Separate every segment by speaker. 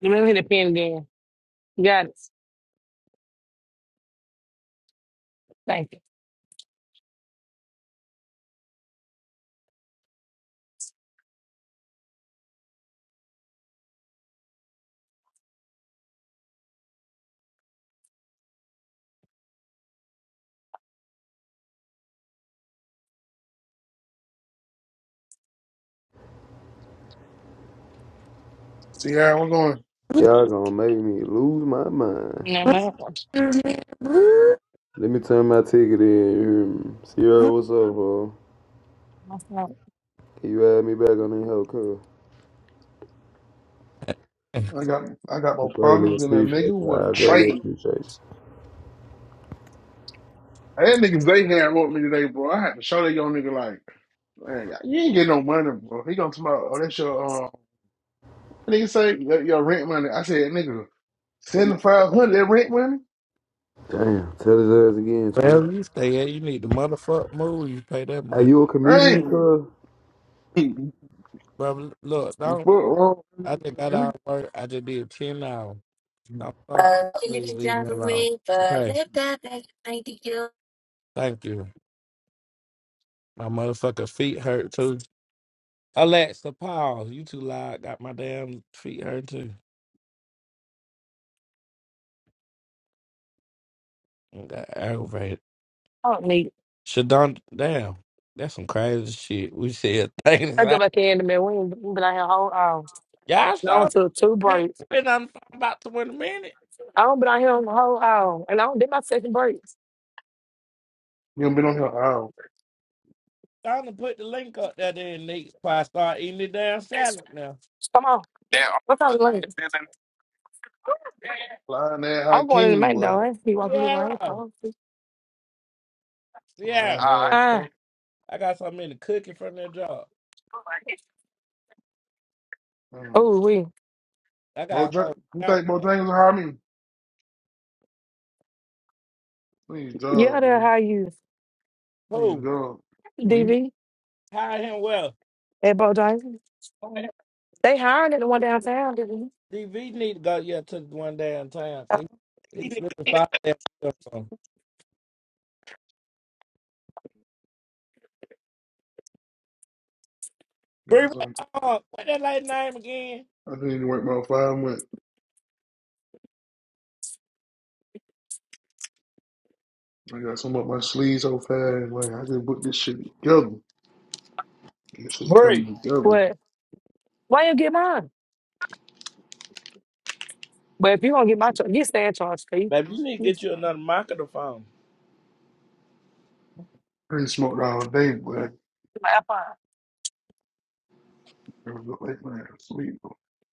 Speaker 1: Let me hit the pen again. Got it. Thank you.
Speaker 2: See how I'm going.
Speaker 3: Y'all gonna make me lose my mind.
Speaker 1: No, man.
Speaker 3: Let me turn my ticket in. you hear Sierra, what's up, bro? Can you add me back on that hell call?
Speaker 2: I got I got more
Speaker 3: Greatly
Speaker 2: problems than a
Speaker 3: appreciate
Speaker 2: nigga
Speaker 3: you.
Speaker 2: with a
Speaker 3: I greatly
Speaker 2: trade.
Speaker 3: appreciate you.
Speaker 2: I had niggas they had wrote me today, bro. I had to show that young nigga like, man, you ain't getting no money, bro. He gonna talk about, oh, that's your um nigga say your, your rent money. I said, nigga, seventy five hundred that rent money?
Speaker 3: Damn, tell his ass again, twin.
Speaker 4: Wherever you stay at, you need to motherfuck move. You pay that
Speaker 3: Are
Speaker 4: much,
Speaker 3: you a comedian,
Speaker 2: Ain't
Speaker 3: cuz?
Speaker 4: brother. Look,
Speaker 2: what
Speaker 4: don't.
Speaker 2: wrong with
Speaker 4: I just
Speaker 2: nigga,
Speaker 4: got
Speaker 2: man?
Speaker 4: out of work. I just did ten hours. Don't
Speaker 2: You
Speaker 4: start.
Speaker 5: But he
Speaker 4: Please
Speaker 5: lives
Speaker 4: leave me
Speaker 5: that
Speaker 4: alone.
Speaker 5: way, but
Speaker 4: Okay,
Speaker 5: let that make me do.
Speaker 4: thank you. My motherfucking feet hurt too. Alexa, pause. You too loud. Got my damn feet hurt too. I Got aggravated.
Speaker 1: I don't need it.
Speaker 4: Shadon, damn. That's some crazy shit. We said things.
Speaker 1: I go
Speaker 4: Like,
Speaker 1: back in the middle. We ain't we been out here a whole hour.
Speaker 4: Y'all
Speaker 1: And I
Speaker 4: sure
Speaker 1: don't took two
Speaker 4: ain't
Speaker 1: breaks.
Speaker 4: been on the phone about twenty minutes.
Speaker 1: I don't been out here a whole hour. And I don't did my second break.
Speaker 2: done been on here all
Speaker 4: Time to put the link up there then Nate before I start eating the damn salad now.
Speaker 1: Come on. Damn. What time is lunch?
Speaker 2: flying that high
Speaker 1: I'm going in the
Speaker 2: king,
Speaker 1: main though.
Speaker 2: boy.
Speaker 1: I ain't see walking through. I ain't
Speaker 4: Yeah,
Speaker 1: calling.
Speaker 4: yeah.
Speaker 2: Flying
Speaker 1: All
Speaker 2: that
Speaker 1: right.
Speaker 2: fuck.
Speaker 4: I got so many cooking from that job.
Speaker 2: Mm.
Speaker 1: Oh, we.
Speaker 4: I got a
Speaker 2: Bojang,
Speaker 4: whole
Speaker 2: you
Speaker 4: damn
Speaker 2: think Bojangles will hire me? I need a
Speaker 1: Yeah,
Speaker 2: job,
Speaker 1: they
Speaker 2: man.
Speaker 1: hire you,
Speaker 2: I need a
Speaker 4: food.
Speaker 2: job. Me?
Speaker 1: DV,
Speaker 4: Hire him well.
Speaker 1: at Bojangles.
Speaker 6: Okay.
Speaker 1: They hiring at the one downtown, DV.
Speaker 4: DV need to go yeah to one damn town. 'cause He, he slipping five damn stuff on. Bree,
Speaker 2: got
Speaker 4: what,
Speaker 2: some.
Speaker 4: uh, what that lady name again?
Speaker 2: I didn't even work my five. went, I got some up my sleeves so fast. Like, I just put this shit together. This shit coming
Speaker 4: Bree,
Speaker 2: together.
Speaker 1: What? Why you get mine? But if you gonna get my charge, get Stan charge for you.
Speaker 4: baby, you need to
Speaker 1: You just-
Speaker 4: get you another microphone.
Speaker 2: Pretty smoked all day, but
Speaker 1: like, I find
Speaker 2: I was like, man, sleep.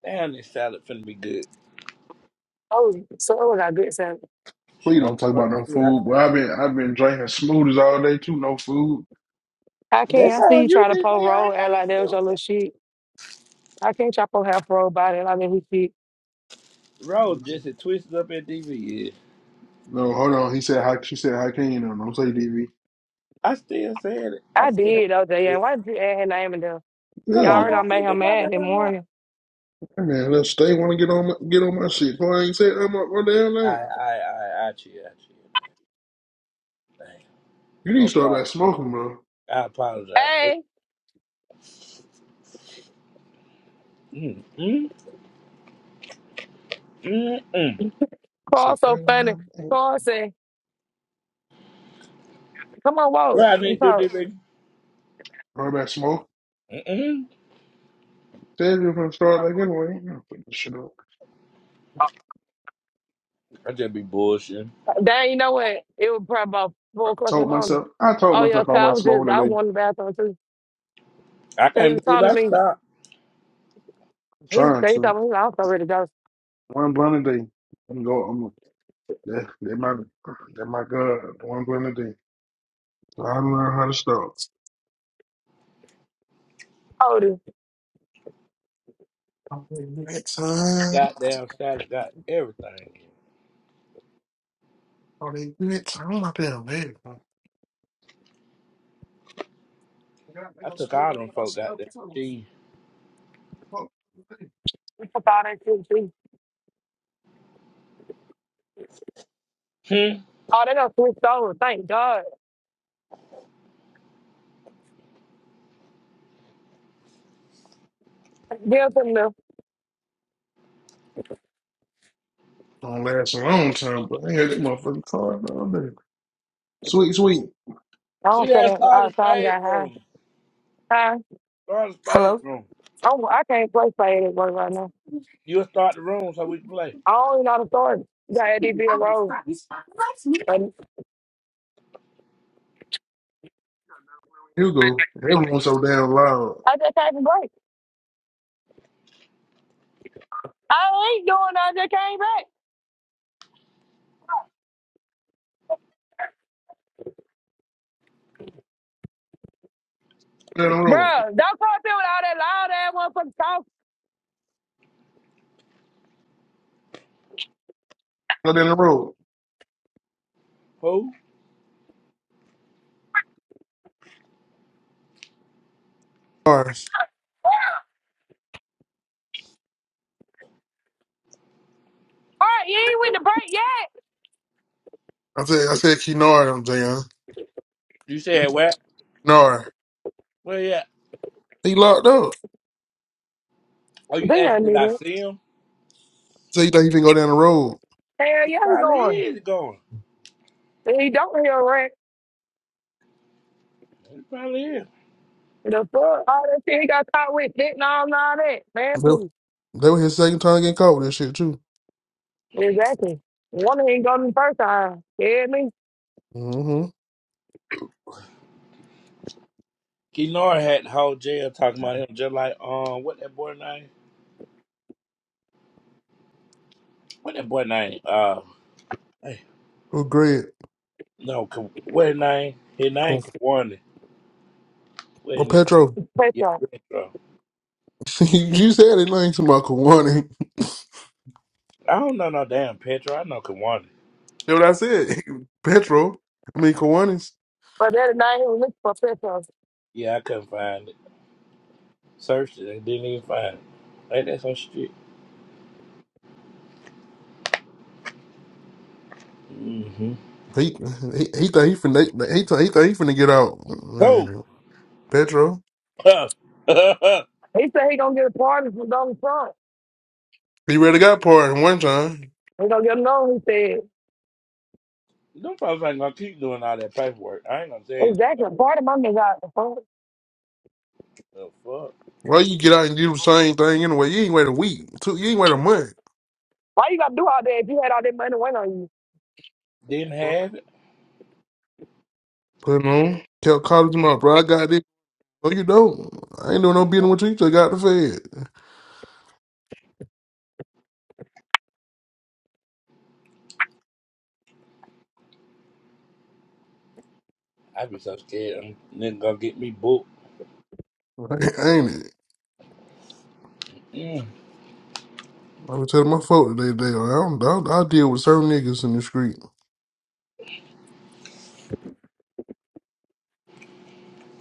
Speaker 4: Damn, this salad finna be good.
Speaker 1: oh so I got good sense.
Speaker 2: Please
Speaker 4: Sure.
Speaker 2: don't talk
Speaker 4: Fuck
Speaker 2: about no
Speaker 4: you, I-
Speaker 2: food. But I've been I've been drinking smoothies all day too. No food.
Speaker 1: I can't
Speaker 4: That's
Speaker 1: I see
Speaker 4: all
Speaker 1: you
Speaker 4: you,
Speaker 1: try to pull
Speaker 4: DV. I
Speaker 1: roll
Speaker 4: ain't
Speaker 1: act
Speaker 4: got
Speaker 1: like
Speaker 4: nothing
Speaker 1: that
Speaker 4: to do
Speaker 1: was your
Speaker 4: with
Speaker 1: little
Speaker 4: that.
Speaker 1: shit. I can't chop on half roll body like that he shit.
Speaker 4: Roll just as twisted up at DV.
Speaker 2: No, hold on. He said how she said how can you know? Don't say DV.
Speaker 4: I still said it. I
Speaker 1: I
Speaker 4: said
Speaker 1: did though, day.
Speaker 4: it.
Speaker 1: Why did you add his name in there?
Speaker 4: Because
Speaker 1: Y'all
Speaker 4: I
Speaker 2: Yeah,
Speaker 1: already done
Speaker 4: want
Speaker 1: made
Speaker 4: to do
Speaker 1: him
Speaker 4: my
Speaker 1: mad that
Speaker 4: damn mouth.
Speaker 1: morning.
Speaker 2: Hey, man. Let's stay. Want to get on my, get on my shit. Boy, I ain't said I'm up my damn
Speaker 4: I,
Speaker 2: name.
Speaker 4: I, I, I cheat. I cheat. Dang.
Speaker 2: You need to
Speaker 4: I'm
Speaker 2: start
Speaker 4: sorry.
Speaker 2: back smoking, bro.
Speaker 4: I apologize.
Speaker 1: Hey,
Speaker 4: Mm, mm, mm, mm.
Speaker 2: So,
Speaker 1: Carl so
Speaker 2: start
Speaker 1: funny. Carl said, Come on,
Speaker 4: What
Speaker 1: walk
Speaker 4: I
Speaker 1: and
Speaker 4: need to do,
Speaker 1: talk.
Speaker 4: this, baby?
Speaker 2: back smoking.
Speaker 4: Mm-mm.
Speaker 2: Said you're gonna start like anyway. You know, put this shit up.
Speaker 4: I just be bullshitting.
Speaker 1: Dang, you know what? It was probably about four o'clock in the
Speaker 2: Told
Speaker 1: morning.
Speaker 2: myself, I told
Speaker 1: Oh yeah,
Speaker 2: myself I
Speaker 1: cause I
Speaker 2: wasn't
Speaker 1: was just
Speaker 2: smoking
Speaker 1: I was
Speaker 2: today.
Speaker 1: going to the bathroom too.
Speaker 4: I
Speaker 1: So he
Speaker 4: can't
Speaker 1: was
Speaker 4: believe
Speaker 1: talking
Speaker 4: I
Speaker 1: to me.
Speaker 4: stopped.
Speaker 2: I'm
Speaker 1: He,
Speaker 2: trying
Speaker 1: 'cause he told
Speaker 2: to
Speaker 1: me he was also ready to
Speaker 2: one blunt a day. I'm go. I'm that. That my that my God. One blunt a day. So I learned how to stop.
Speaker 1: go.
Speaker 2: Oh, they do that time.
Speaker 4: Goddamn salad got everything in it.
Speaker 2: Oh, they do that time. I'm not that bad.
Speaker 4: I took all them folk goddamn cheese.
Speaker 1: We took all that shit. We,
Speaker 4: Hmm.
Speaker 1: oh, they done switched over. Thank God. Give them the.
Speaker 2: Don't last a long time, but I had that motherfucking car all day. Sweet, sweet.
Speaker 1: I
Speaker 4: See
Speaker 1: don't feel
Speaker 4: that
Speaker 1: that.
Speaker 4: start
Speaker 1: Uh,
Speaker 4: the
Speaker 1: time
Speaker 4: spade
Speaker 1: got high.
Speaker 4: room.
Speaker 1: Huh?
Speaker 4: Start the spade
Speaker 7: Hello?
Speaker 4: room.
Speaker 1: I'm, I can't play fade at work right now.
Speaker 4: You'll start the room so we can play.
Speaker 1: I don't even know the story. You Got ADP a road. But
Speaker 2: Hugo, we go. Everyone's so damn loud.
Speaker 1: I just came from break. I ain't doing nothing. I just came back.
Speaker 2: Go down the road.
Speaker 1: Bruh, don't come up here with all that loud ass motherfucking talk.
Speaker 2: Go down the road.
Speaker 4: Who?
Speaker 2: All right.
Speaker 1: All right, you ain't went to break
Speaker 2: I said, I said, Kinar, I'm saying.
Speaker 4: You said what?
Speaker 2: Kinar.
Speaker 4: Where Yeah. at?
Speaker 2: He locked up.
Speaker 4: Oh, you
Speaker 1: yet.
Speaker 4: asked
Speaker 1: Damn,
Speaker 4: did I
Speaker 1: nigga.
Speaker 4: see him?
Speaker 2: So you think you can go down the road?
Speaker 1: Hell yeah, he
Speaker 4: Probably
Speaker 1: going.
Speaker 4: is going.
Speaker 1: He don't hear a rent.
Speaker 4: It probably is.
Speaker 1: The fuck, all that shit he got caught with, dick and all, and all that. Man, please.
Speaker 2: That that was his second time getting caught with that shit too.
Speaker 1: Exactly. Woman ain't going the first time. Yeah, me
Speaker 2: Mm-hmm.
Speaker 4: Kenora had the whole jail talking about him just like um what that boy name? What that boy name? Uh hey,
Speaker 2: With Greg.
Speaker 4: no Ka- what his name? His name
Speaker 2: Cool.
Speaker 4: Kawanda. What
Speaker 2: Or
Speaker 4: his name?
Speaker 2: Petro.
Speaker 1: pet
Speaker 4: Yeah,
Speaker 1: shop.
Speaker 4: Petro.
Speaker 2: you said it name to my Kawani.
Speaker 4: I don't know no damn Petro. I know Kawanda.
Speaker 2: That's what I said. Petro. I mean Kawani's.
Speaker 1: But the other night he was looking for pet shops.
Speaker 4: Yeah, I couldn't find it. Searched it and didn't even find it. Ain't that some shit? Mm-hmm.
Speaker 2: He he he thought he finna he thought he thought he finna get out.
Speaker 4: Cool.
Speaker 2: Man. Petro.
Speaker 1: He said he gonna get a party from Donald Trump.
Speaker 2: He really got part one time.
Speaker 1: He gonna get known. He said,
Speaker 4: Them folks ain't gonna keep doing all that paperwork. I ain't gonna tell you
Speaker 1: exactly. A party my nigga out the phone.
Speaker 4: no the fuck.
Speaker 2: Why you get out and do the same thing anyway? You ain't wait a week. Two you ain't wait a month.
Speaker 1: Why you gotta do all that if you had all that money went on you?
Speaker 4: Didn't have it.
Speaker 2: Putting on. Kept calling him out, bro. I got this. No, you don't. I ain't doing no business with you. You just got the fed.
Speaker 4: I be so scared. I'm nigga gonna get me booked.
Speaker 2: Ain't it?
Speaker 4: Mm,
Speaker 2: I was telling my folk today, they, I, don't, I, I deal with certain niggas in the street.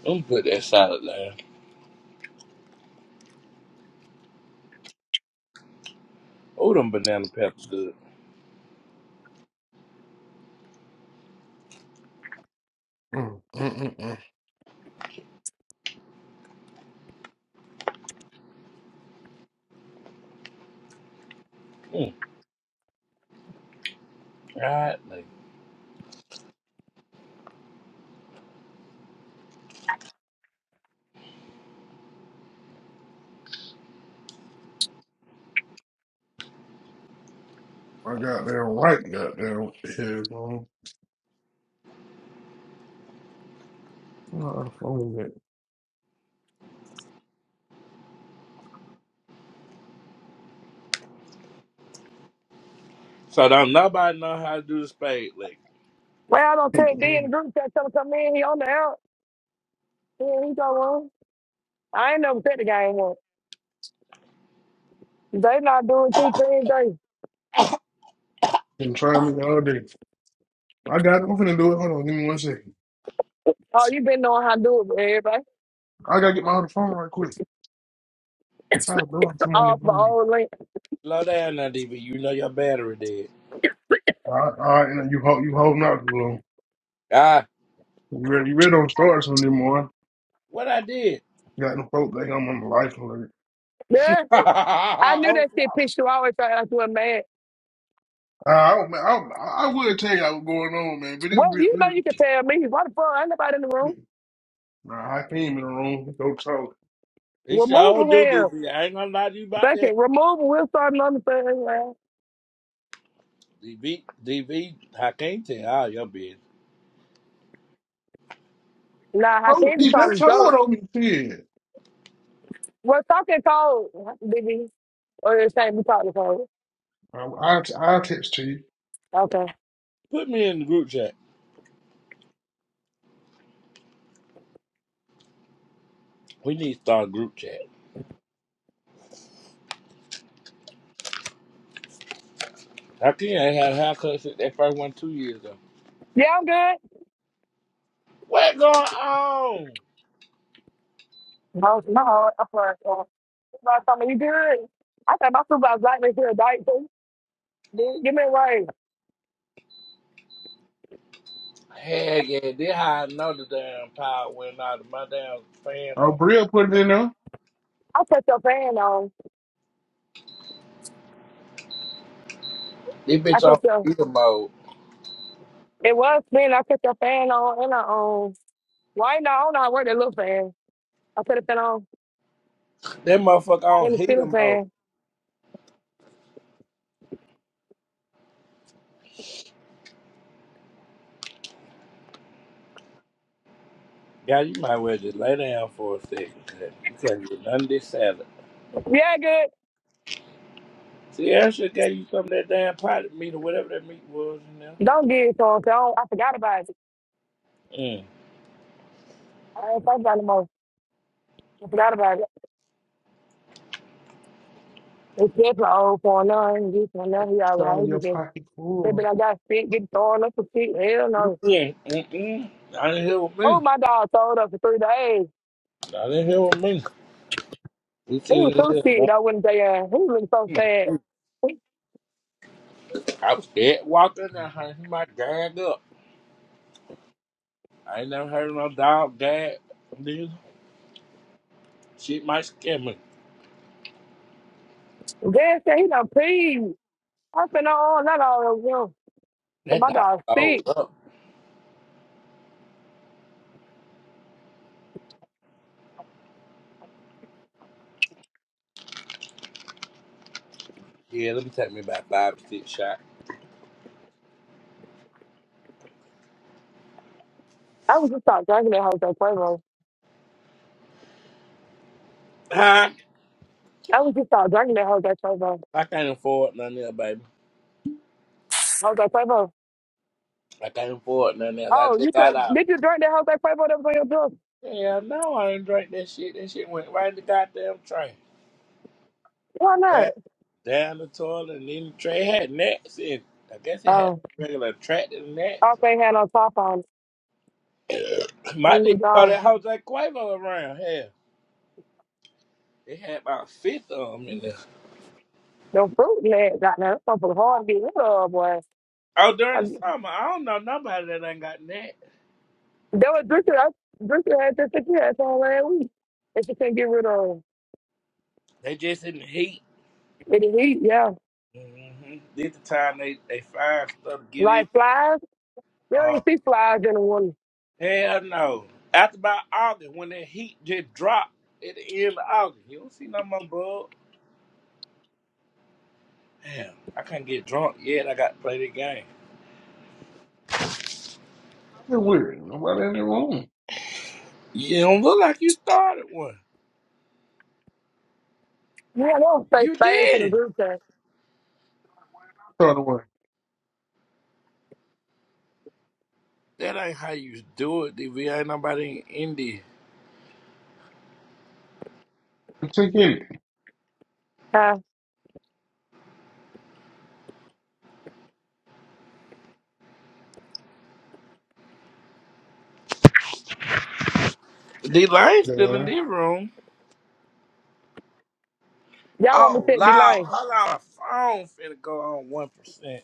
Speaker 4: I'm put that salad there. Oh, them banana pepper good.
Speaker 2: Mm, mm, mm, mm.
Speaker 4: Mm, right, like
Speaker 2: I got down right, got down here, man. Nah, phone with
Speaker 4: so. Don't nobody know how to do the spade lick.
Speaker 1: Well, I don't take D in
Speaker 2: that.
Speaker 1: the group chat. Tell him come in. He on the out. Yeah, he go on. I ain't never said the guy ain't won. They not doing two things. They
Speaker 2: Been trying me all day. I got it. I'm finna do it. Hold on, give me one second.
Speaker 1: oh you been knowing how to do it, with everybody.
Speaker 2: I gotta get my other phone right quick.
Speaker 1: It's
Speaker 2: I do it. Come
Speaker 1: All for
Speaker 2: on,
Speaker 1: old link.
Speaker 4: Slow down now, DB. You know your battery dead.
Speaker 2: All right, all right, now you hold you holding out too long.
Speaker 4: Ah,
Speaker 2: You really, you really don't start some anymore.
Speaker 4: what I did?
Speaker 2: got them folk think I'm on the life alert.
Speaker 1: Yeah, I knew
Speaker 4: oh,
Speaker 1: that
Speaker 4: God.
Speaker 1: shit pissed you always felt like you a man.
Speaker 2: Uh, I, don't- I, don't- I would tell you what's going on, man, but it's
Speaker 1: Well,
Speaker 2: real.
Speaker 1: you know
Speaker 2: It
Speaker 1: you can tell me. Why the fuck? Ain't nobody in the
Speaker 2: was,
Speaker 1: room.
Speaker 2: nah, I came in the room. Go talk.
Speaker 4: he
Speaker 1: Remove
Speaker 4: sure
Speaker 1: him.
Speaker 4: do,
Speaker 1: here.
Speaker 4: DB. I ain't gonna lie to you about that.
Speaker 1: Second, remove him. We're starting on the third.
Speaker 4: DB, DB, I can't tell all your business.
Speaker 1: Nah, I
Speaker 2: Oh,
Speaker 1: can't be
Speaker 2: he that's
Speaker 1: talking
Speaker 2: hard
Speaker 1: dope.
Speaker 2: on me, kid.
Speaker 1: We're talking cold, baby. Or it's saying we talking cold.
Speaker 2: I, I, I'll text to you.
Speaker 1: Okay.
Speaker 4: Put me in the group chat. We need to start a group chat. I can't have a haircut since that first one two years ago.
Speaker 1: Yeah, I'm good.
Speaker 4: What going on?
Speaker 1: No, no, I'm sorry. Uh, Somebody told me you good. I thought my supervisor's like me here, diet too. Dude, Give me a ring.
Speaker 4: Heck yeah, this how I know the damn power went out of my damn fan
Speaker 2: Oh,
Speaker 4: on.
Speaker 2: Bria put it in there.
Speaker 1: I cut your fan on.
Speaker 4: This
Speaker 1: I
Speaker 4: bitch on
Speaker 1: cut your.
Speaker 4: heater mode.
Speaker 1: It was spinning. I cut your fan on and I on. Why not? I don't know how to work that little fan. I put a fan on
Speaker 4: That motherfucker on
Speaker 1: and the
Speaker 4: heater
Speaker 1: ceiling
Speaker 4: mode.
Speaker 1: fan.
Speaker 4: Yeah, you might well just lay down for a second. 'cause You can't get none of this salad.
Speaker 1: Yeah, good.
Speaker 4: See, I should gave you some of that damn potted meat or whatever that meat was in there.
Speaker 1: Don't get it, so so I, don't, I forgot about it.
Speaker 4: Mm.
Speaker 1: I ain't think about it no more. I forgot about it. It's just my old for none. This for none. He all
Speaker 2: Show
Speaker 1: right. He
Speaker 2: your
Speaker 1: just
Speaker 2: pocket
Speaker 1: said, but
Speaker 2: full.
Speaker 1: I got sick, get thrown up for sick. Hell no.
Speaker 4: Mm-mm, mm-mm. I didn't hear with
Speaker 1: Oh,
Speaker 4: me.
Speaker 1: my dog throwed up for three days.
Speaker 4: I didn't hear with me. We
Speaker 1: He
Speaker 4: sitting
Speaker 1: was so
Speaker 4: here. no,
Speaker 1: sick, I wouldn't say Uh, he was so
Speaker 4: mm,
Speaker 1: sad.
Speaker 4: mm.
Speaker 1: He-
Speaker 4: I was scared walking there, honey. He might gag up. I ain't never heard of no dog gag. Dude, shit might scare me.
Speaker 1: Dad said he done peed. I said, no, not all of them. So
Speaker 4: That
Speaker 1: my
Speaker 4: dog
Speaker 1: dog
Speaker 4: sold
Speaker 1: sick.
Speaker 4: up. Yeah, let me take me about five or six shots.
Speaker 1: I was just start drinking that Jose Cuervo.
Speaker 4: Huh?
Speaker 1: I was just start drinking that Jose Cuervo.
Speaker 4: I can't afford nothing else, baby.
Speaker 1: Jose Cuervo.
Speaker 4: I can't afford nothing else. I
Speaker 1: Oh,
Speaker 4: just
Speaker 1: you
Speaker 4: got
Speaker 1: drink?
Speaker 4: out.
Speaker 1: Did you drink that Jose Cuervo that was on your bill?
Speaker 4: Yeah, no, I didn't drink that shit. That shit went right in the goddamn tray.
Speaker 1: Why not?
Speaker 4: Yeah. Down the toilet and then the tray had nets in. it. I guess it had
Speaker 1: Oh,
Speaker 4: regular attractive nets.
Speaker 1: all they had on top on when
Speaker 4: Might need
Speaker 1: you
Speaker 4: to call
Speaker 1: go,
Speaker 4: that Jose Cuervo around. here. It had about fifth of them in there.
Speaker 1: the fruit legs out there. That's something hard to get rid of, boy.
Speaker 4: Oh,
Speaker 1: I,
Speaker 4: during the
Speaker 1: that
Speaker 4: summer, I don't know nobody that ain't got nets.
Speaker 1: was Drinker. I, Drinker had this again all last week. And she couldn't get rid of
Speaker 4: They just in the heat.
Speaker 1: it. It heat, yeah.
Speaker 4: hmm This the time they, they find stuff to get in.
Speaker 1: Like flies, you don't
Speaker 4: Uh,
Speaker 1: even see flies in the water.
Speaker 4: hell no. After about August, when that heat just dropped at the end of August, you don't see no more bug. Damn, I can't get drunk yet. I got to play the game.
Speaker 2: It's weird. Nobody in the room.
Speaker 4: You don't look like you started one.
Speaker 1: Yeah, they don't say
Speaker 4: You
Speaker 1: space in the
Speaker 4: did.
Speaker 1: group chat.
Speaker 2: Throw it away.
Speaker 4: That ain't how you do it, DV. Ain't nobody in there.
Speaker 2: Check in.
Speaker 1: Huh?
Speaker 4: D Lane still in
Speaker 2: Yeah.
Speaker 4: this room.
Speaker 1: Y'all want me to
Speaker 4: Oh,
Speaker 1: sit be
Speaker 4: loud.
Speaker 1: lame.
Speaker 4: Hold on. Phone finna go on 1%.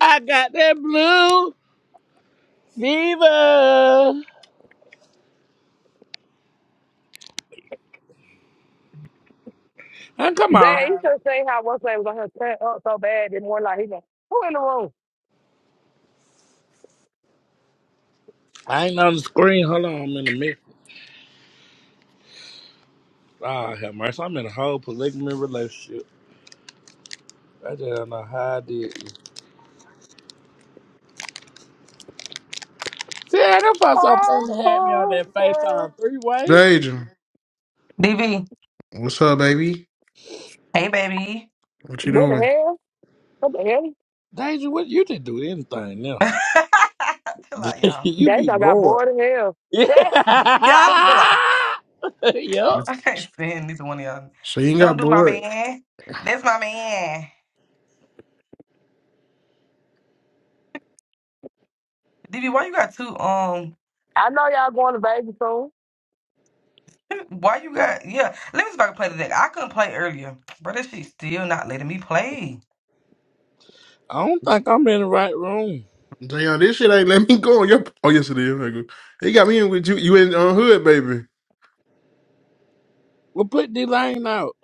Speaker 4: I got that blue fever. Oh, come on.
Speaker 1: Dang, you
Speaker 4: Um,
Speaker 1: should have seen how one name was on her turn up so bad that more like he like, who in the room?
Speaker 4: I ain't on the screen. Hold on. I'm in a mix. Ah, have mercy. I'm in a whole polygamy relationship. I just don't know how I did it. See, them folks up front
Speaker 1: Oh,
Speaker 4: had me on
Speaker 1: oh,
Speaker 4: that
Speaker 1: oh.
Speaker 4: FaceTime three way.
Speaker 2: Deja,
Speaker 8: Dv,
Speaker 2: what's up, baby?
Speaker 8: Hey, baby.
Speaker 2: What you
Speaker 1: What the
Speaker 2: doing?
Speaker 1: hell? What the hell?
Speaker 4: Danger, what? You didn't do anything now.
Speaker 8: chill out, y'all.
Speaker 4: you be
Speaker 1: Dang, I got
Speaker 4: bored.
Speaker 1: bored in hell.
Speaker 4: Yeah.
Speaker 1: Yes.
Speaker 8: Y'all, chill out.
Speaker 4: yup.
Speaker 8: I can't stand neither one of y'all.
Speaker 2: So you ain't
Speaker 8: Don't
Speaker 2: got
Speaker 8: do my
Speaker 2: bored.
Speaker 8: man. That's my man. Dv, why you got two? Um,
Speaker 1: I know y'all going to Vegas soon.
Speaker 8: why you got? Yeah, let me see if I can play the deck. I couldn't play earlier, but that shit still not letting me play.
Speaker 4: I don't think I'm in the right room.
Speaker 2: Damn, this shit ain't let me go on your. Oh yes, it is. Okay, good. He got me in with you. You in on hood, baby.
Speaker 4: Well, put D Lane out.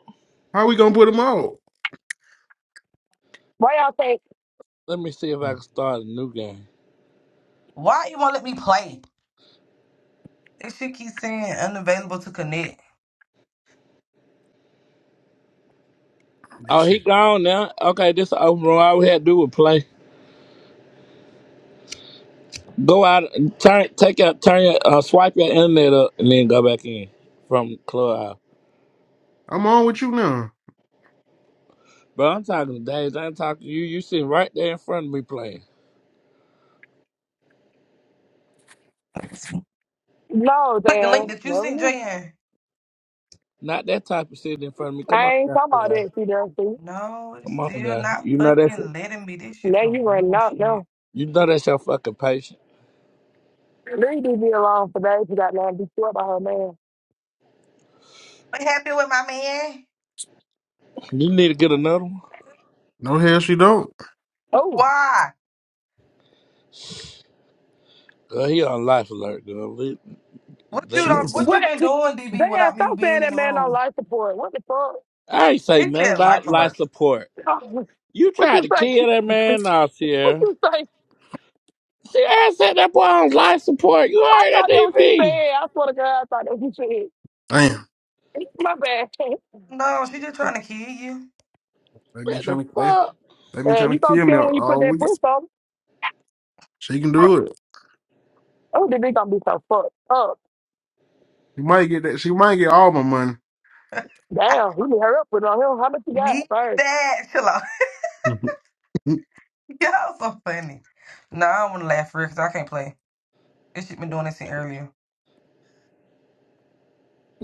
Speaker 2: How we gonna put them out?
Speaker 1: Why y'all think?
Speaker 4: Let me see if I can start a new game.
Speaker 8: Why you won't let me play? This shit keeps saying unavailable to connect.
Speaker 2: This
Speaker 4: Oh, he
Speaker 2: shit.
Speaker 4: gone now. Okay, this is open room. All we had to do was play. Go out, and turn, take out, turn your, uh, swipe your internet up, and then go back in from clubhouse.
Speaker 2: I'm on with you now.
Speaker 4: Bro, I'm talking to Days. I ain't talking to you. You sitting right there in front of me playing.
Speaker 8: Let me see.
Speaker 1: No,
Speaker 8: Click the link
Speaker 1: damn.
Speaker 8: that you
Speaker 1: Never
Speaker 8: sent,
Speaker 1: knew.
Speaker 8: Jan.
Speaker 4: Not that type of sitting in front of me. Come
Speaker 1: I
Speaker 4: on,
Speaker 1: ain't
Speaker 4: down
Speaker 1: talking about
Speaker 4: here.
Speaker 1: that, See, damn, see.
Speaker 8: No, it's
Speaker 4: Come on
Speaker 8: still
Speaker 4: now.
Speaker 8: not
Speaker 4: You know that's
Speaker 8: fucking
Speaker 4: it.
Speaker 8: letting me. This shit
Speaker 1: Now
Speaker 8: some
Speaker 1: you running out
Speaker 8: bullshit.
Speaker 1: No,
Speaker 4: You know that's your fucking patient.
Speaker 1: Leave DB alone for days. You got nothing to be sure about her, man.
Speaker 8: What happened with my man?
Speaker 4: You need to get another one.
Speaker 2: No hell, she don't.
Speaker 1: Oh,
Speaker 8: Why?
Speaker 4: Girl, he on life alert, girl. Let,
Speaker 8: What you
Speaker 4: let
Speaker 2: She
Speaker 4: that
Speaker 2: can.
Speaker 8: done, what
Speaker 4: go.
Speaker 8: you
Speaker 1: what?
Speaker 8: been doing, DB,
Speaker 1: Damn,
Speaker 8: without me
Speaker 1: stop saying
Speaker 8: being in
Speaker 1: that
Speaker 8: the
Speaker 1: man on
Speaker 8: room?
Speaker 1: life support. What the fuck?
Speaker 4: I ain't say
Speaker 8: He
Speaker 4: nothing
Speaker 8: said life
Speaker 4: about life
Speaker 8: alert.
Speaker 4: support. You
Speaker 1: Oh, what
Speaker 4: tried
Speaker 1: you
Speaker 4: to
Speaker 1: say?
Speaker 4: kill that man out
Speaker 1: What
Speaker 4: here.
Speaker 1: you say?
Speaker 4: See, I said that boy on life support. You
Speaker 1: I
Speaker 4: heard that
Speaker 1: thought that was you said.
Speaker 4: DV.
Speaker 1: I swear to God, I thought that was you
Speaker 2: Damn,
Speaker 1: said. My bad.
Speaker 8: No, she just trying to kill you.
Speaker 2: they been
Speaker 4: What the
Speaker 2: trying to. They,
Speaker 4: fuck?
Speaker 2: they been
Speaker 1: Man,
Speaker 2: trying
Speaker 1: you
Speaker 2: to
Speaker 1: gonna
Speaker 2: kill me
Speaker 1: kill him
Speaker 2: all
Speaker 1: when you put
Speaker 2: all
Speaker 1: that
Speaker 2: week.
Speaker 1: puss on.
Speaker 2: She can
Speaker 8: Bro,
Speaker 2: do it.
Speaker 1: Oh, then they gonna be so fucked up.
Speaker 2: She might get that. She might get all my
Speaker 8: I
Speaker 1: Damn, we need to hurry up with on him. How much you
Speaker 8: need
Speaker 1: got first?
Speaker 8: that. Chill out.
Speaker 2: money.
Speaker 8: Y'all so funny. No, I don't want to laugh for real because I can't play. This shit been doing this since earlier.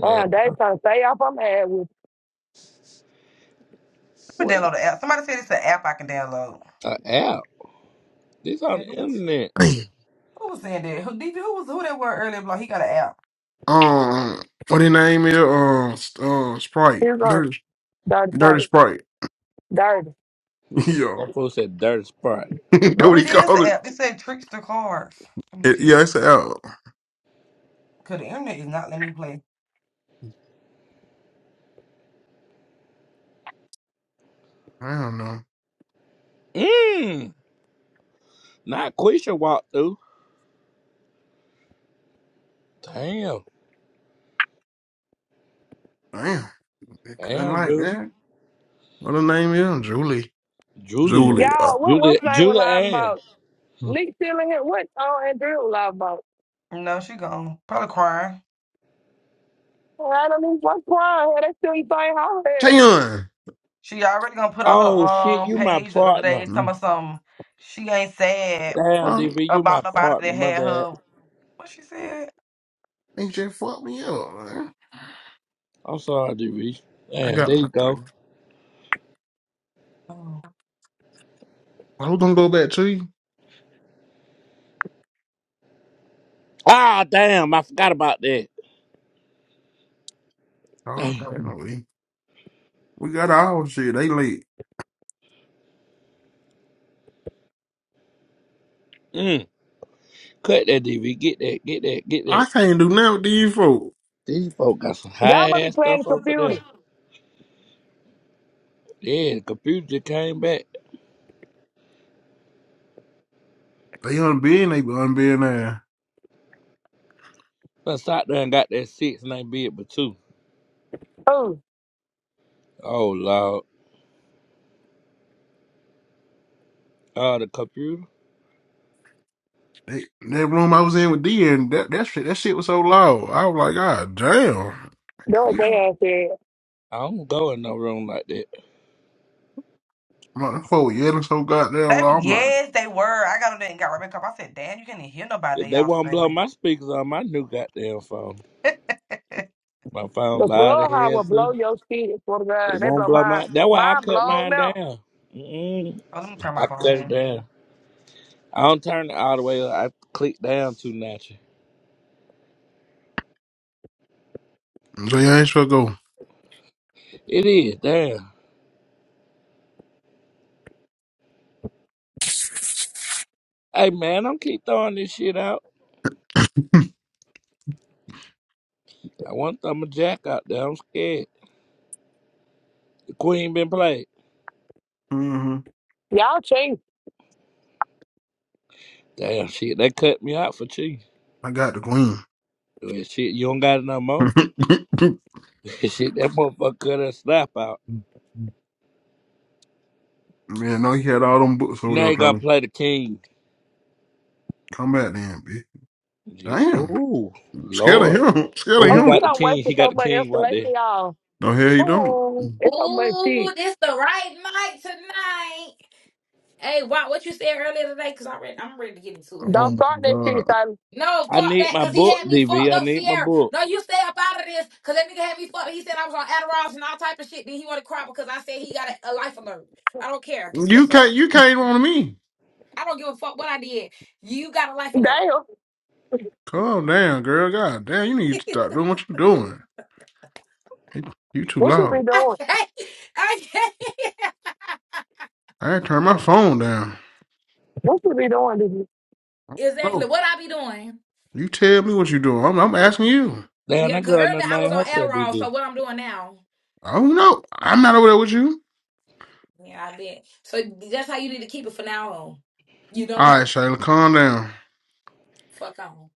Speaker 4: Man,
Speaker 1: they trying to stay off I'm mad with.
Speaker 8: Let me
Speaker 4: what
Speaker 8: download the app. Somebody said it's an app I can download.
Speaker 4: an app? This on
Speaker 8: Yeah,
Speaker 4: the
Speaker 8: who was,
Speaker 4: internet.
Speaker 2: Damn.
Speaker 8: who was saying that? Who, DB, who was who that were earlier? Like, he got an app.
Speaker 2: Um, what his name is? Um, S- uh, Sprite.
Speaker 1: Here's a
Speaker 2: Dirty,
Speaker 1: dirty
Speaker 2: dirty
Speaker 1: fight.
Speaker 2: Sprite.
Speaker 1: Dirty.
Speaker 2: yeah,
Speaker 4: That fool said dirty spot.
Speaker 2: that
Speaker 8: Oh,
Speaker 2: what he
Speaker 8: it is an
Speaker 2: called it.
Speaker 8: app. It said Trickster Cards. Let me
Speaker 2: it
Speaker 8: see.
Speaker 2: yeah, it's out.
Speaker 8: Because the internet is not letting me play.
Speaker 2: I don't know.
Speaker 4: Mmm. Not Quisha walked through. Damn.
Speaker 2: Damn. They couldn't
Speaker 4: Damn,
Speaker 2: right
Speaker 4: Julie.
Speaker 2: there. What her name is? Julie.
Speaker 4: Julia.
Speaker 2: Julie.
Speaker 1: Y'all, what
Speaker 4: Julia.
Speaker 1: what playing with
Speaker 4: Julia
Speaker 1: live
Speaker 4: Ann.
Speaker 1: about?
Speaker 2: Uh,
Speaker 1: Leak stealing here. What on Andrew live about?
Speaker 8: No, she gone. Probably crying.
Speaker 1: Oh, I don't even what's wrong here. They still ain't playing how here.
Speaker 2: Tayon.
Speaker 8: She already gonna put on her
Speaker 4: Oh shit,
Speaker 8: um
Speaker 4: you my
Speaker 8: page the other
Speaker 4: partner.
Speaker 8: day some
Speaker 2: Mm.
Speaker 8: of some she ain't sad
Speaker 4: Damn,
Speaker 2: Fuck.
Speaker 4: DV, you my
Speaker 8: about nobody
Speaker 4: partner.
Speaker 8: that
Speaker 4: My
Speaker 8: had
Speaker 4: bad.
Speaker 8: her what she said?
Speaker 2: They just fucked me up, man.
Speaker 4: I'm sorry, DV.
Speaker 2: I
Speaker 4: Damn, there
Speaker 2: got
Speaker 4: you
Speaker 2: my three.
Speaker 4: go.
Speaker 8: Oh.
Speaker 2: I was gonna go back to you.
Speaker 4: Ah, damn, I forgot about that.
Speaker 2: Oh,
Speaker 4: Damn.
Speaker 2: okay, no, we we got our shit. They late.
Speaker 4: Mm. Cut that, DV. Get that, get that, get that.
Speaker 2: I can't do nothing with these folks.
Speaker 4: These folk got some
Speaker 1: Y'all
Speaker 4: high
Speaker 1: must be
Speaker 4: ass
Speaker 1: playing
Speaker 4: stuff
Speaker 1: the
Speaker 4: over
Speaker 1: computer.
Speaker 4: there. Yeah, the computer just came back.
Speaker 2: They unbeen, they unbeen there.
Speaker 4: But sat there and got that six and ain't bid but two.
Speaker 1: Oh,
Speaker 4: Oh lord. Uh the computer.
Speaker 2: They, that room I was in with D and that, that shit that shit was so loud. I was like, God damn.
Speaker 1: no
Speaker 2: You know,
Speaker 1: damn said.
Speaker 4: I don't go in no room like that.
Speaker 2: I'm like, that folk yelling so
Speaker 8: They
Speaker 2: goddamn loud. I'm like,
Speaker 8: yes, they were. I got on there and got right back up. I said, Damn, you can't hear nobody
Speaker 4: If they
Speaker 8: y'all
Speaker 4: won't blow
Speaker 8: screaming.
Speaker 4: my speakers on my new goddamn phone.
Speaker 8: oh,
Speaker 4: My phone
Speaker 1: The
Speaker 4: loud as
Speaker 1: floor high
Speaker 4: hell
Speaker 1: will
Speaker 4: too.
Speaker 1: blow your shit It's for the
Speaker 4: It
Speaker 1: ground. They
Speaker 4: won't
Speaker 1: blow
Speaker 4: blow
Speaker 1: mine.
Speaker 4: my that's why I
Speaker 1: Mine
Speaker 4: cut
Speaker 1: blow
Speaker 4: mine
Speaker 1: now.
Speaker 4: down. Mm-mm.
Speaker 8: let me turn my
Speaker 4: I
Speaker 8: phone
Speaker 4: cut
Speaker 8: down.
Speaker 4: it down. I don't turn it all the way up. I click down too natural.
Speaker 2: they ain't supposed to go.
Speaker 4: It is, damn. Hey man, I'm keep throwing this shit out. I want to throw my jack out there. I'm scared. The queen been played.
Speaker 2: hmm
Speaker 1: Y'all change.
Speaker 4: Damn shit, they cut me out for cheating.
Speaker 2: I got the
Speaker 4: Well, shit, you don't got it no more.
Speaker 2: queen.
Speaker 4: shit, that motherfucker cut her slap out.
Speaker 2: Man, I know he had all them books over
Speaker 4: Now
Speaker 2: there
Speaker 4: he gonna
Speaker 2: trying to
Speaker 4: play the king.
Speaker 2: come back then, bitch.
Speaker 4: Shit.
Speaker 2: Damn.
Speaker 4: Ooh,
Speaker 2: I'm Scared of
Speaker 4: Lord.
Speaker 2: him. I'm Scared of
Speaker 4: Oh, he
Speaker 1: Oh,
Speaker 2: him.
Speaker 1: we
Speaker 4: got the
Speaker 1: don't waste
Speaker 4: king. He got
Speaker 1: so
Speaker 4: the
Speaker 1: much
Speaker 4: king right there.
Speaker 1: insulation, y'all.
Speaker 2: No hell he don't.
Speaker 1: Oh, it's so much
Speaker 9: Ooh,
Speaker 1: shit.
Speaker 9: this the right mic tonight. Hey, why what you said earlier today? Cause I'm ready, I'm ready to get into it.
Speaker 2: Oh
Speaker 1: Don't
Speaker 2: my
Speaker 1: start that shit,
Speaker 2: god.
Speaker 1: son.
Speaker 9: No,
Speaker 4: I
Speaker 9: fuck
Speaker 4: need
Speaker 9: that,
Speaker 4: my
Speaker 9: cause he
Speaker 4: book,
Speaker 9: had me fucked
Speaker 4: DV. I
Speaker 9: up,
Speaker 4: need my
Speaker 9: Sierra.
Speaker 4: book.
Speaker 9: No, you stay up out of this, cause that nigga had me fucked. up. He said I was on Adderall and all type of shit. Then he wanna cry because I said he got a, a life alert. I don't care.
Speaker 2: You
Speaker 9: What's up?
Speaker 2: can't you can't on me.
Speaker 9: I don't give a fuck what I did. You got a life alert.
Speaker 1: Damn.
Speaker 2: Calm down, girl. God damn, you need to
Speaker 9: I
Speaker 2: stop doing what you are doing. You you too
Speaker 1: What you be
Speaker 2: loud.
Speaker 1: doing?
Speaker 9: can't. I can't.
Speaker 2: I ain't turn my phone down.
Speaker 1: What you be doing? This
Speaker 2: I don't
Speaker 9: exactly
Speaker 2: know.
Speaker 9: what I be doing.
Speaker 2: You tell me what you are doing. I'm, I'm asking you.
Speaker 4: Damn,
Speaker 9: Yeah,
Speaker 4: that
Speaker 9: cause
Speaker 4: girl
Speaker 9: earlier
Speaker 4: done
Speaker 9: I was
Speaker 4: named
Speaker 9: on
Speaker 4: herself
Speaker 9: Adderall, so
Speaker 4: DV.
Speaker 9: what I'm doing now.
Speaker 2: I don't know. I'm not over there with you.
Speaker 9: Yeah, I bet. So that's how you need to keep it for now on. You don't
Speaker 2: All right,
Speaker 9: know.
Speaker 2: Shayla, calm down.
Speaker 9: Fuck on.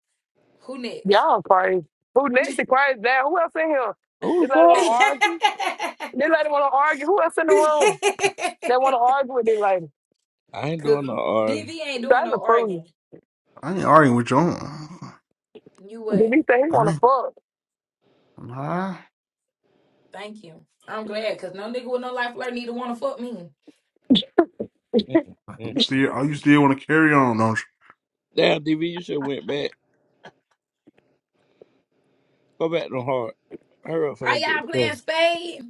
Speaker 9: Who next?
Speaker 1: Y'all crazy. Who next is crazy? Damn, who else in here?
Speaker 4: Who the
Speaker 1: This lady want to
Speaker 4: fuck?
Speaker 1: argue? This lady want to argue? Who else in the room that want to argue with this lady?
Speaker 4: I ain't doing
Speaker 9: Cause
Speaker 4: no R.
Speaker 9: BV ain't doing
Speaker 1: Trying to
Speaker 9: no
Speaker 1: fool you.
Speaker 9: arguing.
Speaker 2: I ain't arguing with you. I ain't.
Speaker 9: You
Speaker 1: Did
Speaker 9: what?
Speaker 1: he say he want
Speaker 2: I
Speaker 1: to
Speaker 2: ain't-
Speaker 1: fuck?
Speaker 2: Nah.
Speaker 9: Thank you. I'm glad cause no nigga with no life alert need to wanna fuck me.
Speaker 4: Mm, mm.
Speaker 2: You still, oh, you still want to carry on, don't you?
Speaker 4: Damn, DV, you should have went back. Go back to hard. Hurry up for
Speaker 9: Are
Speaker 4: that get
Speaker 9: y'all
Speaker 4: cut.
Speaker 9: playing spade?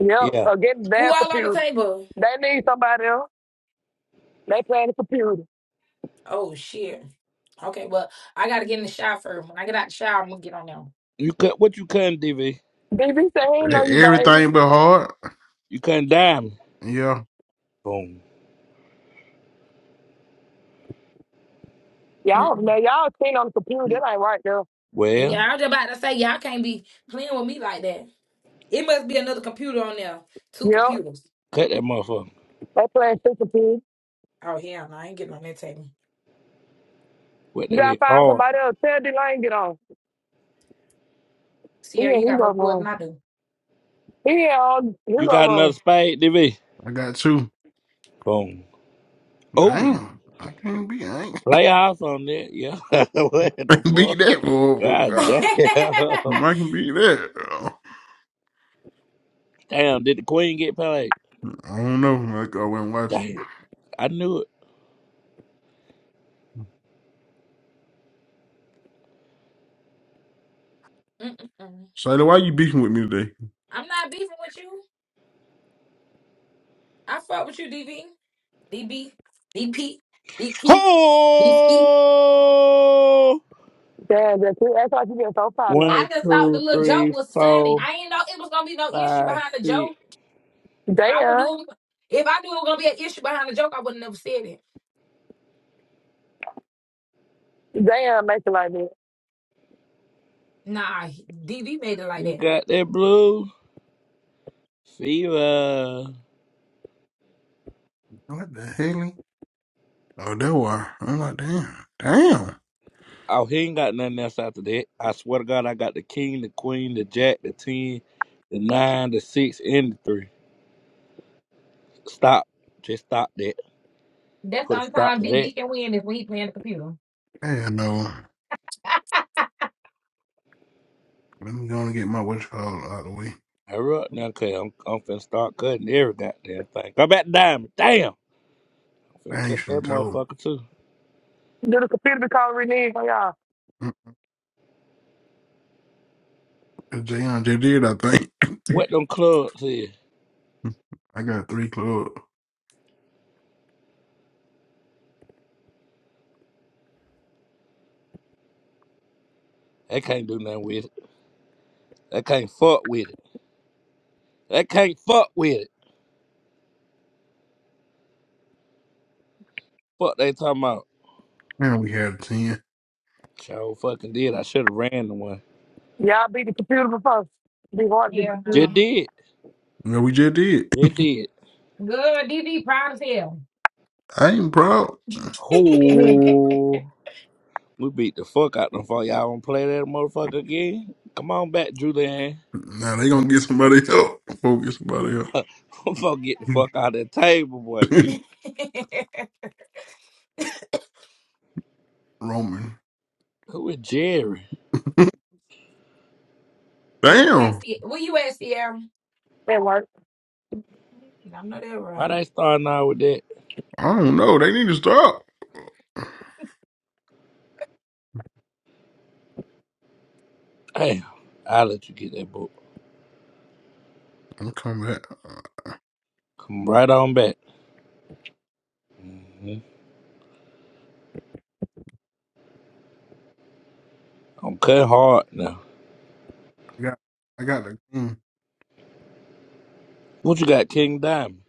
Speaker 1: Yep,
Speaker 4: Yeah.
Speaker 1: or get the
Speaker 9: Who
Speaker 1: damn
Speaker 9: all on the
Speaker 1: computer.
Speaker 9: table?
Speaker 1: They need somebody else. They playing the computer.
Speaker 9: Oh shit. Okay, well I gotta get in the shower first. When I get out the shower, I'm gonna get on them.
Speaker 4: You cut what you cutting, DV?
Speaker 1: DV say he ain't
Speaker 2: E-,
Speaker 1: know you, baby.
Speaker 2: Everything but hard.
Speaker 4: You cutting dime.
Speaker 2: Yeah,
Speaker 4: Boom.
Speaker 1: Y'all,
Speaker 9: Mm-mm.
Speaker 1: man, y'all seen on the computer. That ain't right, there.
Speaker 9: And yeah,
Speaker 4: Well,
Speaker 9: I was just about to say y'all can't be playing with me like that. It must be another computer on there. Two
Speaker 1: Yep,
Speaker 9: computers.
Speaker 4: cut that motherfucker.
Speaker 1: they playing stupid.
Speaker 9: Oh hell no, I ain't getting on that table.
Speaker 4: What
Speaker 1: You
Speaker 4: that
Speaker 1: gotta
Speaker 4: is
Speaker 1: find
Speaker 4: hard.
Speaker 1: somebody else. Tell D Lane get on. He
Speaker 9: Sierra, you
Speaker 1: ain't he
Speaker 9: got
Speaker 1: go
Speaker 9: more food than
Speaker 1: wrong.
Speaker 9: I do.
Speaker 1: He ain't on he go
Speaker 4: You got another
Speaker 1: wrong.
Speaker 4: spade, DV?
Speaker 2: I got two.
Speaker 4: Boom. Oh,
Speaker 2: Damn, I can't beat. I ain't
Speaker 4: playoffs on that. Yeah. what
Speaker 2: I
Speaker 4: the
Speaker 2: can't beat
Speaker 4: fuck?
Speaker 2: that. Oh
Speaker 4: God
Speaker 2: God,
Speaker 4: damn.
Speaker 2: I can beat that. oh,
Speaker 4: Damn, did the queen get paid?
Speaker 2: I don't know. Like I went and watch.
Speaker 4: Damn. I knew it.
Speaker 9: Mm-mm-mm.
Speaker 2: Shayla, why you beefing with me today?
Speaker 9: I'm not beefing with you. I fuck with you, DV, DB, DP, DP, DP.
Speaker 4: Ho!
Speaker 1: Damn, that's it. That's why she' been so far now.
Speaker 9: I
Speaker 4: One,
Speaker 9: just thought the
Speaker 4: two,
Speaker 9: little joke
Speaker 4: three,
Speaker 9: was funny.
Speaker 4: four,
Speaker 9: I ain't know it was gonna be no issue
Speaker 4: five,
Speaker 9: behind the
Speaker 4: six.
Speaker 9: joke. If I would
Speaker 1: Damn.
Speaker 9: do, if I knew it was gonna be an issue behind the joke, I would not have said it.
Speaker 1: Damn, make it like that.
Speaker 9: Nah, DV made it like
Speaker 4: He
Speaker 9: that.
Speaker 4: got that blue fever.
Speaker 2: What the hell? Oh, that why. I'm like, damn, damn.
Speaker 4: Oh, he ain't got nothing else after that. I swear to God, I got the king, the queen, the jack, the ten, the nine, the six, and the three. Stop. Just stop that.
Speaker 9: That's the
Speaker 4: Put a
Speaker 9: only
Speaker 4: stop
Speaker 9: time
Speaker 4: to that.
Speaker 9: DV can win is when he playing the computer.
Speaker 2: Yeah, no. Let me go and get my what's called out of the way.
Speaker 4: Hurry up now, cause I'm, I'm finna start cutting every goddamn thing. Go back to diamond. Damn. I'm finna cut
Speaker 2: Thanks
Speaker 4: that
Speaker 2: and told.
Speaker 4: motherfucker too.
Speaker 1: Do the computer be calling reneged on y'all.
Speaker 2: Jayon just did. I think
Speaker 4: What them clubs is?
Speaker 2: I got three clubs.
Speaker 4: They can't do nothing with it. They can't fuck with it. They can't fuck with it. Fuck they talking about.
Speaker 2: And we had ten.
Speaker 4: Sure fucking did. I should have ran the one.
Speaker 1: Y'all beat the computer before. Be hard to beat
Speaker 9: Yeah,
Speaker 1: the computer.
Speaker 4: Just
Speaker 9: no.
Speaker 4: did.
Speaker 2: No, we just did.
Speaker 4: Just did.
Speaker 9: Good, DV proud as hell.
Speaker 2: I ain't proud.
Speaker 1: Mm,
Speaker 4: Who? We beat the fuck out them for y'all. Wanna play that motherfucker again? Come on back, Julian.
Speaker 2: Now they gonna get somebody else. Go get
Speaker 4: Them
Speaker 2: somebody
Speaker 4: fuck get the fuck out of that table, boy.
Speaker 2: else. Roman.
Speaker 4: Who is Jerry?
Speaker 9: Where you at,
Speaker 2: Damn.
Speaker 9: Sie- Where you at, Sierra?
Speaker 1: That work.
Speaker 9: I know that
Speaker 4: Why
Speaker 9: right.
Speaker 4: they starting out with that?
Speaker 2: I don't know. They need to stop.
Speaker 4: Damn. I'll let you get that book.
Speaker 2: I'm coming back.
Speaker 4: Come right on back. hmm I'm cutting hard now.
Speaker 2: I got I got the king,
Speaker 4: What you got, King Diamond?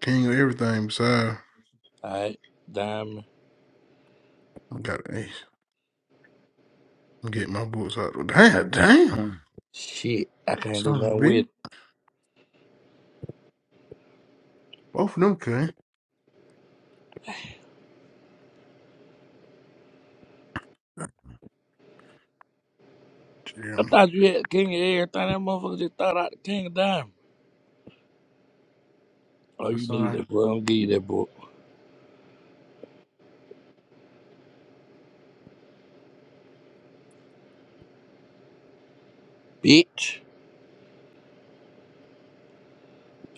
Speaker 2: king of everything besides
Speaker 4: Alright, Diamond.
Speaker 2: I got the ace. I'm getting my books out. Damn, damn.
Speaker 4: Shit, I can't do
Speaker 2: Something
Speaker 4: nothing
Speaker 2: big.
Speaker 4: with it.
Speaker 2: Both of them can.
Speaker 4: I
Speaker 2: Jeremy.
Speaker 4: thought you had King of everything. That motherfucker just thought out the King of Diamond. Oh, you
Speaker 2: That's all
Speaker 4: need
Speaker 2: right.
Speaker 4: that book. I'm gonna give you that book. Bitch.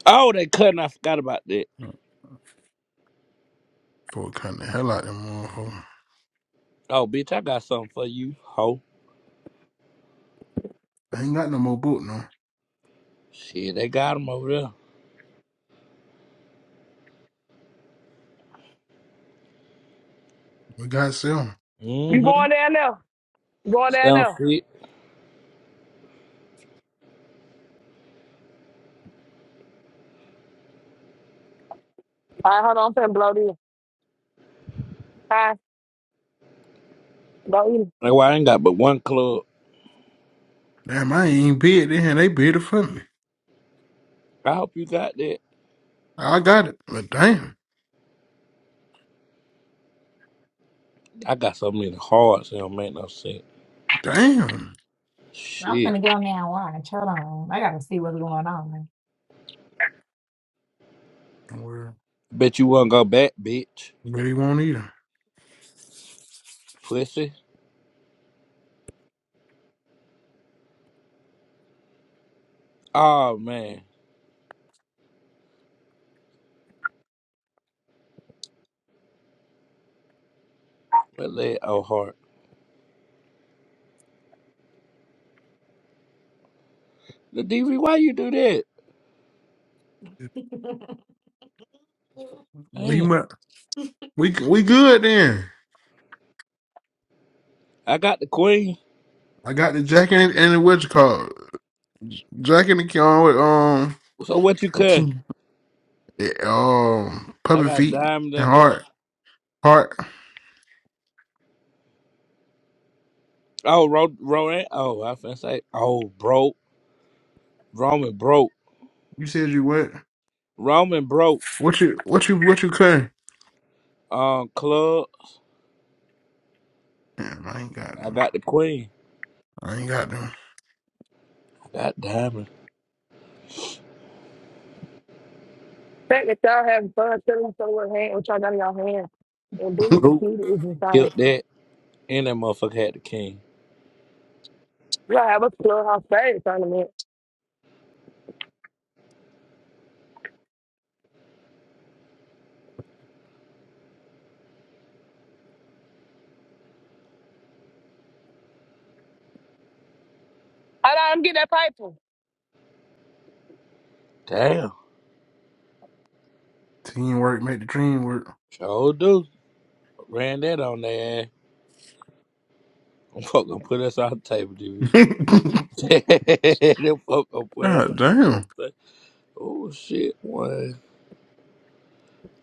Speaker 4: Oh, they cutting. I forgot about that.
Speaker 2: Fuck kind of hell out of them motherfucker.
Speaker 4: Oh, bitch, I got something for you, ho.
Speaker 2: I ain't got no more book no.
Speaker 4: Shit, they got him over there.
Speaker 2: We got some.
Speaker 1: You
Speaker 4: Mm-hmm.
Speaker 1: going down there? You going down
Speaker 4: Sounds
Speaker 1: there? All
Speaker 4: fit.
Speaker 1: right, hold on, I'm finna blow this. Hi, blow eat. it.
Speaker 4: That's why I ain't got but one club.
Speaker 2: Damn, I ain't bid it and they bid it for me.
Speaker 4: I hope you got that.
Speaker 2: I got it. But damn.
Speaker 4: I got so many hearts, it don't make no sense.
Speaker 2: Damn.
Speaker 9: I'm
Speaker 4: Shit.
Speaker 9: gonna go now. Watch. Hold on. I gotta see what's going on.
Speaker 2: Well,
Speaker 4: Bet you won't go back, bitch.
Speaker 2: maybe won't either.
Speaker 4: Pussy. Oh, man. What that old heart? The DV, why you do that?
Speaker 2: We
Speaker 4: Damn.
Speaker 2: mu- we we good then.
Speaker 4: I got the queen.
Speaker 2: I got the Jack and and the what you call it? Jack and the Kion with um
Speaker 4: So what you cut?
Speaker 2: King- eh, um
Speaker 4: I
Speaker 2: puppet
Speaker 4: got
Speaker 2: feet
Speaker 4: diamond
Speaker 2: and
Speaker 4: and heart.
Speaker 2: heart heart.
Speaker 4: Oh, Ro- Rowan. Oh, I finna say. Oh, broke. Roman broke.
Speaker 2: You said you what?
Speaker 4: Roman broke.
Speaker 2: What you what you what you cutting?
Speaker 4: Um, club.
Speaker 2: Damn, I ain't got
Speaker 4: I
Speaker 2: them.
Speaker 4: got the queen.
Speaker 2: I ain't got them.
Speaker 4: I got diamond.
Speaker 1: Think that y'all having fun, telling each other what hand, what y'all got in your hand, and doing the
Speaker 4: Brute.
Speaker 1: computer is insane.
Speaker 4: Killed that. And that motherfucker had the king.
Speaker 1: You gotta have a clubhouse fag tournament. Hold on, I'm getting that paper.
Speaker 4: Damn.
Speaker 2: Teamwork make the dream work.
Speaker 4: Sure do. Ran that on their ass. Them fuck gonna put us on the table, DB. Them fuck gonna put us on
Speaker 2: God
Speaker 4: the
Speaker 2: damn!
Speaker 4: table. Oh shit, one.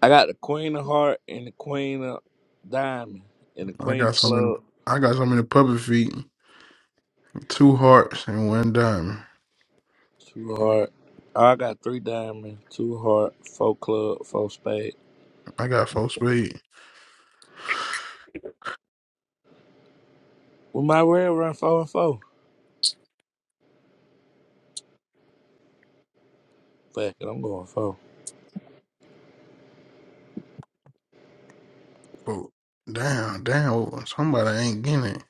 Speaker 4: I got the Queen of Heart and the Queen of Diamond and the
Speaker 2: I
Speaker 4: Queen
Speaker 2: got
Speaker 4: of
Speaker 2: so many.
Speaker 4: Club.
Speaker 2: I got so many puppet feet, two hearts, and one diamond.
Speaker 4: Two heart. I got three diamond, two heart, four club, four spade.
Speaker 2: I got four spades.
Speaker 4: We might well run four and four. Fuck it, I'm going four.
Speaker 2: But damn, damn, somebody ain't getting it.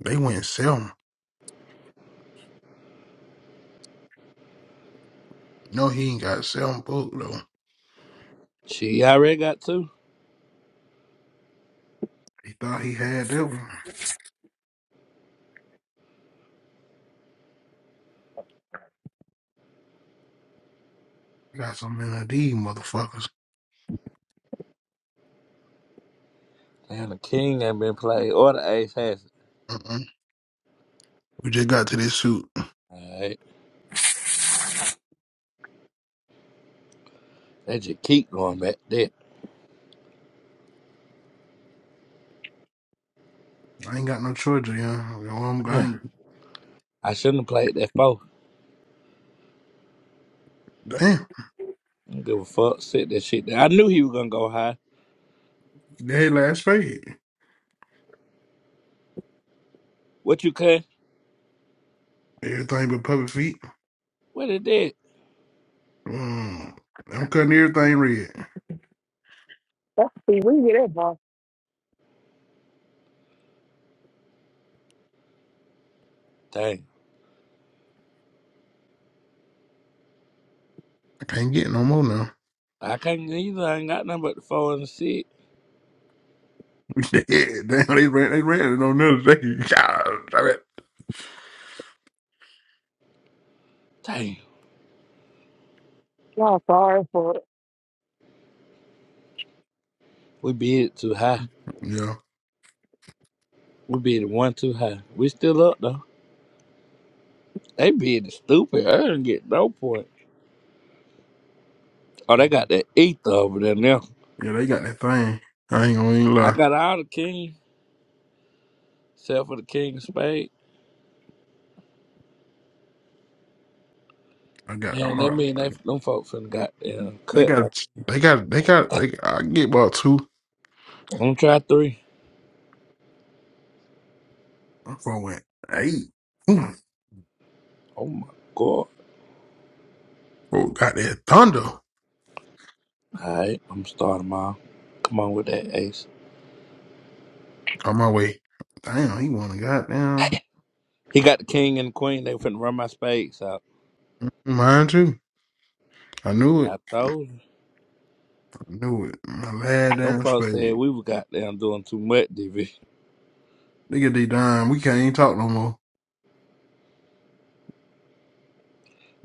Speaker 2: They went Selma. No, he ain't got Selma booked though.
Speaker 4: She already got two.
Speaker 2: He thought he had that one. Got some in of these motherfuckers.
Speaker 4: And the king ain't been played or the ace has it.
Speaker 2: Mm-mm. We just got to this suit.
Speaker 4: Alright. They just keep going back there.
Speaker 2: I ain't got no choice, you know. I
Speaker 4: Yeah.
Speaker 2: ain't,
Speaker 4: I shouldn't have played that four.
Speaker 2: damn,
Speaker 4: I don't give a fuck. Sit that shit down. I knew he was gonna go high.
Speaker 2: they had last fade.
Speaker 4: What you cut?
Speaker 2: Everything but puppet feet.
Speaker 4: What it did?
Speaker 2: Mm. I'm cutting everything red.
Speaker 1: Let's see, we can get that boss.
Speaker 4: Dang.
Speaker 2: I can't get no more now.
Speaker 4: I can't either. I ain't got nothing but the four and the six.
Speaker 2: Yeah, damn, they ran, they ran it on another day. God, damn it.
Speaker 4: Damn.
Speaker 1: Y'all sorry for it.
Speaker 4: We bid too high.
Speaker 2: Yeah,
Speaker 4: We bid one too high. We still up though. They bid stupid. I didn't get no point. Oh, they got that ether over there now.
Speaker 2: yeah, they got that thing. I ain't gonna even
Speaker 4: I
Speaker 2: lie.
Speaker 4: got all the king, except for the king of spade.
Speaker 2: I got a
Speaker 4: And that
Speaker 2: heart.
Speaker 4: mean they them folks finna got them
Speaker 2: They
Speaker 4: cut back.
Speaker 2: got, they got, they got, they got, I can get about two.
Speaker 4: I'm gonna try three.
Speaker 2: I'm going eight. Ooh,
Speaker 4: Oh my god.
Speaker 2: oh, got that thunder
Speaker 4: Alright, I'm starting mine. Come on with that ace.
Speaker 2: on my way. Damn, he won a goddamn.
Speaker 4: He got the king and the queen. They finna run my space out.
Speaker 2: Mine too. I knew it.
Speaker 4: I told you.
Speaker 2: I knew it. My lad
Speaker 4: Them
Speaker 2: damn
Speaker 4: folks said
Speaker 2: spade.
Speaker 4: we was goddamn doing too much, DV.
Speaker 2: Nigga D Dime, we can't even talk no more.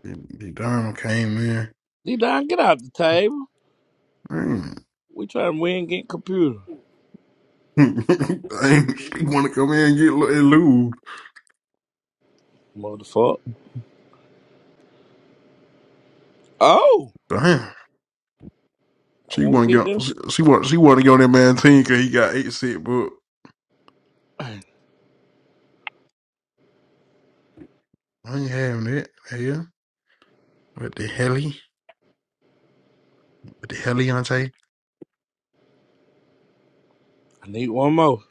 Speaker 2: D Dime came in.
Speaker 4: D Don, get out the table.
Speaker 2: Damn.
Speaker 4: We trying to win against computer.
Speaker 2: Damn, she wanna come in and get lo- and lose.
Speaker 4: Motherfucker. Oh,
Speaker 2: Damn.
Speaker 4: I
Speaker 2: She
Speaker 4: won't
Speaker 2: wanna
Speaker 4: get
Speaker 2: go.
Speaker 4: there.
Speaker 2: she, she want she wanna go on that man team cause he got eight set book.
Speaker 4: I
Speaker 2: I ain't having that. Hell. What the hell But the Heliante,
Speaker 4: need one more.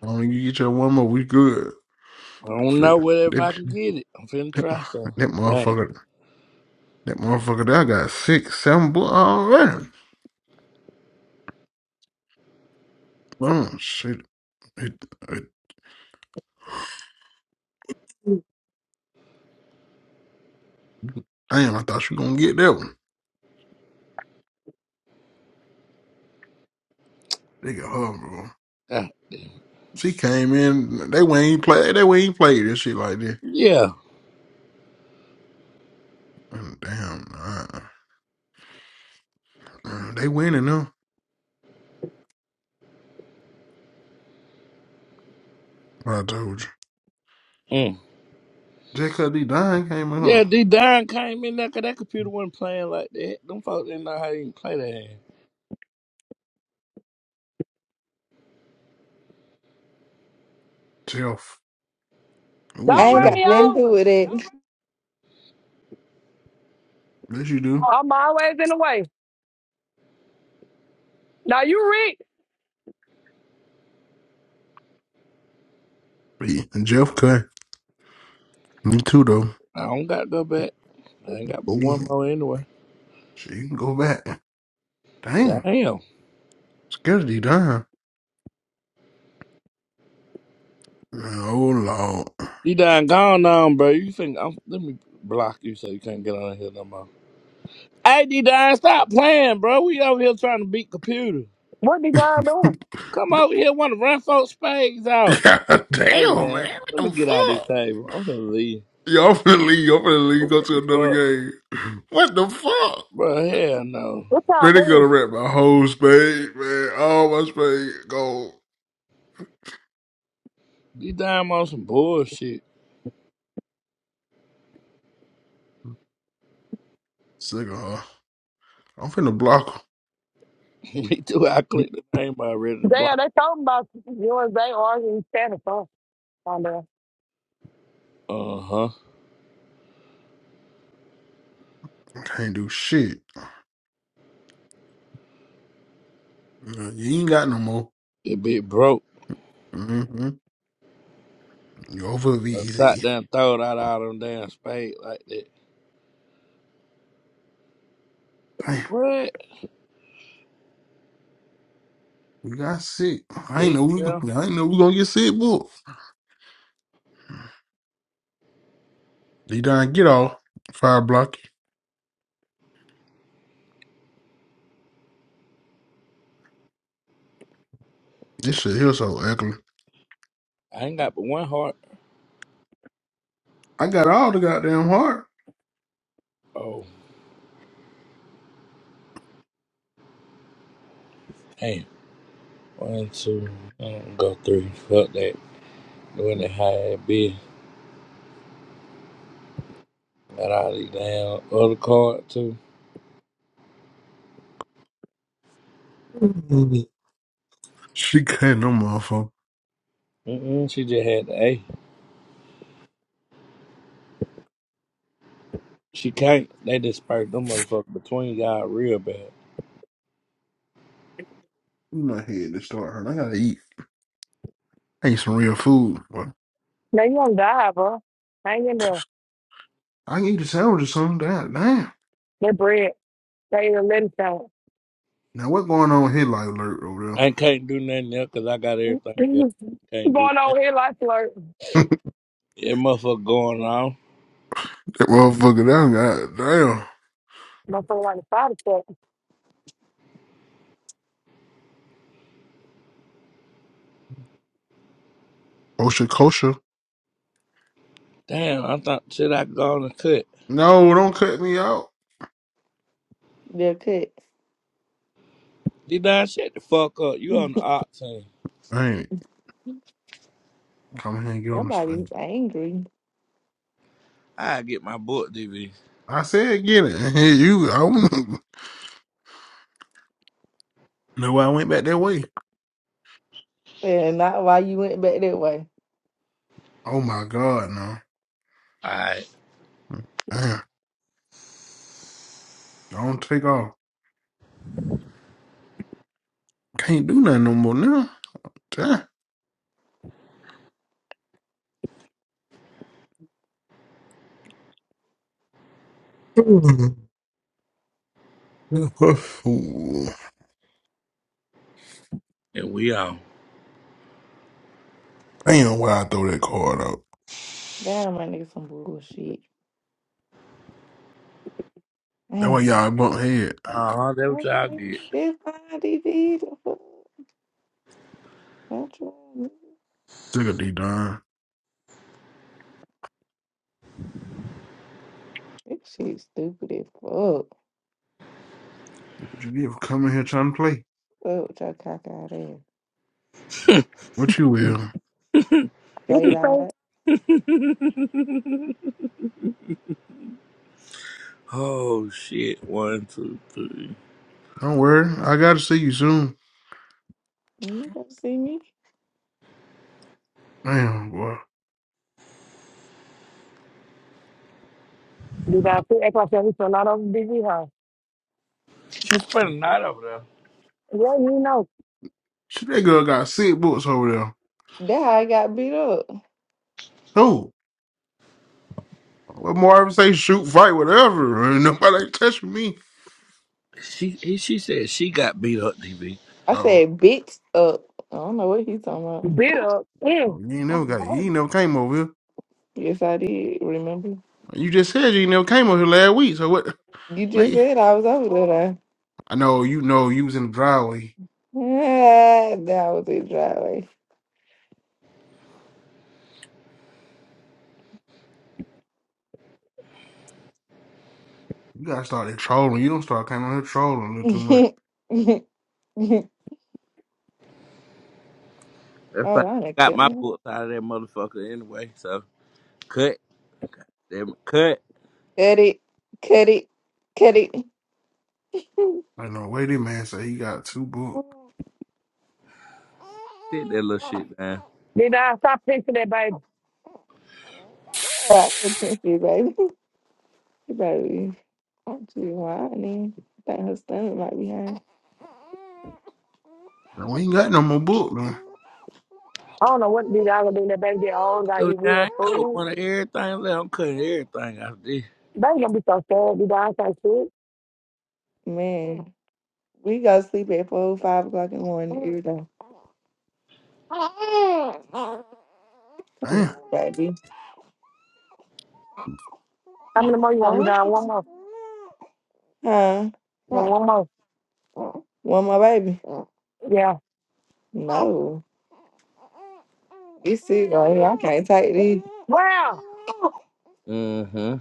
Speaker 2: when you get your one more, we good.
Speaker 4: I don't know whether if
Speaker 2: That,
Speaker 4: I can get it. I'm finna
Speaker 2: that,
Speaker 4: try some.
Speaker 2: that
Speaker 4: Damn.
Speaker 2: motherfucker, that motherfucker there got six, seven bull already. Oh, shit. It, it, damn, I thought you gonna get that one. They got her, bro.
Speaker 4: Ah,
Speaker 2: She came in, they wouldn't even play, they wouldn't even play this shit like this.
Speaker 4: Yeah.
Speaker 2: Mm, Damn, nah. Mm, They winning now. I told you.
Speaker 4: Mm.
Speaker 2: Just cause they dying came in her.
Speaker 4: Yeah, D Don came in there 'cause that computer wasn't playing like that. Them folks didn't know how to even play that.
Speaker 2: Jeff.
Speaker 10: I
Speaker 2: With
Speaker 1: Don't
Speaker 10: ain't
Speaker 1: run
Speaker 10: got
Speaker 2: Jeff.
Speaker 1: me
Speaker 10: nothing to do
Speaker 1: over.
Speaker 10: with it.
Speaker 2: Yes, you do.
Speaker 1: I'm always in the way. Now you read
Speaker 2: Yeah, Jeff cut. Me too, though.
Speaker 4: I don't got to go back. I ain't got but
Speaker 2: You,
Speaker 4: one more anyway.
Speaker 2: She can go back. Damn.
Speaker 4: Damn.
Speaker 2: Scarcity dime. Oh lord.
Speaker 4: You done gone on, bro. You think I'm, let me block you so you can't get on here no more. Hey, D Don, stop playing, bro. We over here trying to beat computer.
Speaker 1: what Devon doing?
Speaker 4: Come over here, want to run folks' spades out.
Speaker 2: God
Speaker 4: Hey,
Speaker 2: damn
Speaker 4: man,
Speaker 2: man. What
Speaker 4: let me
Speaker 2: the
Speaker 4: get out of this
Speaker 2: fuck?
Speaker 4: table. I'm finna leave.
Speaker 2: Y'all finna leave. Y'all finna leave. Go to another
Speaker 4: But,
Speaker 2: game. What the fuck?
Speaker 4: bro, hell no.
Speaker 1: What y'all
Speaker 2: Man, they gonna
Speaker 1: mean?
Speaker 2: wrap my whole spade, man. All my spade go.
Speaker 4: D Don on some bullshit.
Speaker 2: Sick of her. I'm finna block
Speaker 4: me too. I
Speaker 2: her.
Speaker 4: clicked the name already to
Speaker 1: Damn,
Speaker 4: block.
Speaker 1: they talking about you and they arguing standing for on there.
Speaker 4: Uh huh.
Speaker 2: Can't do shit. Uh, You ain't got no more.
Speaker 4: It be broke.
Speaker 2: Mm-hmm. You over be
Speaker 4: I sat
Speaker 2: easy.
Speaker 4: down, throwed out all them damn spades like that.
Speaker 2: Damn.
Speaker 4: What?
Speaker 2: We got sick. I ain't
Speaker 4: Dick,
Speaker 2: know
Speaker 4: yeah.
Speaker 2: we. I ain't know we gonna get sick, boy. D Don, get off. Fire block. This shit here so ugly.
Speaker 4: I ain't got but one heart.
Speaker 2: I got all the goddamn heart.
Speaker 4: Oh. Hey, one, two, um, go three. Fuck that. Doing it how it be. Got all these damn other card too.
Speaker 2: She cutting them motherfucker.
Speaker 4: Mm-mm, she just had the A. She can't. They just dispersed them motherfuckers between y'all real bad.
Speaker 2: Where My head to start hurting. I gotta eat. I eat some real food. But
Speaker 1: Now you on die, bro. Hang in there.
Speaker 2: I can eat a sandwich or something. Damn. damn.
Speaker 1: They bread. They ain't let it out.
Speaker 2: Now what going on with his life alert over
Speaker 4: I can't do nothing else because I got everything else.
Speaker 1: Going
Speaker 4: Can't do
Speaker 1: on
Speaker 4: nothing.
Speaker 1: here like flirt.
Speaker 2: there?
Speaker 4: That motherfucker going on.
Speaker 2: that motherfucker down. God damn.
Speaker 1: My phone like the side effect.
Speaker 2: Kosher, kosher.
Speaker 4: Damn, I thought shit I could go on and cut.
Speaker 2: No, don't cut me out.
Speaker 10: They're cut.
Speaker 4: You done shut the fuck up. You on the art team.
Speaker 2: I ain't come here and get on this
Speaker 10: Somebody's
Speaker 2: face.
Speaker 10: angry.
Speaker 4: I get my book, DV.
Speaker 2: I said get it. And here you. I don't know why I went back that way.
Speaker 10: And not why you went back that way.
Speaker 2: Oh my god, no.
Speaker 4: Alright,
Speaker 2: Damn. Don't take off. Can't do nothing no more now. Damn. Ooh.
Speaker 4: and we on.
Speaker 2: Damn, why I throw that card out.
Speaker 10: Damn, my nigga, some bullshit.
Speaker 2: That why
Speaker 10: Damn.
Speaker 2: y'all bump head.
Speaker 4: Uh huh, that's what y'all
Speaker 10: Okay.
Speaker 4: get.
Speaker 10: This fine DV. The fuck? Control, nigga.
Speaker 2: Took a D Don.
Speaker 10: This shit stupid as fuck.
Speaker 2: You ever come in here trying to play?
Speaker 10: Fuck with your cock out ass.
Speaker 2: What you will.
Speaker 1: What
Speaker 10: Straight
Speaker 1: you
Speaker 10: eyed.
Speaker 1: say?
Speaker 4: Oh shit! One, two, three.
Speaker 2: Don't worry. I gotta see you soon.
Speaker 10: You don't see me.
Speaker 2: Damn, boy.
Speaker 1: Devon said, act like he's not over BG house.
Speaker 4: She spent a night over there.
Speaker 1: Yeah, you know.
Speaker 2: Shit, that girl got sick books over there.
Speaker 10: That how I got beat up.
Speaker 2: Who? What Marvin say? Shoot, fight, whatever. Ain't nobody touching me.
Speaker 4: She he, she said she got beat up. TV.
Speaker 10: I
Speaker 2: Oh,
Speaker 10: said, bitch up. I don't know what he's talking
Speaker 1: Bit up. Mm.
Speaker 2: oh, you ain't never got.
Speaker 10: about.
Speaker 2: You ain't never came over here.
Speaker 10: Yes, I did. Remember?
Speaker 2: You just said you ain't never came over here last week. So what?
Speaker 10: You just
Speaker 2: Mate,
Speaker 10: said I was over there.
Speaker 2: I know you know you was in the driveway.
Speaker 10: Ah, that was a dry
Speaker 2: You gotta start trolling. You don't start coming on here trolling a
Speaker 10: way.
Speaker 2: little too much.
Speaker 4: That's
Speaker 10: oh,
Speaker 4: fine.
Speaker 10: I done
Speaker 4: I Got
Speaker 10: cut
Speaker 4: my
Speaker 10: one.
Speaker 4: books out of that motherfucker anyway. So cut them, cut
Speaker 10: Cut it, cut it, cut it.
Speaker 2: Like no way this man say he got two books.
Speaker 10: Oh,
Speaker 4: sit that little shit down.
Speaker 1: Did I stop pinching that baby?
Speaker 10: I'm pimpy, baby. She probably, I'm too whining. I think her stomach might be hurting.
Speaker 2: Now, we ain't got no more book, man.
Speaker 1: I don't know what these guys gonna do. in That baby They all gotta
Speaker 4: So
Speaker 1: eat
Speaker 4: now I
Speaker 1: real
Speaker 4: ain't got but
Speaker 1: food.
Speaker 4: one of everything left. I'm cutting everything out of this.
Speaker 1: Baby gonna be so sad. Be down so sick.
Speaker 10: Man, we go sleep at four, five o'clock in the morning every day. Come
Speaker 2: Damn.
Speaker 10: on, baby.
Speaker 1: How many more you want? Be down one more.
Speaker 10: Huh?
Speaker 1: One one more.
Speaker 10: One more baby?
Speaker 1: Yeah.
Speaker 10: No. This is right here. I can't take this.
Speaker 1: Wow.
Speaker 4: Mm-hmm.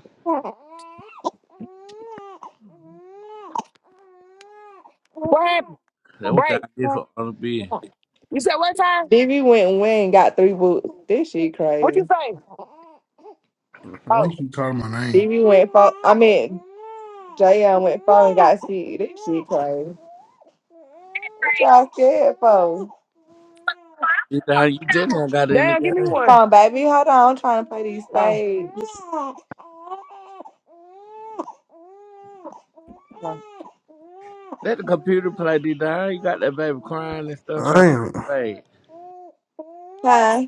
Speaker 1: What happened?
Speaker 4: That's what y'all
Speaker 1: Break.
Speaker 4: did for all the beer.
Speaker 1: You said what time?
Speaker 10: Dibby went and went and got three books. This shit
Speaker 1: What
Speaker 10: crazy.
Speaker 1: you say?
Speaker 2: Why
Speaker 1: Oh,
Speaker 2: you keep calling my name?
Speaker 10: BB went fall. I mean, Jayon went fall and got shit. This shit crazy. What y'all scared for?
Speaker 4: D-Don, you just now got in the
Speaker 1: damn. Give me
Speaker 4: game.
Speaker 10: Come
Speaker 1: one.
Speaker 10: on, baby. Hold on. I'm trying to play these
Speaker 1: Oh,
Speaker 10: spades. Come on.
Speaker 4: Let the computer play, D-Don. You got that baby crying and stuff trying to
Speaker 2: Damn.
Speaker 4: play.
Speaker 10: Huh?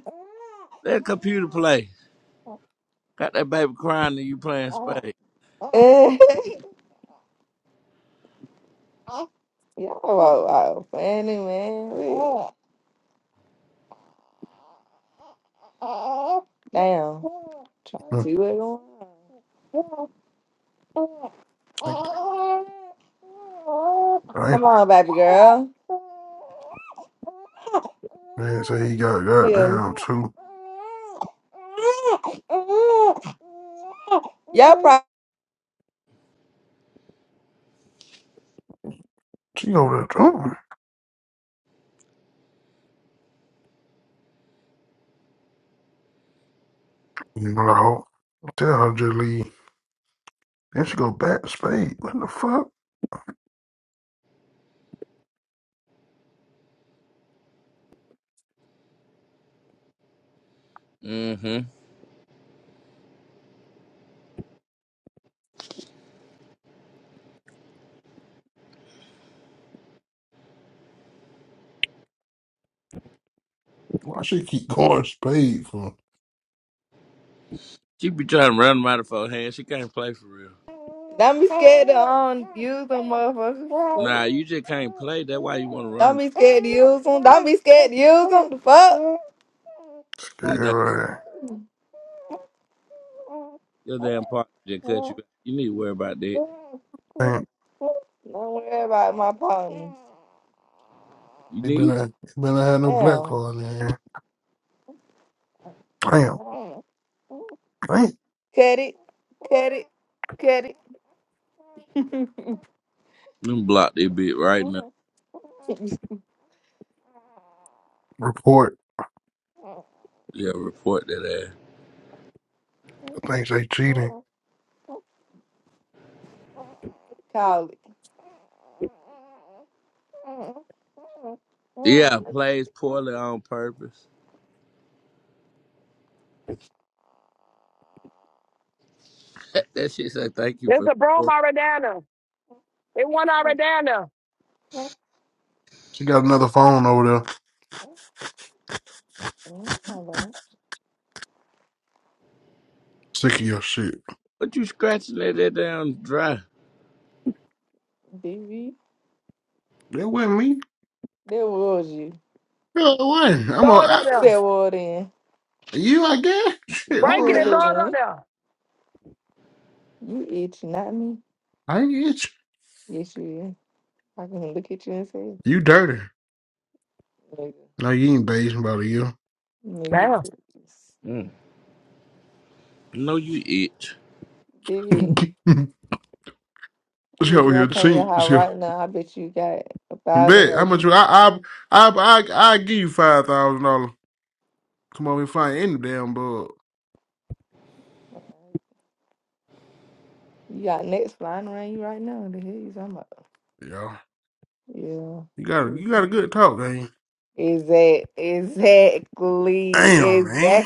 Speaker 4: Let the computer play. Got that baby crying and you playing spades.
Speaker 10: Y'all are wild, funny, man. Damn. Try to see what's going on.
Speaker 2: Damn.
Speaker 10: Come on, baby girl.
Speaker 2: Man say he got
Speaker 10: Yeah.
Speaker 2: goddamn two.
Speaker 10: Y'all probably
Speaker 2: She over there drunk. You know, like, tell her to leave. Then she go back to spade. What the fuck?
Speaker 4: Mm-hmm.
Speaker 2: Why she keep going spade for?
Speaker 4: She be trying to run them out of her hands. She can't play for real.
Speaker 10: don't be scared to um, use them motherfuckers.
Speaker 4: Nah, you just can't play. That's why you want to run
Speaker 10: Don't
Speaker 4: them.
Speaker 10: be scared to use them. Don't be scared to use them. The fuck? Don't
Speaker 4: Need that
Speaker 2: Scary.
Speaker 4: your damn partner just cut you. out. You need to worry about that.
Speaker 2: Damn.
Speaker 10: worry about my partner.
Speaker 4: You
Speaker 2: They better,
Speaker 4: need to-
Speaker 2: they better have no black
Speaker 10: Damn.
Speaker 2: card in there. Damn. Damn.
Speaker 10: Cut it. Cut it. Cut it.
Speaker 4: them block that bit right now.
Speaker 2: Report.
Speaker 4: Yeah, report that ass.
Speaker 2: I think they cheating.
Speaker 10: Call it.
Speaker 4: Yeah, plays poorly on purpose. that shit say thank you
Speaker 1: there's
Speaker 4: for.
Speaker 1: a broom
Speaker 4: reporting."
Speaker 1: already down there. It one already down there.
Speaker 2: She got another phone over there.
Speaker 10: Hello.
Speaker 2: Sick of your shit.
Speaker 4: But you scratching that, that down dry.
Speaker 10: BB.
Speaker 2: That wasn't me.
Speaker 10: That was you.
Speaker 2: Yeah, it wasn't. I'm a
Speaker 1: Throw it
Speaker 2: I,
Speaker 1: up
Speaker 10: Who
Speaker 1: there.
Speaker 10: That was then.
Speaker 2: you. I guess. Shit,
Speaker 10: My
Speaker 1: Break
Speaker 2: I'm
Speaker 1: it
Speaker 10: head
Speaker 1: and
Speaker 2: now.
Speaker 1: throw it
Speaker 10: win.
Speaker 1: up there.
Speaker 10: You itch, not me.
Speaker 2: I ain't get
Speaker 10: Yes, you is. I can look at you and say,
Speaker 2: you. You dirty.
Speaker 10: nigga,
Speaker 2: No, you ain't basing about you.
Speaker 10: nigga,
Speaker 1: Damn.
Speaker 10: please.
Speaker 4: Mm. No, you itch.
Speaker 10: Diddy,
Speaker 2: Let's
Speaker 10: I bet
Speaker 2: go
Speaker 10: you I
Speaker 2: here.
Speaker 10: come to your
Speaker 2: Tink.
Speaker 10: house
Speaker 2: Shit.
Speaker 10: right now. I bet you got a thousand
Speaker 2: Bet how much
Speaker 10: roses.
Speaker 2: you? I I I I I give you five thousand dollars. Come over here, find any damn bug.
Speaker 10: You got nets flying around you right now. The hell you talking about?
Speaker 2: Yeah,
Speaker 10: Yeah.
Speaker 2: you got a, you got a good talk, man.
Speaker 10: Exact, exactly,
Speaker 2: Damn, man.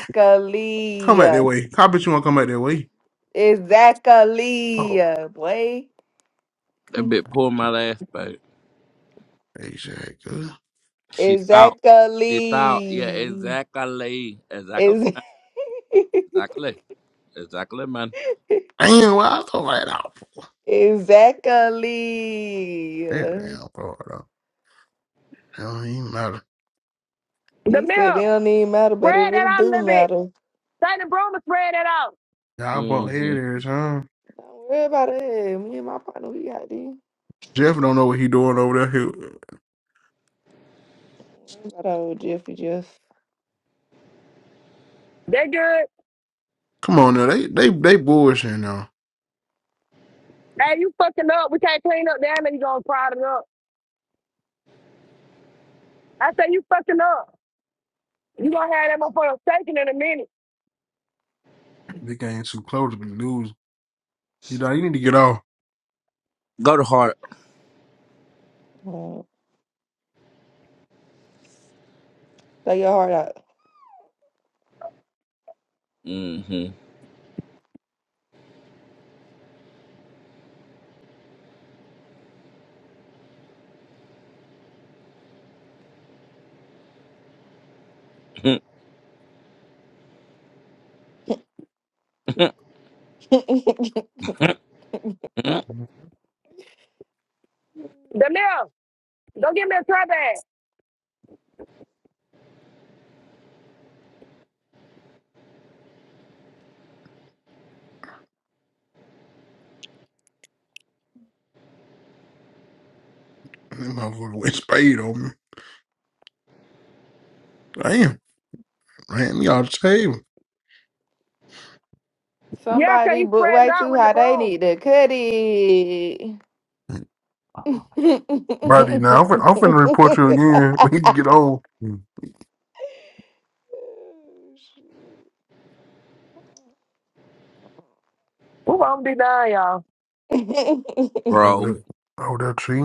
Speaker 2: Come back that way. I bet you want to come back that way. Oh,
Speaker 10: exactly, boy,
Speaker 4: That bit pulled my last bite.
Speaker 2: exactly.
Speaker 4: She thought. She thought. Yeah,
Speaker 10: exactly,
Speaker 4: exactly. Exactly.
Speaker 10: exactly,
Speaker 4: Exactly. Exactly, man.
Speaker 2: Damn, well, I thought that out. for.
Speaker 10: Exactly.
Speaker 2: That damn Florida. Hell, he matter.
Speaker 1: The
Speaker 10: He said they
Speaker 1: mill.
Speaker 10: don't even matter, but it
Speaker 1: Spread that
Speaker 10: really
Speaker 1: out a
Speaker 10: do
Speaker 1: little bit.
Speaker 10: matter.
Speaker 1: Take the broom and spread that out.
Speaker 2: Y'all bought
Speaker 4: hmm
Speaker 2: headers, huh?
Speaker 10: Don't worry about it. Me and my partner, we got these.
Speaker 2: Jeff don't know what he doing over there. He,
Speaker 10: Don't worry about old Jeffy Jeff.
Speaker 1: They good.
Speaker 2: come on now, they they they bullshitting now.
Speaker 1: Hey, you fucking up. We can't clean up down there. You gonna crowd it up. I say you fucking up. You gonna have that motherfucker shaking in a minute.
Speaker 2: They ain't too close to the news. You know, you need to get off.
Speaker 4: Go to heart.
Speaker 10: Uh, Throw your heart out.
Speaker 4: hmm
Speaker 2: That
Speaker 1: Danielle, go get me a try bag.
Speaker 2: motherfucker went spade on me. Damn, ran me off the table.
Speaker 1: Yeah, okay,
Speaker 10: Somebody
Speaker 1: he
Speaker 10: book
Speaker 1: spread it
Speaker 10: way
Speaker 1: out
Speaker 10: too
Speaker 1: with the
Speaker 10: high. They
Speaker 1: broom.
Speaker 10: need to cut it.
Speaker 2: buddy. now, I'm, fin- I'm finna report you again when you get old.
Speaker 1: Ooh, I'm be done, y'all.
Speaker 4: Bro,
Speaker 2: Over that over there, tree.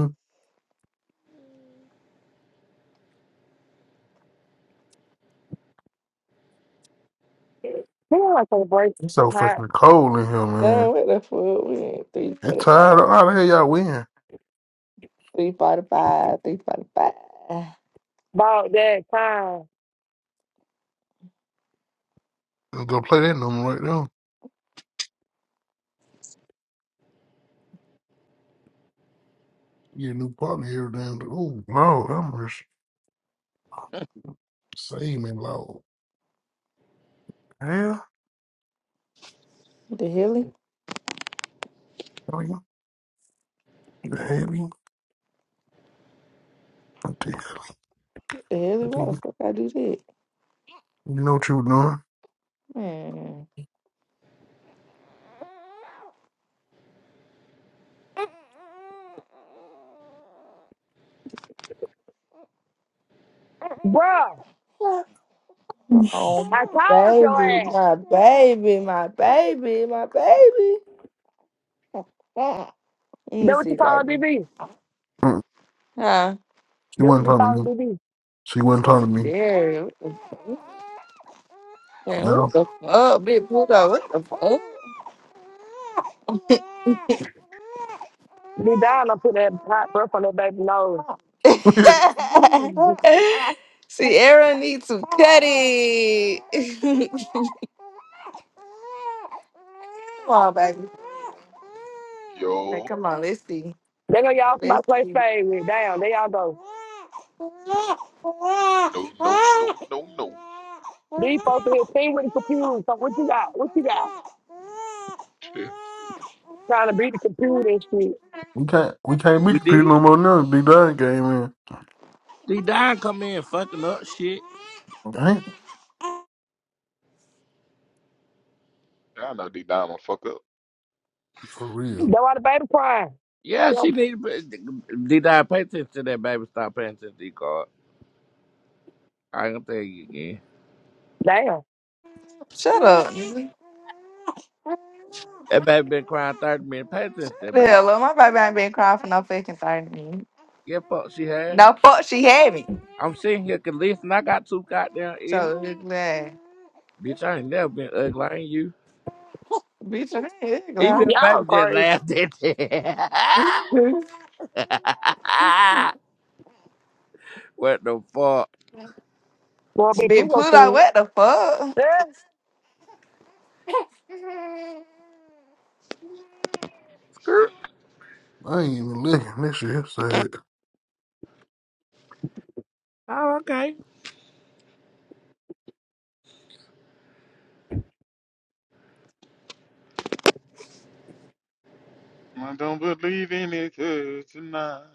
Speaker 1: Ooh, I can't break.
Speaker 2: It's so
Speaker 1: I'm hot.
Speaker 2: fucking cold in here,
Speaker 10: Damn,
Speaker 2: man.
Speaker 10: what the fuck? We at
Speaker 2: It's tired.
Speaker 10: 345.
Speaker 2: How the hell y'all win?
Speaker 10: 345, 345.
Speaker 1: About that time.
Speaker 2: Go play that number right now. Get a new partner every damn. Oh no, I'm rich. Save me, Lord. Hell,
Speaker 10: What the hell?
Speaker 2: oh, you heavy. I tell you,
Speaker 10: The hell,
Speaker 2: I
Speaker 10: is
Speaker 2: tell
Speaker 10: why the
Speaker 2: you,
Speaker 10: fuck I do that?
Speaker 2: you know what you were
Speaker 10: Man.
Speaker 1: Bruh,
Speaker 2: doing.
Speaker 10: Oh,
Speaker 1: I
Speaker 10: my
Speaker 1: told your
Speaker 10: baby,
Speaker 1: ass.
Speaker 10: my baby, my baby, my baby. Let me
Speaker 1: That what
Speaker 10: see,
Speaker 1: you call
Speaker 10: baby.
Speaker 1: DB.
Speaker 2: Mm.
Speaker 10: Huh?
Speaker 2: She
Speaker 1: That what
Speaker 2: wasn't
Speaker 1: you
Speaker 2: talking to
Speaker 1: call
Speaker 2: me.
Speaker 1: calling DB.
Speaker 2: She
Speaker 10: That's
Speaker 2: wasn't talking to me.
Speaker 10: scary. What the, man, what
Speaker 2: No.
Speaker 10: the fuck, big bulldog? What the
Speaker 1: Be down, I put that hot breath on that baby nose. they
Speaker 10: fuck? see, Aaron needs some cutty. come on, baby. Like,
Speaker 11: Yo,
Speaker 10: come on, let's see.
Speaker 1: gonna y'all
Speaker 10: Let's
Speaker 1: somebody play
Speaker 10: see.
Speaker 1: spade with. Damn, they all go.
Speaker 11: no, no, no, no, no.
Speaker 1: These folks in here team with the computer. So what you got? What you got?
Speaker 11: Shit,
Speaker 1: Trying to beat the computer and shit.
Speaker 2: we can't we can't be
Speaker 4: we
Speaker 2: competing
Speaker 4: did.
Speaker 2: no more now. Big Don came in.
Speaker 4: D Don come in fucking up shit.
Speaker 2: Dang,
Speaker 11: I know deep down I'm gonna fuck up.
Speaker 2: for
Speaker 1: That's
Speaker 2: real.
Speaker 1: why the baby crying.
Speaker 4: Yeah, she
Speaker 1: Them-
Speaker 4: need to D Don pay attention to that baby. Stop paying attention to D card. I ain't gonna tell you again.
Speaker 1: Damn.
Speaker 10: Shut up. nigga.
Speaker 4: That baby been crying thirty minutes. Pay attention to
Speaker 10: Shut
Speaker 4: that
Speaker 10: the
Speaker 4: baby.
Speaker 10: hell up. My baby ain't been crying for no fucking 30 minutes.
Speaker 4: Yeah, fuck she had.
Speaker 10: No fuck, she haven't.
Speaker 4: I'm sitting here can listen. I got two goddamn ears.
Speaker 10: So it's glad.
Speaker 4: Bitch, I ain't never been ugly. I ain't you.
Speaker 10: Bitch, I ain't
Speaker 4: Even
Speaker 10: glad.
Speaker 4: that baby
Speaker 1: Y'all
Speaker 4: just
Speaker 1: crazy.
Speaker 4: laughed at that. what the fuck?
Speaker 1: Gonna be
Speaker 10: Big
Speaker 1: Pluto
Speaker 10: Pluto,
Speaker 1: soon.
Speaker 10: what the fuck?
Speaker 1: Yeah,
Speaker 2: I ain't even looking. This shit sad.
Speaker 4: Oh, okay.
Speaker 11: I don't believe in it 'cause tonight.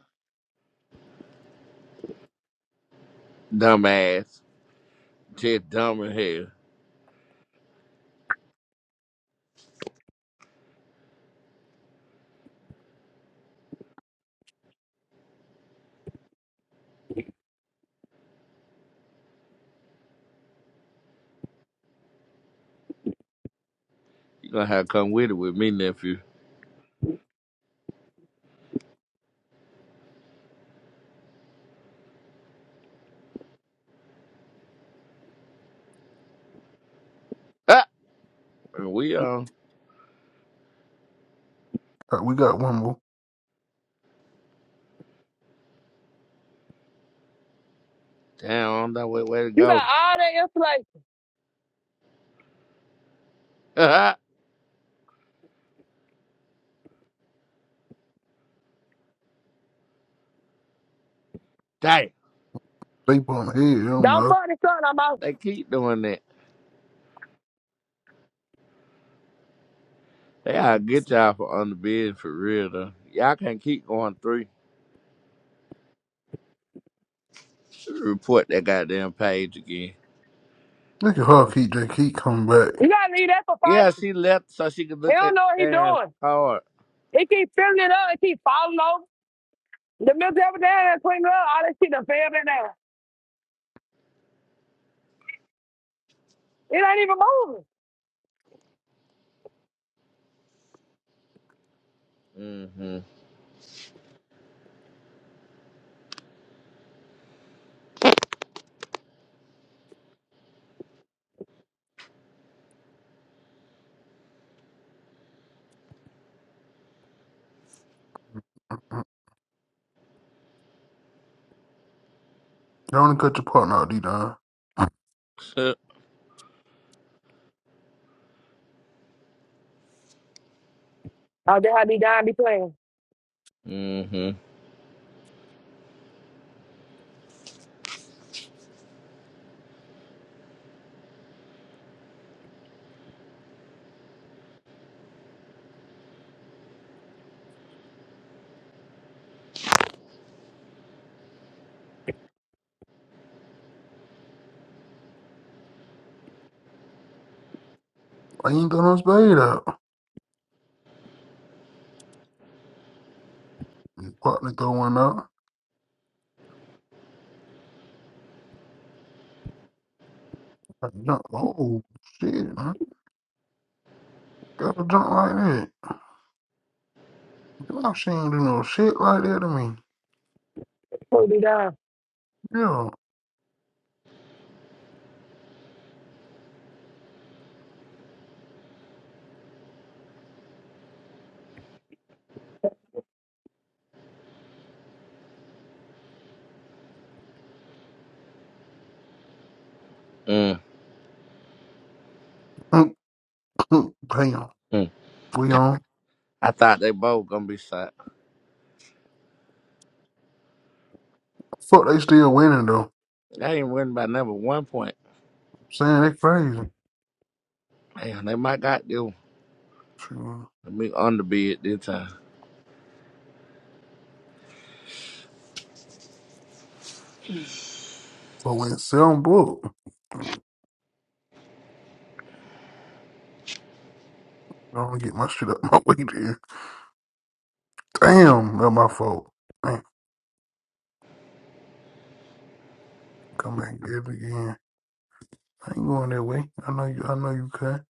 Speaker 4: Dumbass. Just dumb in hell. You gonna have to come with it with me, nephew. Ah, and we all
Speaker 2: Uh, we got one more
Speaker 4: down that way, way
Speaker 1: you got
Speaker 4: to
Speaker 1: all that insulation.
Speaker 4: go. Damn,
Speaker 2: staple on the head. I'm
Speaker 1: Don't
Speaker 2: not.
Speaker 1: fuck the son. I'm out.
Speaker 4: they keep doing that. They gotta get y'all for underbid for real though. Y'all can't keep going three. Report that goddamn page again.
Speaker 2: Look at her keep J keep coming back.
Speaker 1: You gotta leave that for
Speaker 4: Yeah,
Speaker 1: Pisces.
Speaker 4: she left so she could
Speaker 1: He
Speaker 4: look
Speaker 1: don't
Speaker 4: at
Speaker 1: know what
Speaker 4: the
Speaker 1: he
Speaker 4: damn
Speaker 1: doing.
Speaker 4: card.
Speaker 1: He keep filling it up. It keep falling over. The milk every day and putting up. All that shit done fell back down. It ain't even moving.
Speaker 4: Mm-hmm.
Speaker 2: do only cut your partner out, D Don. I
Speaker 1: Oh, that how be down be playing.
Speaker 4: mm-hmm.
Speaker 2: ain't done no spade out. Your partner throw one out. I jump. Oh shit, man. Got a jump like that. Y'all she ain't do no shit like that to me.
Speaker 1: Who be down?
Speaker 2: Yeah.
Speaker 4: Mm-hmm.
Speaker 2: Damn. We on.
Speaker 4: I thought they both gonna be shot.
Speaker 2: Fuck, they still winning though.
Speaker 4: They ain't winning by number one point.
Speaker 2: I'm saying they crazy.
Speaker 4: Damn, they might got them.
Speaker 2: Sure.
Speaker 4: Let me on the bid this time.
Speaker 2: But when seven book, I don't get my shit up my way there. Damn, that my fault. Man, come back and get it again. I ain't going that way. I know you. I know you can.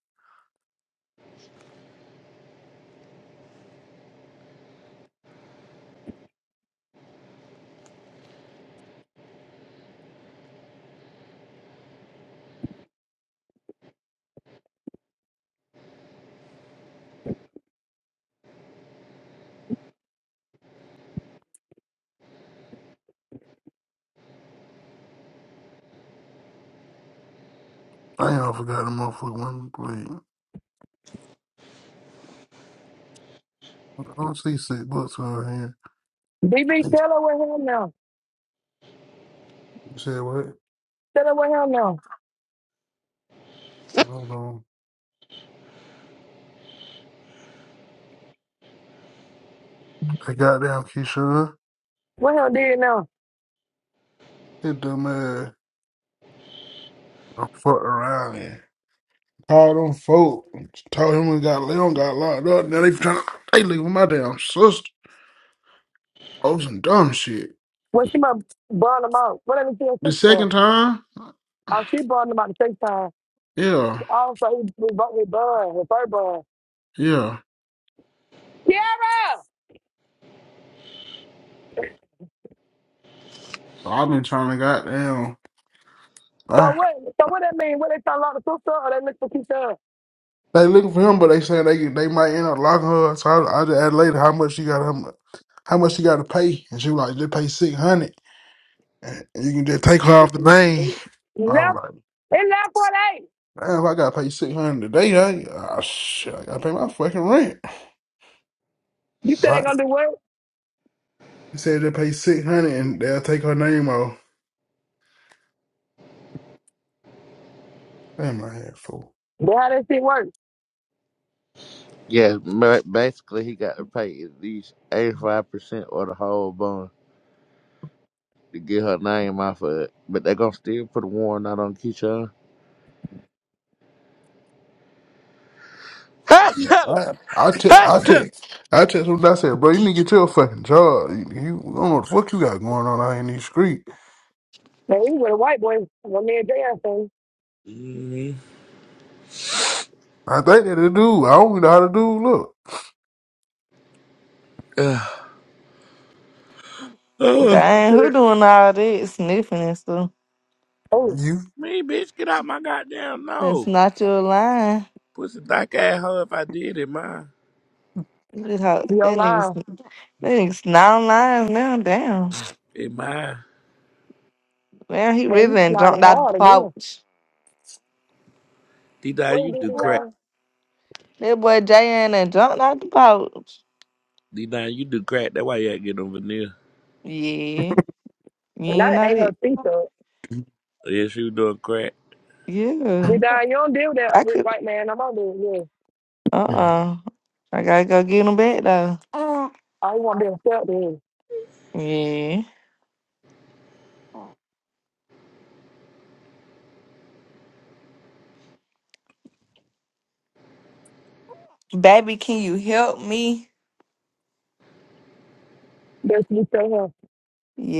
Speaker 2: Damn, I forgot the motherfucker one play. I don't see six bucks over here. Hey,
Speaker 1: BB, tell
Speaker 2: You
Speaker 1: her with him now.
Speaker 2: said what?
Speaker 1: Tell her with him now.
Speaker 2: Hold on. They got down Keyshawn.
Speaker 1: What him did now?
Speaker 2: It dumb ass. Don't fuck around here. call them folk. Told him we got Leon got locked up. Now they trying to they leaving my damn sister. Oh some dumb shit.
Speaker 1: What she must burn him out. Whatever she a
Speaker 2: The
Speaker 1: sister for.
Speaker 2: second time,
Speaker 1: Oh, she burned him out the same time.
Speaker 2: yeah,
Speaker 1: Oh, so he, he, bu- he bun, his fur bun.
Speaker 2: yeah.
Speaker 1: Kiara!
Speaker 2: I've been trying to goddamn.
Speaker 1: So
Speaker 2: I,
Speaker 1: what, so what that mean? What they tell lock the sister or they look for Keisha?
Speaker 2: they looking for him, but they saying they they might end up locking her. So I, I just asked later how much she got how much, how much she got to pay, and she was like, just pay six hundred, and you can just take her off the name. I was
Speaker 1: Left,
Speaker 2: like,
Speaker 1: in left for eight.
Speaker 2: damn, if I gotta pay six hundred today. I, I, shit, I gotta pay my fucking rent.
Speaker 1: You said
Speaker 2: Like,
Speaker 1: they gonna do what?
Speaker 2: He said they pay six hundred and they'll take her name off. Damn, I had fool.
Speaker 1: Boy, how that shit work?
Speaker 4: Yeah, ma- basically, he got to pay at least 85% or the whole bond to get her name off of it. But they going to still put a warrant out on Keyshawn.
Speaker 2: I I te- I te- I text him. I said, bro, you need to get your fucking job. You, you I don't know what the fuck you got going on out in these streets.
Speaker 1: Man, he with a white boy, when me and Jan sing.
Speaker 4: mm
Speaker 2: I think that the dude. I don't even know how to do. Look,
Speaker 4: oh,
Speaker 10: Dang, who doing all this sniffing and stuff?
Speaker 1: Oh,
Speaker 2: you
Speaker 4: me, bitch, get out my goddamn
Speaker 10: That's
Speaker 4: nose.
Speaker 10: not your line.
Speaker 4: Pussy thick ass hoe if I did it, mine.
Speaker 10: You just ho-
Speaker 1: you're
Speaker 10: That nigga's
Speaker 1: lying.
Speaker 10: that nigga's not lines now. Damn.
Speaker 4: It mine.
Speaker 10: Man, he
Speaker 1: Man,
Speaker 10: really
Speaker 1: you
Speaker 10: done
Speaker 1: snorted
Speaker 10: jumped out the
Speaker 1: hard at
Speaker 10: pouch.
Speaker 4: D-Dine,
Speaker 1: What
Speaker 4: you
Speaker 1: you
Speaker 4: do
Speaker 1: do
Speaker 4: crack.
Speaker 1: D-Don?
Speaker 10: That boy Jay ain't done jumped out the pouch.
Speaker 4: D-Dine, you do crack. That's why you ain't get no veneer.
Speaker 10: Yeah. You
Speaker 1: And
Speaker 10: ain't
Speaker 1: that
Speaker 10: know
Speaker 1: ain't
Speaker 10: that.
Speaker 1: her sister.
Speaker 4: Yes, you doing crack.
Speaker 10: Yeah.
Speaker 1: D-Don, you don't deal with that
Speaker 10: I
Speaker 1: with
Speaker 10: could.
Speaker 1: white man. I'm on there, yeah.
Speaker 2: Mm.
Speaker 10: Uh-uh. I gotta go get them back though.
Speaker 1: I don't want to be a step to him.
Speaker 10: Yeah. Baby, can you help me?
Speaker 1: That's what you tell him.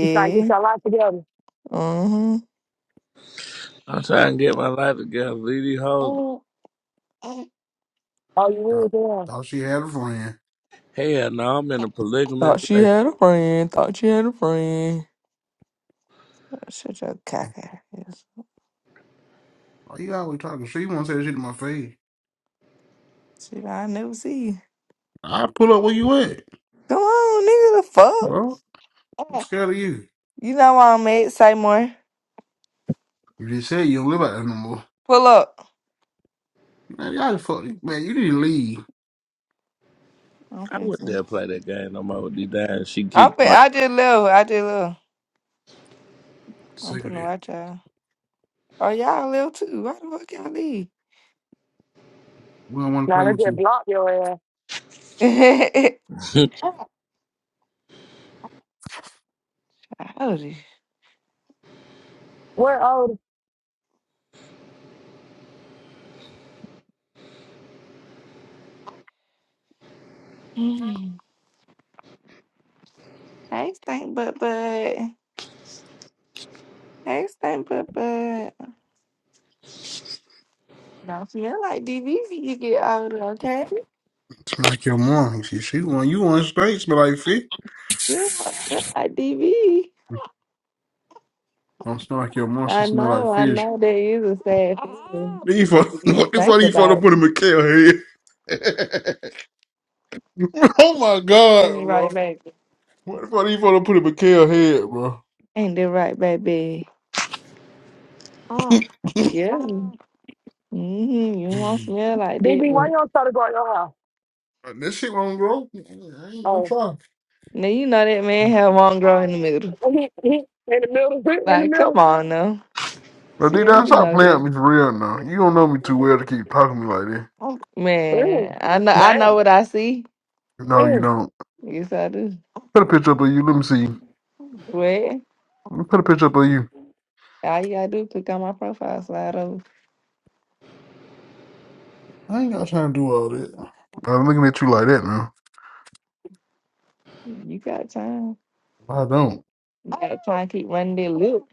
Speaker 1: You try to get your life together.
Speaker 10: Uh huh.
Speaker 4: I'm trying to get my life together. Leave these hoes
Speaker 1: All you
Speaker 2: Thought
Speaker 1: is, yeah.
Speaker 2: thought she had a friend.
Speaker 4: Hell no, I'm in a polygamy
Speaker 10: Thought she
Speaker 4: relationship.
Speaker 10: had a friend. Thought she had a friend. Shut your cock out. Yes.
Speaker 2: Why you always talking? She won't say shit to my face.
Speaker 10: Shit, I never see you.
Speaker 2: I pull up where you at,
Speaker 10: Come on, nigga, the fuck?
Speaker 2: bro. I'm scared of you.
Speaker 10: You know why I'm at. Say more.
Speaker 2: You just said you don't live out there no more.
Speaker 10: Pull up.
Speaker 2: Man, y'all just fuck. Man, you need to leave.
Speaker 10: I'm
Speaker 4: I
Speaker 10: finna see.
Speaker 4: wouldn't dare play that game no more with these dying. She
Speaker 10: I'm
Speaker 4: keep
Speaker 10: fin-
Speaker 4: going.
Speaker 10: I just left. I just left. I'm
Speaker 2: Sick of
Speaker 10: finna
Speaker 2: this.
Speaker 10: watch y'all. Oh, y'all left too. Why the fuck y'all leave?
Speaker 2: We don't want to
Speaker 1: Now
Speaker 2: play
Speaker 1: they
Speaker 2: with you.
Speaker 1: just block your ass.
Speaker 10: Howdy.
Speaker 1: Where oh
Speaker 10: Hey, stink butt butt. Hey, stink butt butt. Don't feel like DV when you get older, okay?
Speaker 2: Like your mom. She, she want you want straight smell like fish.
Speaker 10: You don't feel like DV.
Speaker 2: Don't smell like your mom. She smell
Speaker 10: know,
Speaker 2: like
Speaker 10: I
Speaker 2: fish.
Speaker 10: know that is a sad feeling.
Speaker 2: Then you fall,
Speaker 10: to even
Speaker 2: what the
Speaker 10: think
Speaker 2: fuck you fall to
Speaker 10: about.
Speaker 2: put a Mikhail head? oh my god,
Speaker 10: Ain't it
Speaker 2: bro.
Speaker 10: right, baby?
Speaker 2: What the fuck you fall to put a Mikhail head, bro?
Speaker 10: Ain't it right, baby? Uh, yeah. Mm-hmm. You won't smell like that,
Speaker 1: BB, why
Speaker 10: but
Speaker 1: you don't try to go at your house?
Speaker 2: this shit won't grow. I ain't gonna
Speaker 1: Oh
Speaker 2: try.
Speaker 10: now you know that man have one girl in the middle.
Speaker 1: he he in the middle, in the
Speaker 10: Like,
Speaker 1: middle.
Speaker 10: come on now.
Speaker 2: But D
Speaker 10: Sierra,
Speaker 2: down,
Speaker 10: you
Speaker 2: stop
Speaker 10: know that.
Speaker 2: playing with me for real now. You don't know me too well to keep talking to me like that.
Speaker 1: Mm,
Speaker 10: Man, I know I
Speaker 1: damn.
Speaker 10: know what I see.
Speaker 2: No, you
Speaker 1: Mm,
Speaker 2: don't.
Speaker 10: Yes, I do.
Speaker 2: Put a picture up of you. Let me see.
Speaker 10: Well,
Speaker 2: Let me put a picture up of you.
Speaker 10: all you gotta do is click on my profile, slide over.
Speaker 2: I ain't got time to do all that. I'm looking at you like that now.
Speaker 10: You got time.
Speaker 2: I don't.
Speaker 10: You got Oh, time to keep running this loop.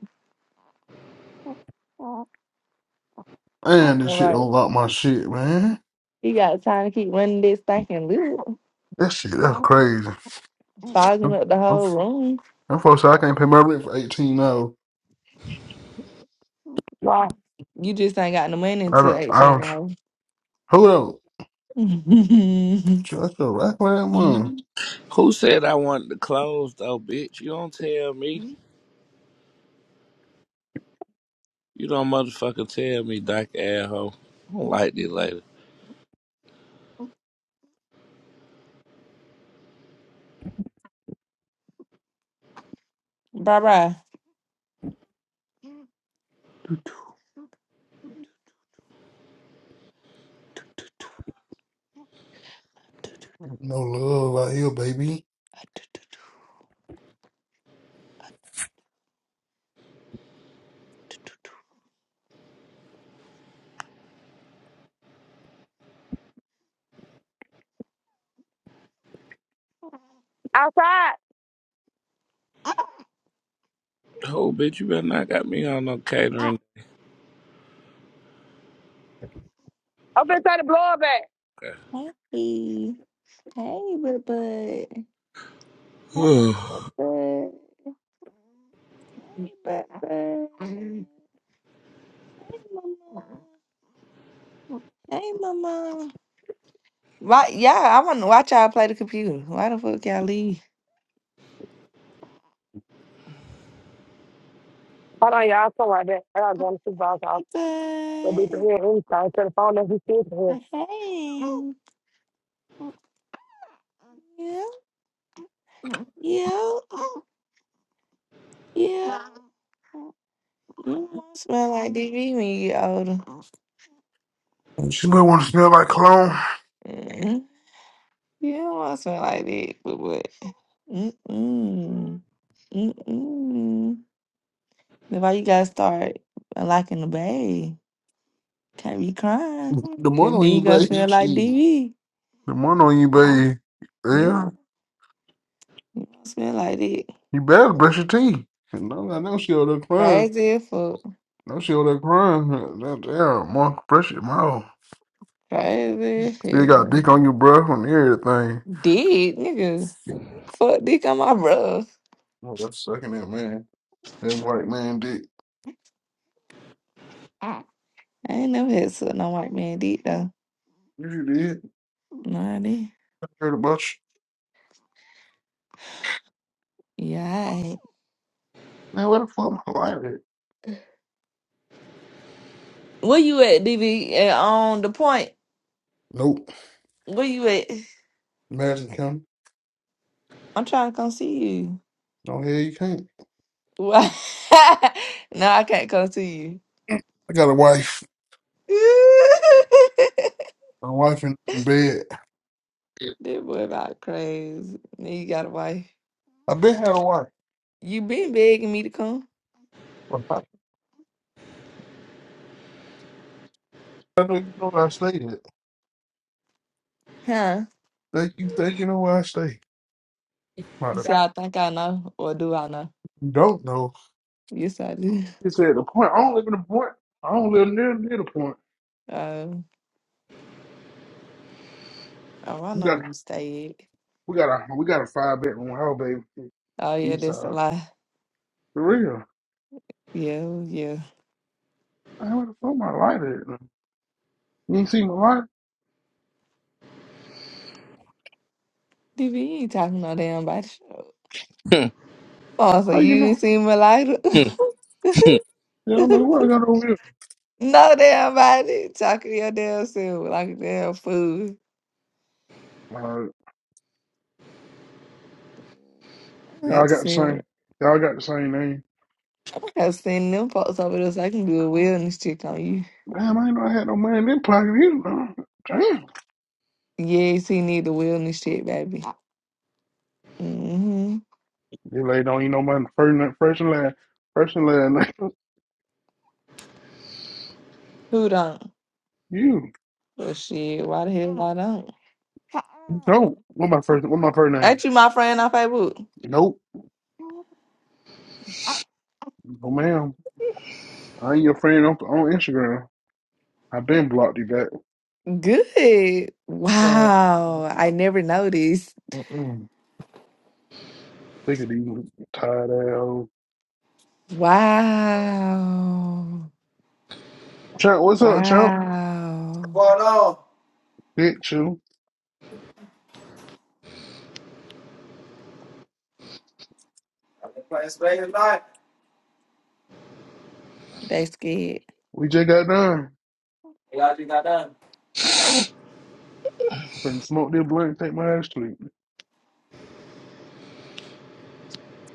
Speaker 10: All
Speaker 2: Man, this shit
Speaker 10: right.
Speaker 2: don't lock my shit, man.
Speaker 10: You got time to keep running this stinking loop,
Speaker 2: That shit, that's crazy.
Speaker 10: fogging
Speaker 2: I'm,
Speaker 10: up the
Speaker 2: I'm,
Speaker 10: whole room.
Speaker 2: I'm folks say I can't pay my rent for 18 hours.
Speaker 1: wow.
Speaker 10: You just ain't got no money
Speaker 2: I
Speaker 10: until
Speaker 2: don't, I
Speaker 10: 18
Speaker 2: don't,
Speaker 10: hours.
Speaker 2: hold on. Shut the rack for that man.
Speaker 4: Who said I wanted to close though, bitch? You don't tell me. You don't motherfucker tell me, Doc Adho. I don't like this lady.
Speaker 10: bye bye.
Speaker 2: No love out here, baby.
Speaker 1: Outside.
Speaker 4: Oh, bitch, you better not got me on no catering.
Speaker 1: I've been trying to blow it back.
Speaker 10: Hey, hey, bud, bud. Hey,
Speaker 4: Okay.
Speaker 10: bud. Hey, bud, bud. Hey, mama. Hey, mama. Why, yeah, I want to watch y'all play the computer. Why the fuck y'all leave?
Speaker 1: Hold on, y'all. Something like that. I gotta go to the supervisor's
Speaker 10: Hey,
Speaker 1: office. They'll be to
Speaker 10: bye.
Speaker 1: here anytime. Tell the phone that he still here.
Speaker 10: Hey. Yeah, yeah, yeah. You don't want to smell like DV when you get older.
Speaker 2: She might want to smell like cologne.
Speaker 10: mm You don't want to smell like that, but what? Mm-mm. Mm-mm. That's why you got to start liking the babe. Can't be crying.
Speaker 2: The money
Speaker 10: Because then
Speaker 2: on
Speaker 10: you
Speaker 2: you,
Speaker 10: going to smell
Speaker 2: baby,
Speaker 10: like
Speaker 2: shit.
Speaker 10: DV.
Speaker 2: The money on you, baby.
Speaker 10: You don't
Speaker 2: Yeah,
Speaker 10: want to smell like that.
Speaker 2: you better brush your teeth. No, I know she over there crying.
Speaker 10: Crazy as fuck.
Speaker 2: No, she over there crying. That Damn, Mark, brush your mouth.
Speaker 10: Crazy as
Speaker 2: Still
Speaker 10: hell.
Speaker 2: got dick on your breath and everything.
Speaker 10: Did nigga fuck dick on my bro.
Speaker 2: Oh, that's sucking that man. That white man did.
Speaker 10: I ain't never had suck no white man dick though.
Speaker 2: You did.
Speaker 10: No, I did.
Speaker 2: Heard about you.
Speaker 10: Yeah, I ain't.
Speaker 2: Man, where the fuck my wife did?
Speaker 10: Where you at, DB? Uh, on the point.
Speaker 2: Nope.
Speaker 10: Where you at?
Speaker 2: Imagine coming.
Speaker 10: I'm trying to come see you.
Speaker 2: No hell you can't.
Speaker 10: Why? no, I can't come see
Speaker 2: I got a wife.
Speaker 10: you.
Speaker 2: My wife in in bed.
Speaker 10: That boy about crazy. Now you got a wife.
Speaker 2: I been had a wife.
Speaker 10: You been begging me to come,
Speaker 2: But I I know you know where I stay at.
Speaker 10: huh?
Speaker 2: Think you think you know where I stay.
Speaker 10: You
Speaker 2: Matter of
Speaker 10: say
Speaker 2: fact,
Speaker 10: I think I know, or do I know?
Speaker 2: You don't know.
Speaker 10: Yes, I do.
Speaker 2: It's at the point. I don't live in the point. I don't live near near the point.
Speaker 10: Um, oh, I
Speaker 2: We
Speaker 10: know
Speaker 2: got
Speaker 10: where you stay
Speaker 2: we got a we got a five bedroom house, baby.
Speaker 10: Oh yeah,
Speaker 2: East
Speaker 10: that's a
Speaker 2: side.
Speaker 10: lie.
Speaker 2: For real.
Speaker 10: Yeah, yeah.
Speaker 2: I where the fuck my light at? You ain't seen my light?
Speaker 10: DB you ain't talking no damn body. show. Oh, so
Speaker 2: How you
Speaker 10: you
Speaker 2: know?
Speaker 10: ain't seen my lighter?
Speaker 2: Yeah, I mean, what I got over here?
Speaker 10: no damn body. Talking to your damn self like a damn fool.
Speaker 2: Uh,
Speaker 10: I'm gonna have
Speaker 2: y'all
Speaker 10: to
Speaker 2: got the
Speaker 10: send
Speaker 2: same. Y'all got the same name.
Speaker 10: I'm gonna have to send them folks over there so I can do a wellness check on you.
Speaker 2: Damn, I ain't know I had no money in this pocket. You know, damn.
Speaker 10: Yes, he need a wellness check, baby. Mm-hmm.
Speaker 2: You lady don't eat no money. First, na- first and last. First and last name.
Speaker 10: Who don't?
Speaker 2: You
Speaker 10: Well shit, why the hell I don't?
Speaker 2: don't. What my first? What my first
Speaker 10: Ain't
Speaker 2: name?
Speaker 10: you my friend on Facebook?
Speaker 2: Nope. No, ma'am. I ain't your friend on, on Instagram. I've been blocked you back.
Speaker 10: Good.
Speaker 12: Uh,
Speaker 10: Wow. I never noticed.
Speaker 12: mm-mm.
Speaker 2: Think of these tired ass.
Speaker 10: Wow.
Speaker 2: Chunk, what's up, Chunk?
Speaker 12: What's
Speaker 10: Wow.
Speaker 12: going on?
Speaker 2: Bitch, you.
Speaker 12: I've been playing Spade tonight.
Speaker 10: That's good.
Speaker 2: We just got done.
Speaker 12: Glad you got done.
Speaker 2: I couldn't smoke this blunt and take my ass to sleep.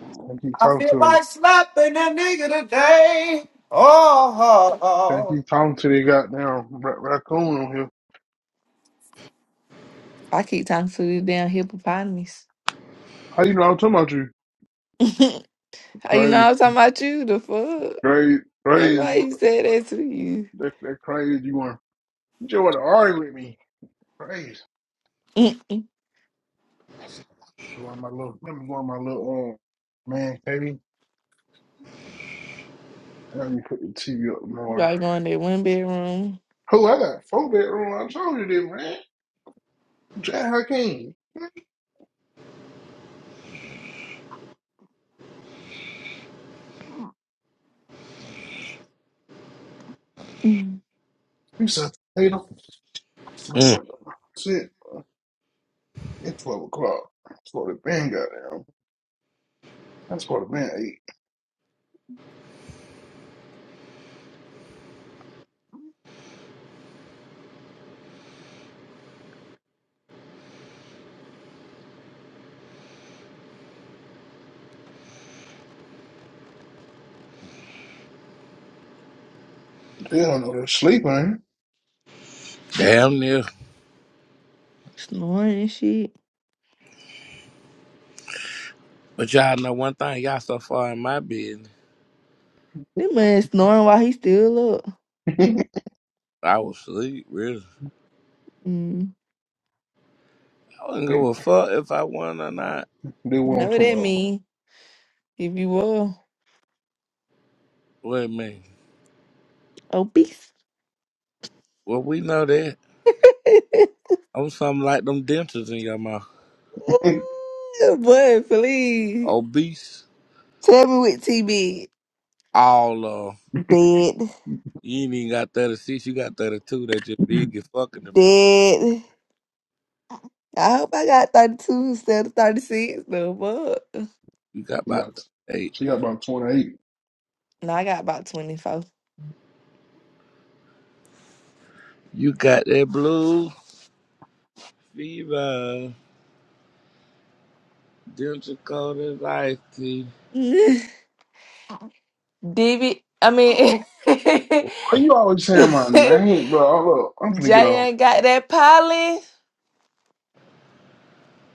Speaker 2: I keep
Speaker 12: I
Speaker 2: talking
Speaker 12: feel
Speaker 2: to her.
Speaker 12: like slapping a nigga today. Oh, oh,
Speaker 2: I
Speaker 12: oh.
Speaker 2: keep talking to the goddamn ra- raccoon on here.
Speaker 10: I keep talking to these damn hippopotamus.
Speaker 2: How you know I'm talking about you?
Speaker 10: you
Speaker 2: Crazy,
Speaker 10: know I'm talking about you, the fuck.
Speaker 2: crazy,
Speaker 10: That's
Speaker 2: crazy.
Speaker 10: why he said that to you.
Speaker 2: That, that crazy you want? You just want to argue with me? Crazy.
Speaker 10: Mm-mm. you
Speaker 2: Go on my little. Let me go on my little um man cave. I need to put the TV up more.
Speaker 10: probably going in that one bedroom,
Speaker 2: Who I got four bedroom? I told you this, man. Jack Hakeem.
Speaker 10: mm,
Speaker 2: You said potato. Smack no joke." Shit. It's twelve o'clock. That's what the band got down. That's what the band ate. They don't know they're sleeping.
Speaker 4: Damn near.
Speaker 10: snoring and shit.
Speaker 4: But y'all know one thing, y'all so far in my business.
Speaker 10: That man snoring while he still up.
Speaker 2: they,
Speaker 4: I was asleep, really.
Speaker 10: Mm.
Speaker 4: I wouldn't give a
Speaker 2: they
Speaker 4: fuck if I won or not.
Speaker 10: You
Speaker 2: what
Speaker 10: know
Speaker 2: I'm
Speaker 10: what that
Speaker 2: talking
Speaker 10: mean? If you were
Speaker 4: What I mean?
Speaker 10: obese.
Speaker 4: Well, we know that. I'm something like them dentures in your mouth.
Speaker 2: about.
Speaker 10: Boy, please.
Speaker 4: Obese,
Speaker 10: Tell me with TB
Speaker 4: all uh,
Speaker 10: dead.
Speaker 4: you ain't even got 36, you got 32 that just big and fucking the front.
Speaker 10: Dead. I hope I got 32 instead of 36 though, but
Speaker 4: You got
Speaker 2: She
Speaker 4: about
Speaker 2: got
Speaker 4: 38.
Speaker 2: she got about twenty eight.
Speaker 10: no, I got about 24.
Speaker 4: You got that blue fever, denture coated ice tea.
Speaker 10: Divi, I mean,
Speaker 2: Why you always saying my name, bro? Hold up. I'm finna get off.
Speaker 10: Jayan got that pollen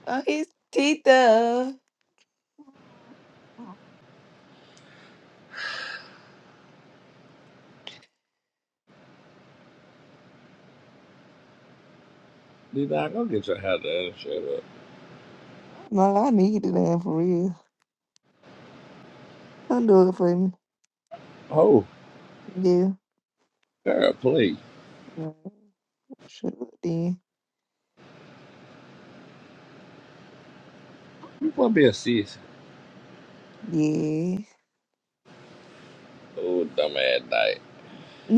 Speaker 10: on his teeth. though.
Speaker 4: Did I go get your hair done and shut up?
Speaker 10: No, I need it damn for real. Come do it for me.
Speaker 4: Oh,
Speaker 10: Yeah.
Speaker 4: girl, please.
Speaker 10: No, sure then.
Speaker 4: You gonna be a sis.
Speaker 10: Yeah.
Speaker 4: Oh, dumb ass night.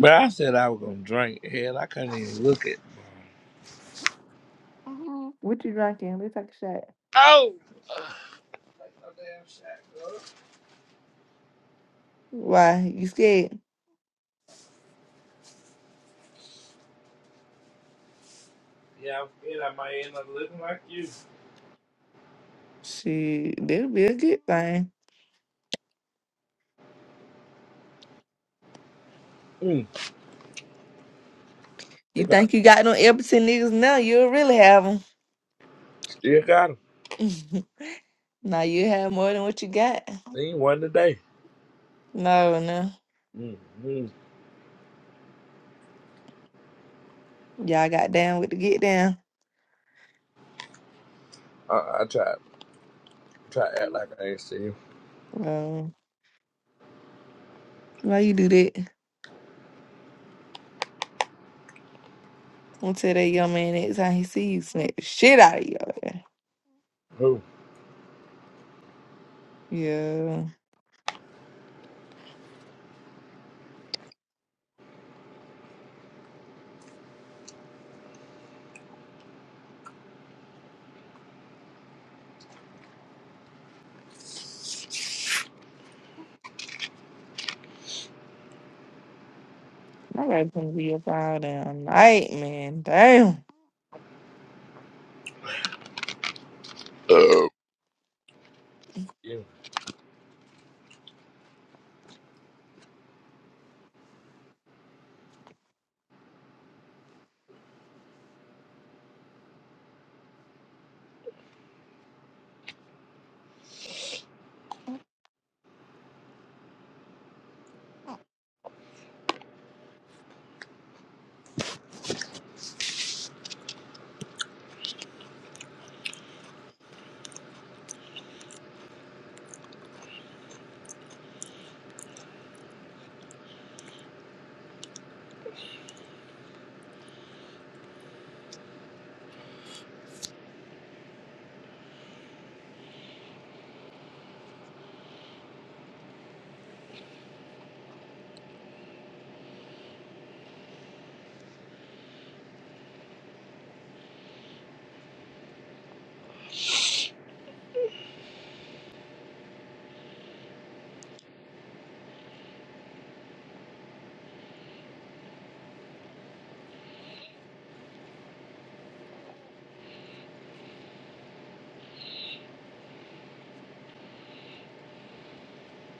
Speaker 4: But I said I was gonna drink. Hell, I couldn't even look at.
Speaker 10: what you drinking? Let's take a shot.
Speaker 4: Oh! Take no damn shot, girl.
Speaker 10: Why? You scared?
Speaker 4: Yeah, I'm scared I might end up looking like you.
Speaker 10: Shit, that'll be a good thing.
Speaker 4: Mm, they
Speaker 10: You
Speaker 4: got,
Speaker 10: think you got no Epperson niggas now? You'll really have them.
Speaker 4: still got him.
Speaker 10: now you have more than what you got.
Speaker 4: Seen one today.
Speaker 10: No, no.
Speaker 4: Mm, mm.
Speaker 10: Y'all got down with the get down.
Speaker 4: I, I try, try to act like I ain't seen
Speaker 10: Well, why you do that? I'm gonna tell that young man next time he see you smack the shit out of you.
Speaker 4: who.
Speaker 10: Yeah. My wife's gonna be up all damn night, man. Damn.
Speaker 4: Uh, yeah.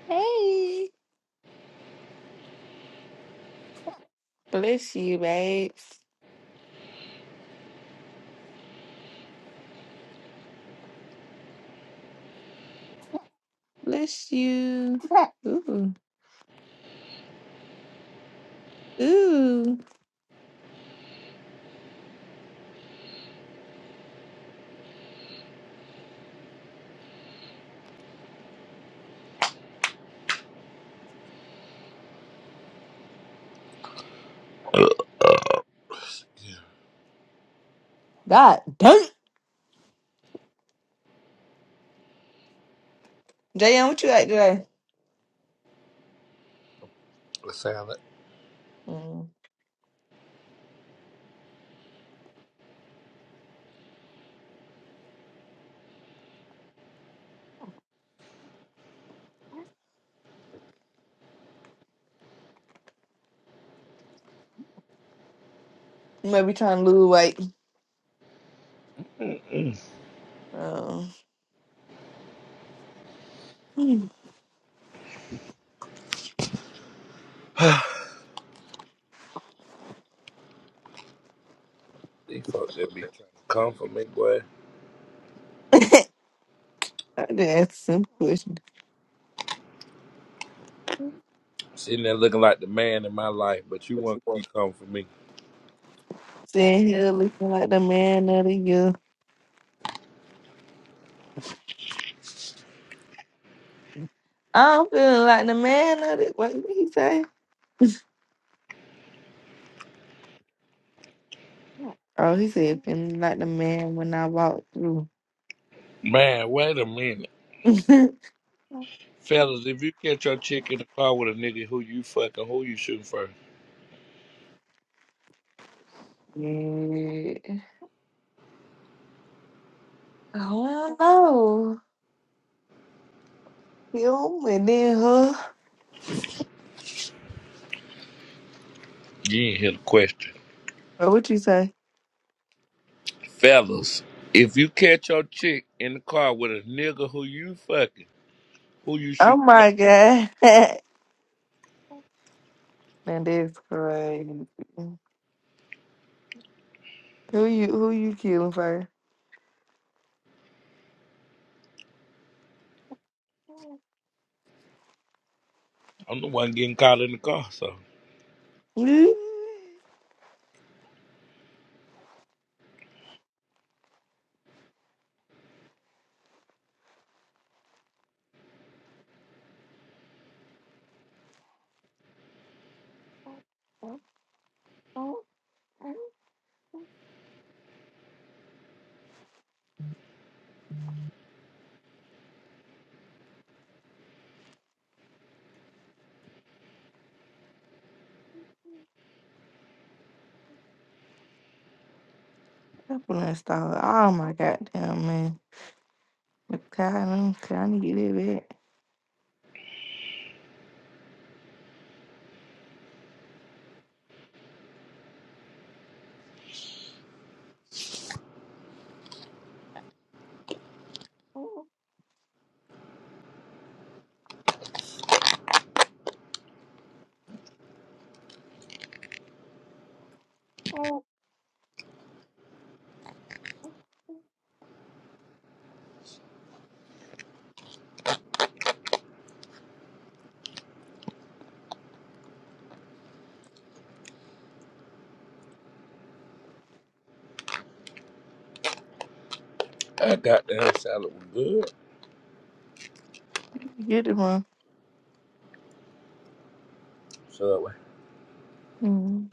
Speaker 10: Hey. Bless you, babes. Bless you. Ooh. Ooh.
Speaker 4: Uh, yeah.
Speaker 10: God dang. JM, what you at today?
Speaker 4: The salad.
Speaker 10: Mm. You might be trying to lose weight. Oh, hmm,
Speaker 4: These folks that be trying to come for me, boy.
Speaker 10: I just asked some questions.
Speaker 4: Sitting there looking like the man in my life, but you want to keep coming for me.
Speaker 10: Sitting here looking like the man of the year. I'm feeling like the man of the. What did he say? Oh, he said feeling like the man when I walked through.
Speaker 4: Man, wait a minute.
Speaker 10: yeah.
Speaker 4: Fellas, if you catch your chick in the car with a nigga who you fucking, who you shooting first?
Speaker 10: Oh, I don't know. Him and then her.
Speaker 4: You ain't hear the question.
Speaker 10: Or what you say?
Speaker 4: Fellas, if you catch your chick in the car with a nigga who you fucking, who you
Speaker 10: Oh
Speaker 4: shooting?
Speaker 10: my god. Man, that's crazy. Who you who you killing first?
Speaker 4: I'm the one getting caught in the car, so
Speaker 10: That one installed Oh my goddamn man. I'm tired. I'm trying to get it back. Oh, oh,
Speaker 4: I got that salad was good.
Speaker 10: Get it one.
Speaker 4: So
Speaker 10: Mm,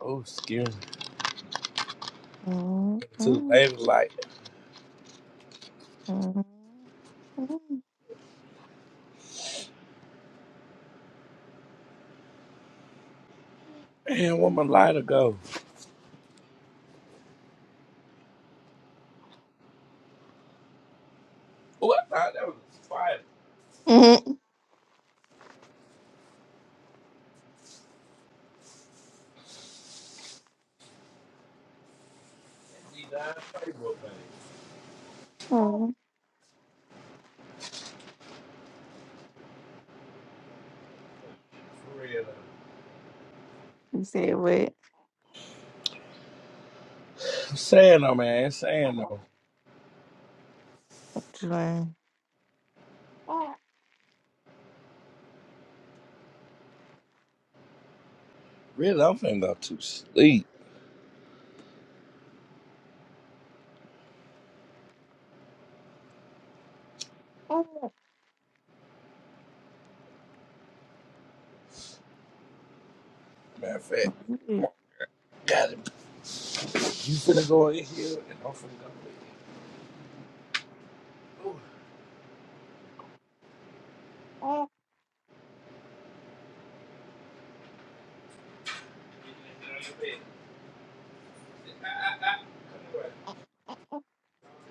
Speaker 4: oh, excuse me.
Speaker 10: mm,
Speaker 4: Too
Speaker 10: mm,
Speaker 4: late, was like,
Speaker 10: mm, mm,
Speaker 4: man, where my lighter go? Oh, I thought that was a spider.
Speaker 10: mm, mm.
Speaker 4: That's the darn Facebook page. For real.
Speaker 10: You said what?
Speaker 4: I'm saying though, man, I'm saying though.
Speaker 10: Joanne.
Speaker 4: Really, I'm finna go to sleep. Matter of fact, come on, got it. You finna go in here, and I'm finna go in here. Ooh. Get out of your bed. Ah, ah, ah. Come here.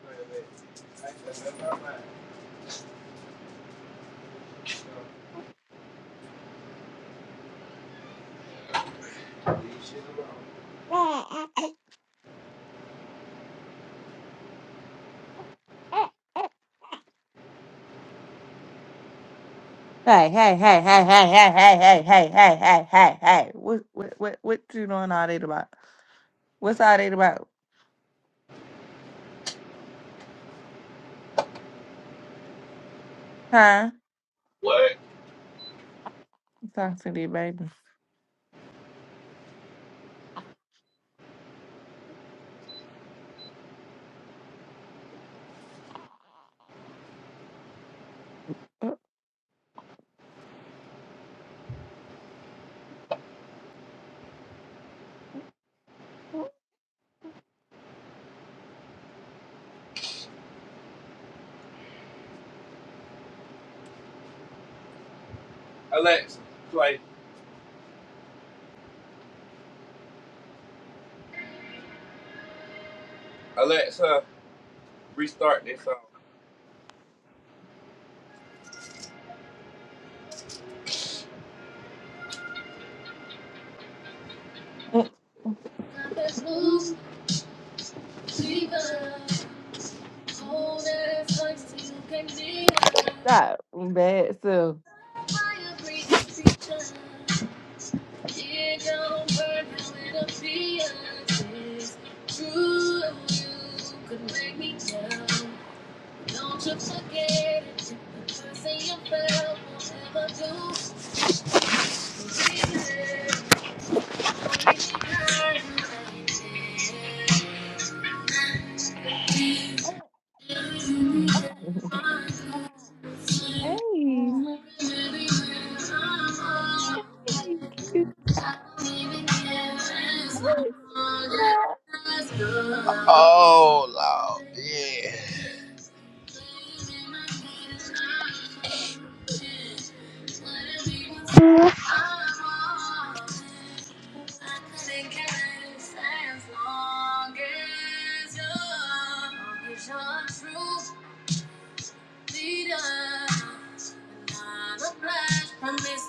Speaker 4: Come here, baby. I just left my mind. Leave shit alone.
Speaker 10: Hey, what, what, what, what you doing all that about? What's all that about? Huh?
Speaker 4: What?
Speaker 10: I'm talking to the baby. Uh, uh,
Speaker 4: Alexa, play. Alexa, restart this song.
Speaker 10: uh, Stop, bad so.
Speaker 4: Forget it, I say you fell, will never do.
Speaker 10: Hey, man. Hey, cute. pie. Hey, cute pie.
Speaker 4: Oh.
Speaker 10: We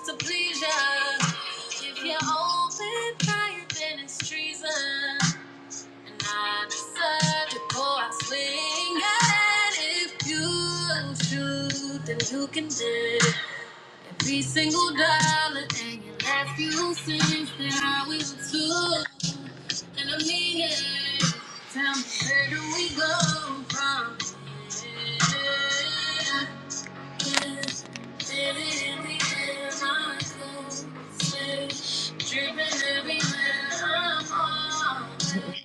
Speaker 4: To please ya, if you're open fire, then it's treason. And I'm such a boy swing. And if you shoot, then you can live every single dollar. And your last few cents, then I will too. And I mean it. Tell me where do we go from here? Yes, baby, everywhere I go, say, Dripping everywhere I'm
Speaker 10: love you.
Speaker 4: always.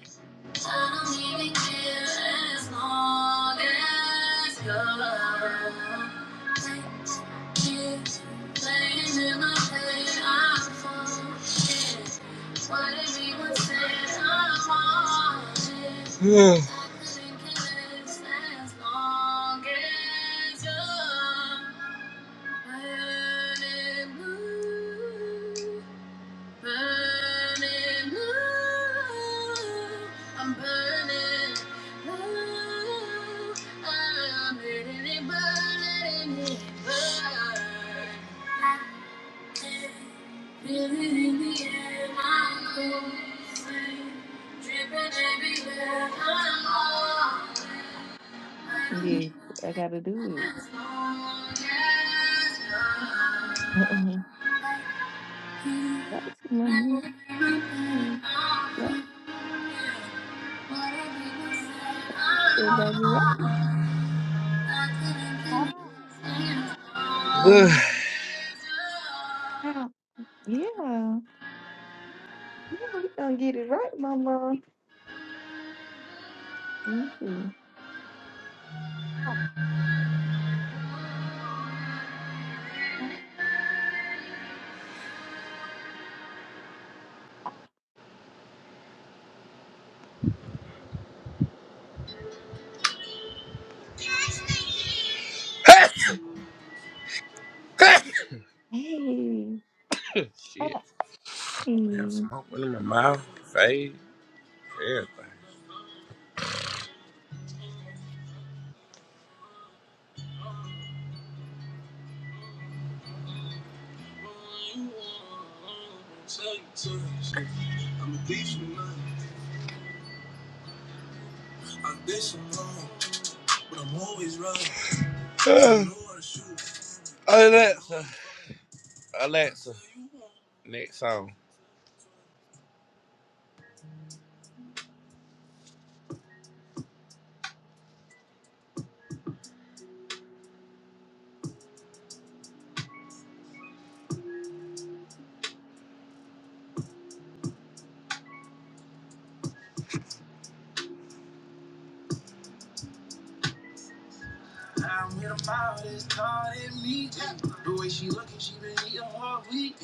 Speaker 4: I don't even care as long as you're around. Playing in my head, I'm falling. What everyone says, I'm wanted. Yeah. I couldn't care as long as you're burning blue burning low. I'm burning low. I'm letting it burn, letting it burn. Feel it in the air, my clothes rain. Dripping everywhere, I'm all I don't give
Speaker 10: Yes, I gotta
Speaker 4: a
Speaker 10: do
Speaker 4: care as long as
Speaker 10: it.
Speaker 4: love. Ugh.
Speaker 10: That's mama. Yeah, baby, right, mama. Yeah, yeah, we gonna get it right, mama. Let me see. Hey,
Speaker 4: Shit. I Have
Speaker 10: hey.
Speaker 4: smoke in my mouth, face, everything. I'm a thief for life. I'm this but I'm always right. Uh, Alexa, Alexa, next song. I don't hit a mile, it's caught in me. The way she looking, she been eating all week.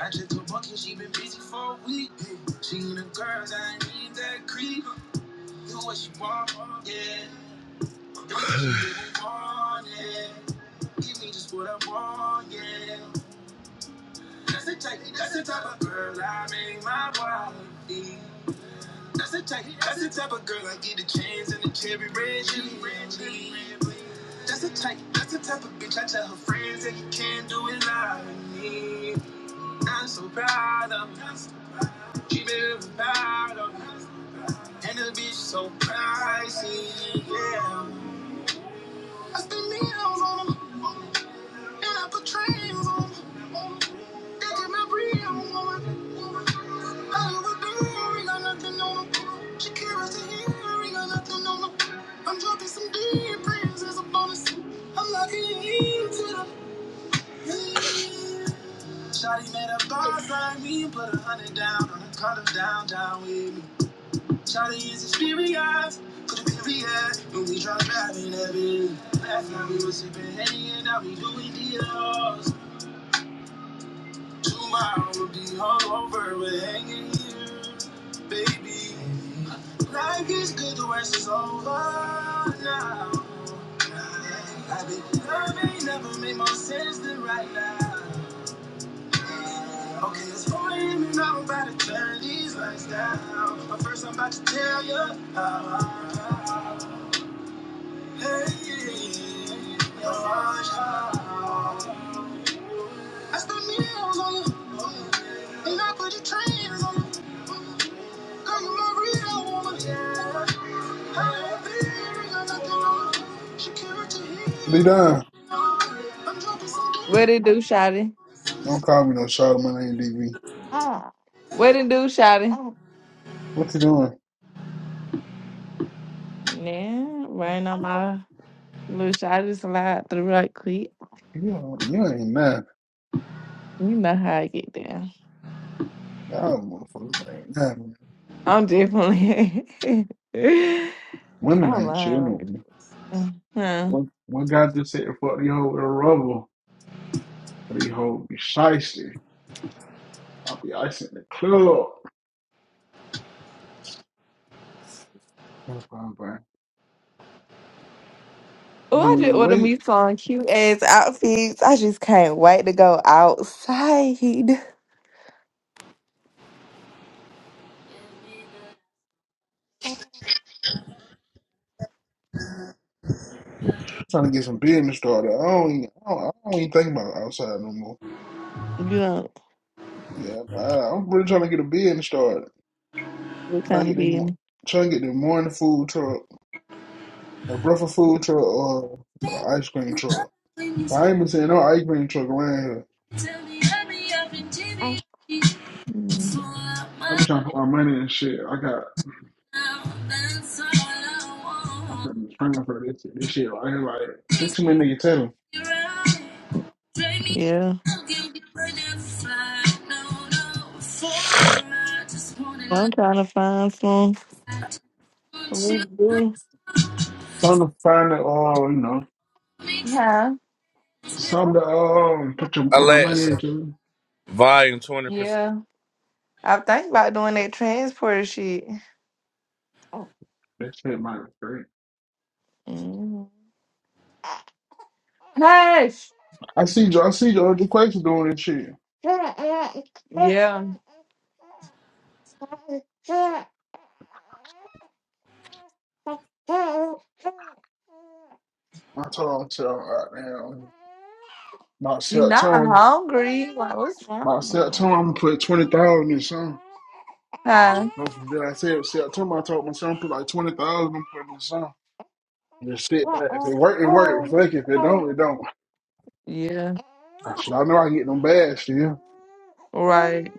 Speaker 4: I just took bucket, she been busy for a week. She in the girls, I ain't need that creep. Do what she want, yeah. Do what she really want, yeah. Give me just what I want, yeah. That's the type, that's the type of girl I make my wife be. That's the type, that's the type of girl I get the chains and the cherry red. She That's the type, that's the type of bitch I tell her friends that you can't do it like me. I'm so proud of me. She better be proud of me. And the bitch so pricey, yeah. I spend millions on on 'em. Shawty made a boss like me, put a hundred down on the color down, down with me. Shawty is experienced, could it be real? When we drop driving that bitch. Last night we was sipping Henny and now we doing deals. Tomorrow will be all over. We're hanging here, baby. Life is good, the worst is over now. I've been loving, never made more sense than right now. Okay, it's 4 a.m. and I'm about to turn these lights down. But first, I'm about to tell you how. Hey, your heart, how. I'm a real woman. I have ears and I can know. She cannot
Speaker 2: D
Speaker 4: hear.
Speaker 2: Don,
Speaker 4: I'm dropping some
Speaker 10: What it do, shawty?
Speaker 2: don't call me no shot of my name, D V.
Speaker 10: What it do, shawty?
Speaker 2: What you doing?
Speaker 10: Yeah, right on my little shawty slide through right quick.
Speaker 2: You don't- you ain't nothing.
Speaker 10: You know how I get down.
Speaker 2: Y'all motherfuckers ain't nothing.
Speaker 10: I'm definitely. I
Speaker 2: Women ain't shit over
Speaker 10: lied.
Speaker 2: me.
Speaker 10: Uh-huh.
Speaker 2: What what guy just said fuck the hoe with a rubber? The hoe be shiesty. I'll be icing the club. No problem, bro. I
Speaker 10: Oh,
Speaker 2: mean,
Speaker 10: I
Speaker 2: we
Speaker 10: just ordered
Speaker 2: wait.
Speaker 10: me some cute ass outfits. I just can't wait to go outside. You
Speaker 2: Trying to get some business started. I don't, even, I don't, I don't even think about outside no more.
Speaker 10: know
Speaker 2: Yeah, I, I'm really trying to get a business started.
Speaker 10: what
Speaker 2: Trying
Speaker 10: kind
Speaker 2: to
Speaker 10: of
Speaker 2: get the
Speaker 10: being?
Speaker 2: trying to get the morning food truck, a breakfast food truck, or an
Speaker 4: games.
Speaker 2: ice cream truck.
Speaker 4: When you
Speaker 2: I
Speaker 4: speak,
Speaker 2: ain't been seeing no ice cream truck around here.
Speaker 4: tell me hurry up and jimmy.
Speaker 10: Mm,
Speaker 4: So out my
Speaker 2: I be trying to put my money and shit. I got
Speaker 4: mouth, that's all I
Speaker 2: I
Speaker 4: want.
Speaker 2: am praying for this shit. this shit right here. Like there's
Speaker 4: Kiss
Speaker 2: too many niggas telling.
Speaker 4: me right, drain me
Speaker 10: Yeah,
Speaker 4: out, give me a red flag. No, no, for I just wanna
Speaker 10: I'm trying to find some.
Speaker 4: lie. Won't
Speaker 10: We
Speaker 4: you?
Speaker 10: do.
Speaker 2: Some to find the uh, you know,
Speaker 10: Yeah,
Speaker 2: some to um put your put my money
Speaker 4: Alexa,
Speaker 2: into.
Speaker 4: volume twenty percent.
Speaker 10: yeah. I think about doing that transport shit.
Speaker 2: That shit might be great.
Speaker 10: Mm. Hush.
Speaker 2: I see Jo- I see George Quaker doing this shit.
Speaker 10: Yeah,
Speaker 2: I told him to him, right now,
Speaker 10: you're
Speaker 2: myself, tell
Speaker 10: not
Speaker 2: him
Speaker 10: hungry. Like, what's wrong?
Speaker 2: myself, tell him I'm gonna put twenty thousand in something.
Speaker 10: Huh?
Speaker 2: Go from there. I said September I told my son put like twenty thousand I'm putting in the song. Just sit back. If it work, it work. Fuck it. If it don't, it don't.
Speaker 10: Yeah,
Speaker 2: I should I know I can get them bags yeah.
Speaker 10: right.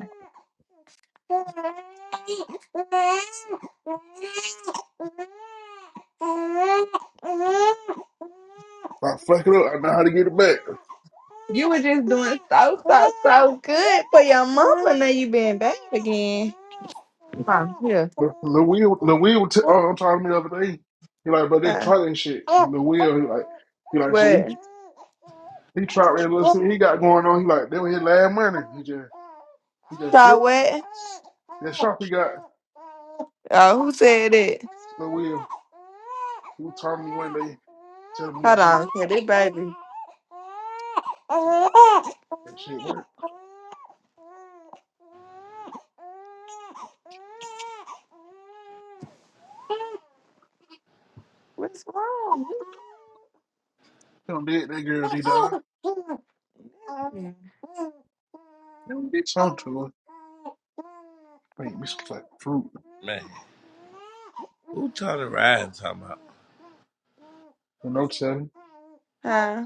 Speaker 2: If I fuck it up, I know how to get it back.
Speaker 10: You were just doing so, so, so good for your mama. Now you been back again. Huh, yeah.
Speaker 2: The the wheel the wheel t- uh, I'm talking to me the other day. He like, but they
Speaker 10: Huh.
Speaker 2: try that shit. The wheel, he like he like shit,
Speaker 10: What?
Speaker 2: he he tried that little shit he got going on. He like, that was his last money. He just he just
Speaker 10: So
Speaker 2: flipped.
Speaker 10: what?
Speaker 2: That shop he got,
Speaker 10: Oh, who said it?
Speaker 2: the wheel. He was talking to me one day, telling me
Speaker 10: Hold
Speaker 2: that shit
Speaker 10: on, yeah, this baby.
Speaker 2: that shit worked.
Speaker 10: What's wrong?
Speaker 2: Don't did that girl, He done. Don't did something to her. Wait, Miss Flat Fruit.
Speaker 4: Man, who time to ride and talking about?
Speaker 2: The note seven.
Speaker 10: Huh?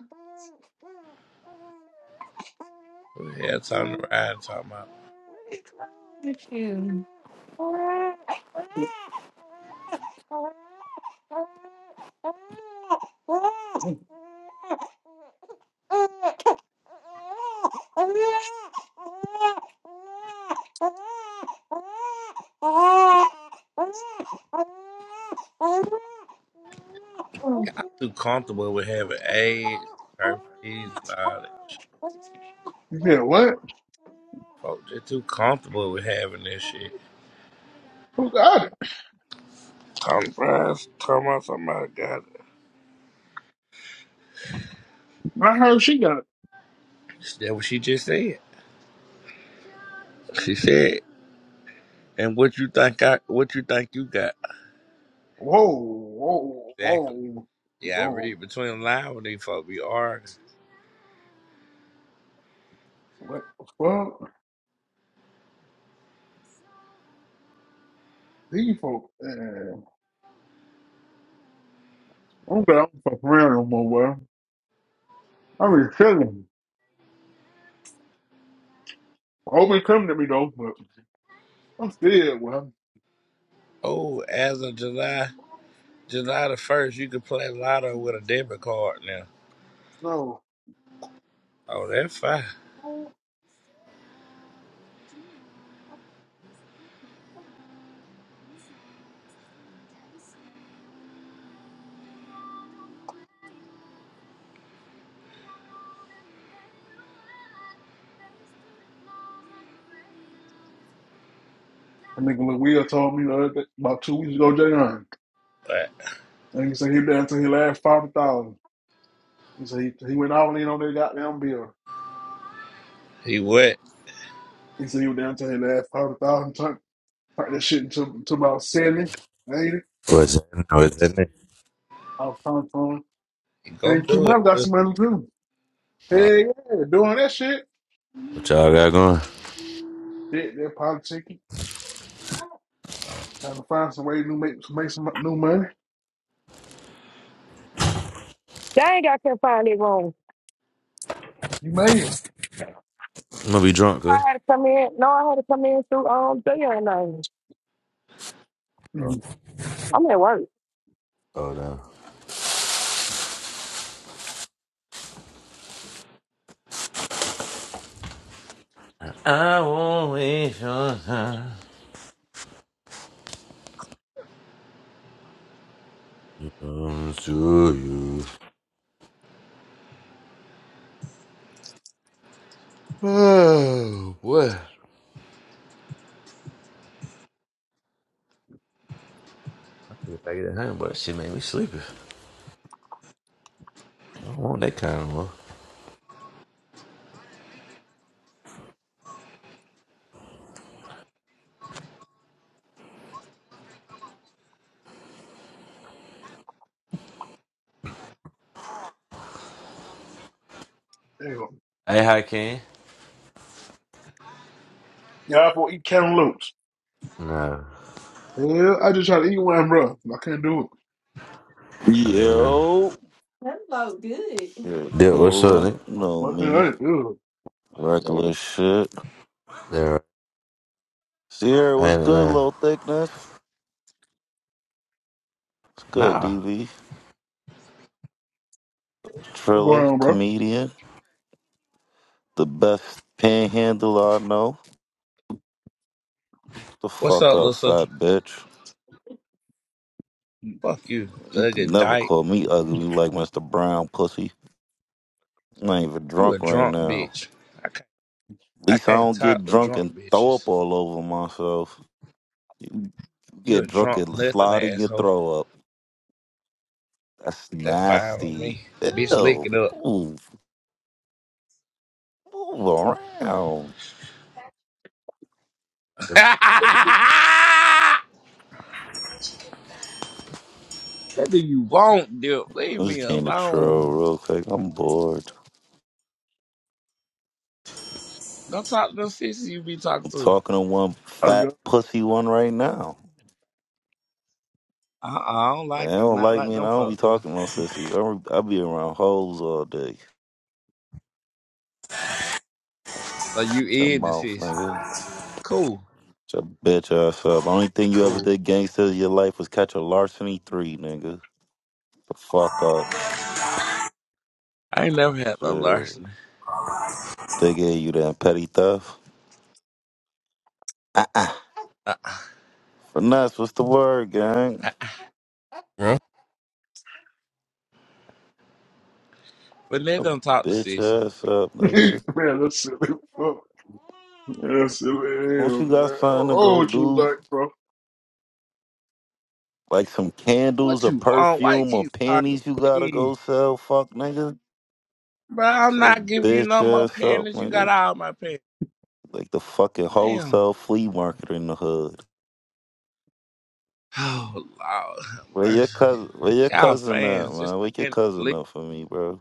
Speaker 4: Who the hell time to ride and talking about?
Speaker 10: Look at you.
Speaker 4: Y'all too comfortable with having AIDS, herpes, and all that shit.
Speaker 2: Yeah, what?
Speaker 4: Folks, they too comfortable with having this shit.
Speaker 2: Who got it?
Speaker 4: Tom Price, talking about somebody got it.
Speaker 2: I heard she got it.
Speaker 4: That's what she just said. She said, "And what you think? I what you think you got?"
Speaker 2: Whoa, whoa,
Speaker 4: Exactly.
Speaker 2: whoa,
Speaker 4: Yeah, I
Speaker 2: whoa.
Speaker 4: read between the lines when these folks be arguing.
Speaker 2: What the fuck? These folks. eh, I'm glad i don't fuck around no more, well. I mean, chilling. Hope it come to me, though, but I'm scared, well.
Speaker 4: Oh, as of July. July the first, you could play lotto with a debit card now.
Speaker 2: No.
Speaker 4: Oh, that's fine.
Speaker 2: I think Lil Will told me the other day, about two weeks ago, Jay Hunt.
Speaker 4: But
Speaker 2: And he said he down to his last five thousand. He said he, he went all in on that goddamn bill.
Speaker 4: he wet.
Speaker 2: He said he was down to his last 50000 Talk that shit to, to about 70, 80.
Speaker 13: What's in? What's in it?
Speaker 2: I'll pound phone.
Speaker 4: He gonna
Speaker 2: Thank you,
Speaker 4: do it.
Speaker 2: mom. Got
Speaker 4: too.
Speaker 2: some money too.
Speaker 13: Uh,
Speaker 2: Hey, yeah, doing that shit.
Speaker 13: What y'all
Speaker 2: That
Speaker 13: got going?
Speaker 2: they politicking. Trying to find some way to make, make some new money.
Speaker 1: Dang, I can't find it wrong. No,
Speaker 2: You made it.
Speaker 13: I'm gonna be drunk, huh?
Speaker 1: I had to come in. No, I had to come in through um video name.
Speaker 13: Oh,
Speaker 2: Mm-hmm.
Speaker 1: I'm at work.
Speaker 13: oh no. I won't waste your time. Comes to you. Oh, boy. I took a packet of honey, but shit made me sleepy. I don't want that kind of work.
Speaker 2: Hell.
Speaker 13: Hey, how can?
Speaker 2: Y'all for eat can loops.
Speaker 13: Nah.
Speaker 2: Hell, I just try to eat one, bro. I can't do it.
Speaker 13: Uh,
Speaker 14: Yo,
Speaker 10: Hello, good.
Speaker 14: shit,
Speaker 13: Dick, what's up,
Speaker 14: cola,
Speaker 13: Nick?
Speaker 14: you
Speaker 2: I'm
Speaker 14: know
Speaker 2: fucking
Speaker 14: me,
Speaker 2: hurt. Ew.
Speaker 14: regular shit.
Speaker 13: There.
Speaker 14: Sierra,
Speaker 13: I
Speaker 14: what's
Speaker 13: ain't it,
Speaker 14: good,
Speaker 13: man.
Speaker 14: little thickness? What's good,
Speaker 13: Nah.
Speaker 14: DV?
Speaker 2: What's
Speaker 14: Triller,
Speaker 2: going on, bro?
Speaker 14: comedian, the best panhandler I know. The
Speaker 4: What's
Speaker 14: fuck
Speaker 4: up,
Speaker 14: up,
Speaker 4: Lissa?
Speaker 14: fat bitch.
Speaker 4: Fuck you,
Speaker 14: You
Speaker 4: ugly
Speaker 14: can never
Speaker 4: dyke.
Speaker 14: call me ugly like Mr. Brown, pussy. I'm not even
Speaker 4: You a
Speaker 14: drunk right
Speaker 4: drunk
Speaker 14: now.
Speaker 4: bitch. I can't,
Speaker 14: At
Speaker 4: I
Speaker 14: least I
Speaker 4: can't
Speaker 14: don't
Speaker 4: talk
Speaker 14: get
Speaker 4: to
Speaker 14: drunk
Speaker 4: drunk
Speaker 14: and throw
Speaker 4: bitches.
Speaker 14: up all over myself. You
Speaker 4: You a
Speaker 14: get drunk
Speaker 4: drunk
Speaker 14: and
Speaker 4: nothing
Speaker 14: slide in your
Speaker 4: asshole.
Speaker 14: throw up. That's
Speaker 4: That's fine with
Speaker 14: nasty.
Speaker 4: me. Bitch, lick
Speaker 14: Ew.
Speaker 4: it up.
Speaker 14: Ooh. Move around.
Speaker 4: what do you want, Dip? Leave
Speaker 14: I just
Speaker 4: me
Speaker 14: came to
Speaker 4: alone.
Speaker 14: troll real quick. I'm bored.
Speaker 4: Don't talk to them sisters you be talking
Speaker 14: I'm
Speaker 4: to.
Speaker 14: talking to one
Speaker 2: I got
Speaker 14: fat pussy one right now.
Speaker 4: Uh-uh, I don't
Speaker 14: They
Speaker 4: like you,
Speaker 14: don't
Speaker 4: not
Speaker 14: like
Speaker 4: like
Speaker 14: me and
Speaker 4: them
Speaker 14: I don't be
Speaker 4: folk do.
Speaker 14: talking to no sissies. I, re- I be around hoes all day.
Speaker 4: So you
Speaker 14: Shut your
Speaker 4: in the
Speaker 14: mouth,
Speaker 4: sis.
Speaker 14: nigga.
Speaker 4: Cool,
Speaker 14: Shut your bitch ass up. Only thing you ever
Speaker 4: cool.
Speaker 14: did gangsters in your life was catch a larceny three, nigga. The fuck up.
Speaker 4: I ain't never had no
Speaker 14: Shit.
Speaker 4: larceny.
Speaker 14: They gave you that petty theft. Uh-uh.
Speaker 4: Uh,
Speaker 14: Finesse, what's the word, gang?
Speaker 15: Yeah.
Speaker 4: But they
Speaker 14: Shut your
Speaker 4: don't talk to
Speaker 14: bitch
Speaker 4: Cece.
Speaker 14: ass up, nigga.
Speaker 2: man, that's silly. as Fuck. Man, That's silly.
Speaker 14: Once
Speaker 2: Hell,
Speaker 14: you
Speaker 2: man.
Speaker 14: got
Speaker 2: I don't
Speaker 14: something to
Speaker 2: know
Speaker 14: go
Speaker 2: what you
Speaker 14: do,
Speaker 2: like, bro.
Speaker 14: Like some candles
Speaker 4: What
Speaker 14: or
Speaker 4: you want? Why you
Speaker 14: perfume or
Speaker 4: keep talking
Speaker 14: panties you
Speaker 4: to
Speaker 14: gotta
Speaker 4: me?
Speaker 14: go sell, fuck nigga.
Speaker 4: Bro, I'm
Speaker 14: So
Speaker 4: not giving you
Speaker 14: bitch
Speaker 4: no more
Speaker 14: ass up,
Speaker 4: panties. You got
Speaker 14: nigga.
Speaker 4: all my panties.
Speaker 14: Like the fucking
Speaker 4: Damn.
Speaker 14: wholesale flea market in the hood.
Speaker 4: Oh, Lord have
Speaker 14: Where your
Speaker 4: mercy.
Speaker 14: cousin where your
Speaker 4: Y'all
Speaker 14: cousin at,
Speaker 4: fans, just
Speaker 14: man? Wake your
Speaker 4: stay in the
Speaker 14: cousin
Speaker 4: league.
Speaker 14: up for me, bro.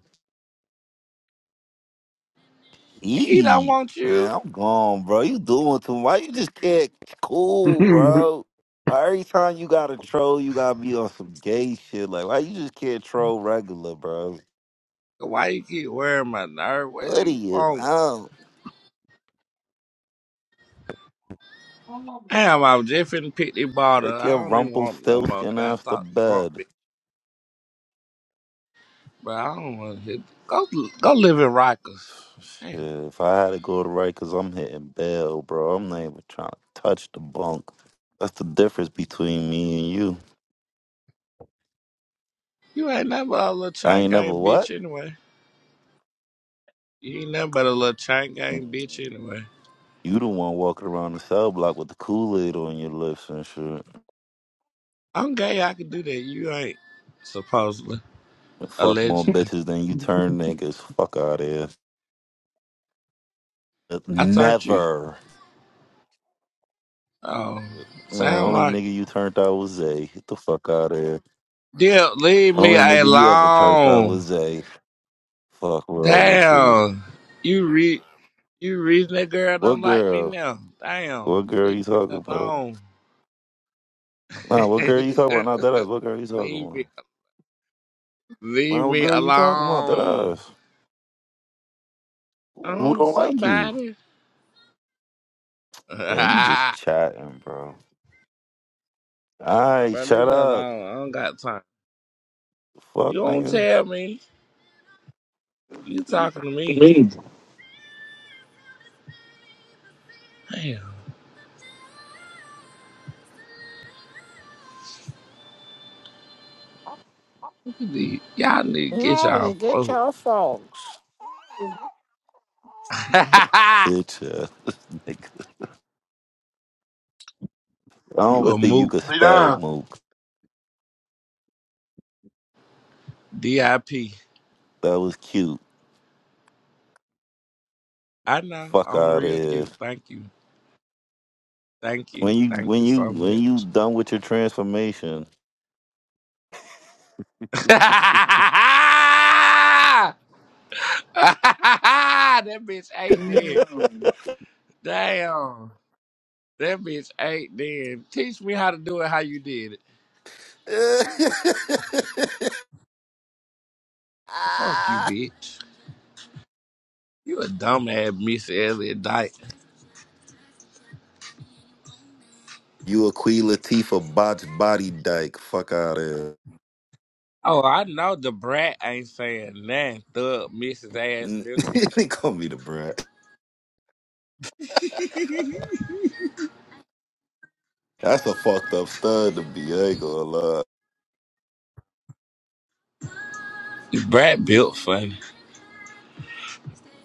Speaker 4: He don't
Speaker 14: He
Speaker 4: want you.
Speaker 14: man, I'm gone, bro. You doing too much. Why you just can't cool, bro? Why Every time you gotta troll, you gotta be on some gay shit. Like why you just can't troll regular, bro?
Speaker 4: Why you keep wearing my nerve? What do
Speaker 14: What are
Speaker 4: you want?
Speaker 14: you?
Speaker 4: Damn, I was just finna pick the bottle.
Speaker 14: Like
Speaker 4: I
Speaker 14: your
Speaker 4: don't even want no more. I
Speaker 14: Rumpelstiltskin
Speaker 4: gotta
Speaker 14: off the
Speaker 4: talk drunk,
Speaker 14: bed.
Speaker 4: bitch. But I don't want to hit. Go, go live in
Speaker 14: Shit,
Speaker 4: Rikers.
Speaker 14: if I had to go to right, cause I'm hitting bail, bro. I'm not even trying to touch the bunk. That's the difference between me and you.
Speaker 4: You ain't nothing but a little
Speaker 14: I
Speaker 4: chain
Speaker 14: ain't never
Speaker 4: gang
Speaker 14: what?
Speaker 4: bitch anyway. You ain't nothing but a little chain gang bitch
Speaker 14: Mm,
Speaker 4: anyway.
Speaker 14: You the one walking around the cell block with the Kool Aid on your lips and shit.
Speaker 4: I'm gay, I can do that. You ain't, supposedly,
Speaker 14: And fuck more
Speaker 4: allegedly.
Speaker 14: bitches than you turn niggas. Fuck out here.
Speaker 4: I turned you.
Speaker 14: Never.
Speaker 4: Oh,
Speaker 14: Man,
Speaker 4: sound
Speaker 14: only
Speaker 4: like it.
Speaker 14: nigga you turned out was Zay. Get the fuck out of here.
Speaker 4: Dip, leave me
Speaker 14: Only nigga you ever turned out
Speaker 4: alone.
Speaker 14: was Zay. Fuck world with you.
Speaker 4: Damn. You re you reason that girl don't
Speaker 14: What
Speaker 4: like me
Speaker 14: girl?
Speaker 4: now.
Speaker 14: What
Speaker 4: Damn.
Speaker 14: girl
Speaker 4: Leave
Speaker 14: you
Speaker 4: me
Speaker 14: talking about?
Speaker 4: alone.
Speaker 14: Nah, what girl you talking about? Not that ass. What girl you talking
Speaker 4: leave
Speaker 14: about?
Speaker 4: me leave
Speaker 14: Nah, what
Speaker 4: me
Speaker 14: girl you talking about? That
Speaker 4: alone.
Speaker 14: ass. Who who
Speaker 4: Um
Speaker 14: don't like you?
Speaker 4: somebody.
Speaker 14: Man, you just chatting, bro. Alright,
Speaker 4: Bro, leave
Speaker 14: shut
Speaker 4: me alone.
Speaker 14: up.
Speaker 4: I don't got time. You
Speaker 14: Fuck
Speaker 4: don't
Speaker 14: nigga.
Speaker 4: tell me. You talking to me. Damn. we need- Y'all need to get
Speaker 14: No,
Speaker 4: y'all
Speaker 14: you get
Speaker 4: folk.
Speaker 14: your folks. Bitch ass nigga. I don't
Speaker 4: you
Speaker 14: even
Speaker 4: a
Speaker 14: think you
Speaker 4: moot.
Speaker 14: could
Speaker 2: Be
Speaker 14: spell
Speaker 2: down.
Speaker 14: mook.
Speaker 4: D.I.P. I P.
Speaker 14: That was cute.
Speaker 4: I know.
Speaker 14: Fuck
Speaker 4: I'm
Speaker 14: out of
Speaker 4: real
Speaker 14: here.
Speaker 4: cute. Thank you. Thank
Speaker 14: When
Speaker 4: you.
Speaker 14: you
Speaker 4: Thank
Speaker 14: when
Speaker 4: you
Speaker 14: you
Speaker 4: so
Speaker 14: when you
Speaker 4: much.
Speaker 14: done with your transformation.
Speaker 4: that bitch ate dead. Damn. That bitch ate dead. Teach me how to do it how you did it. Fuck you, bitch. You a dumbass, Miss Elliot Dyke.
Speaker 14: You a Queen Latifah botch body dyke. Fuck out of
Speaker 4: Oh, I know the brat ain't saying nothing. Thug Mrs. ass
Speaker 14: here.
Speaker 4: nigga.
Speaker 14: they call me the brat. That's a fucked up stud to be. I ain't gonna lie.
Speaker 4: The brat built funny.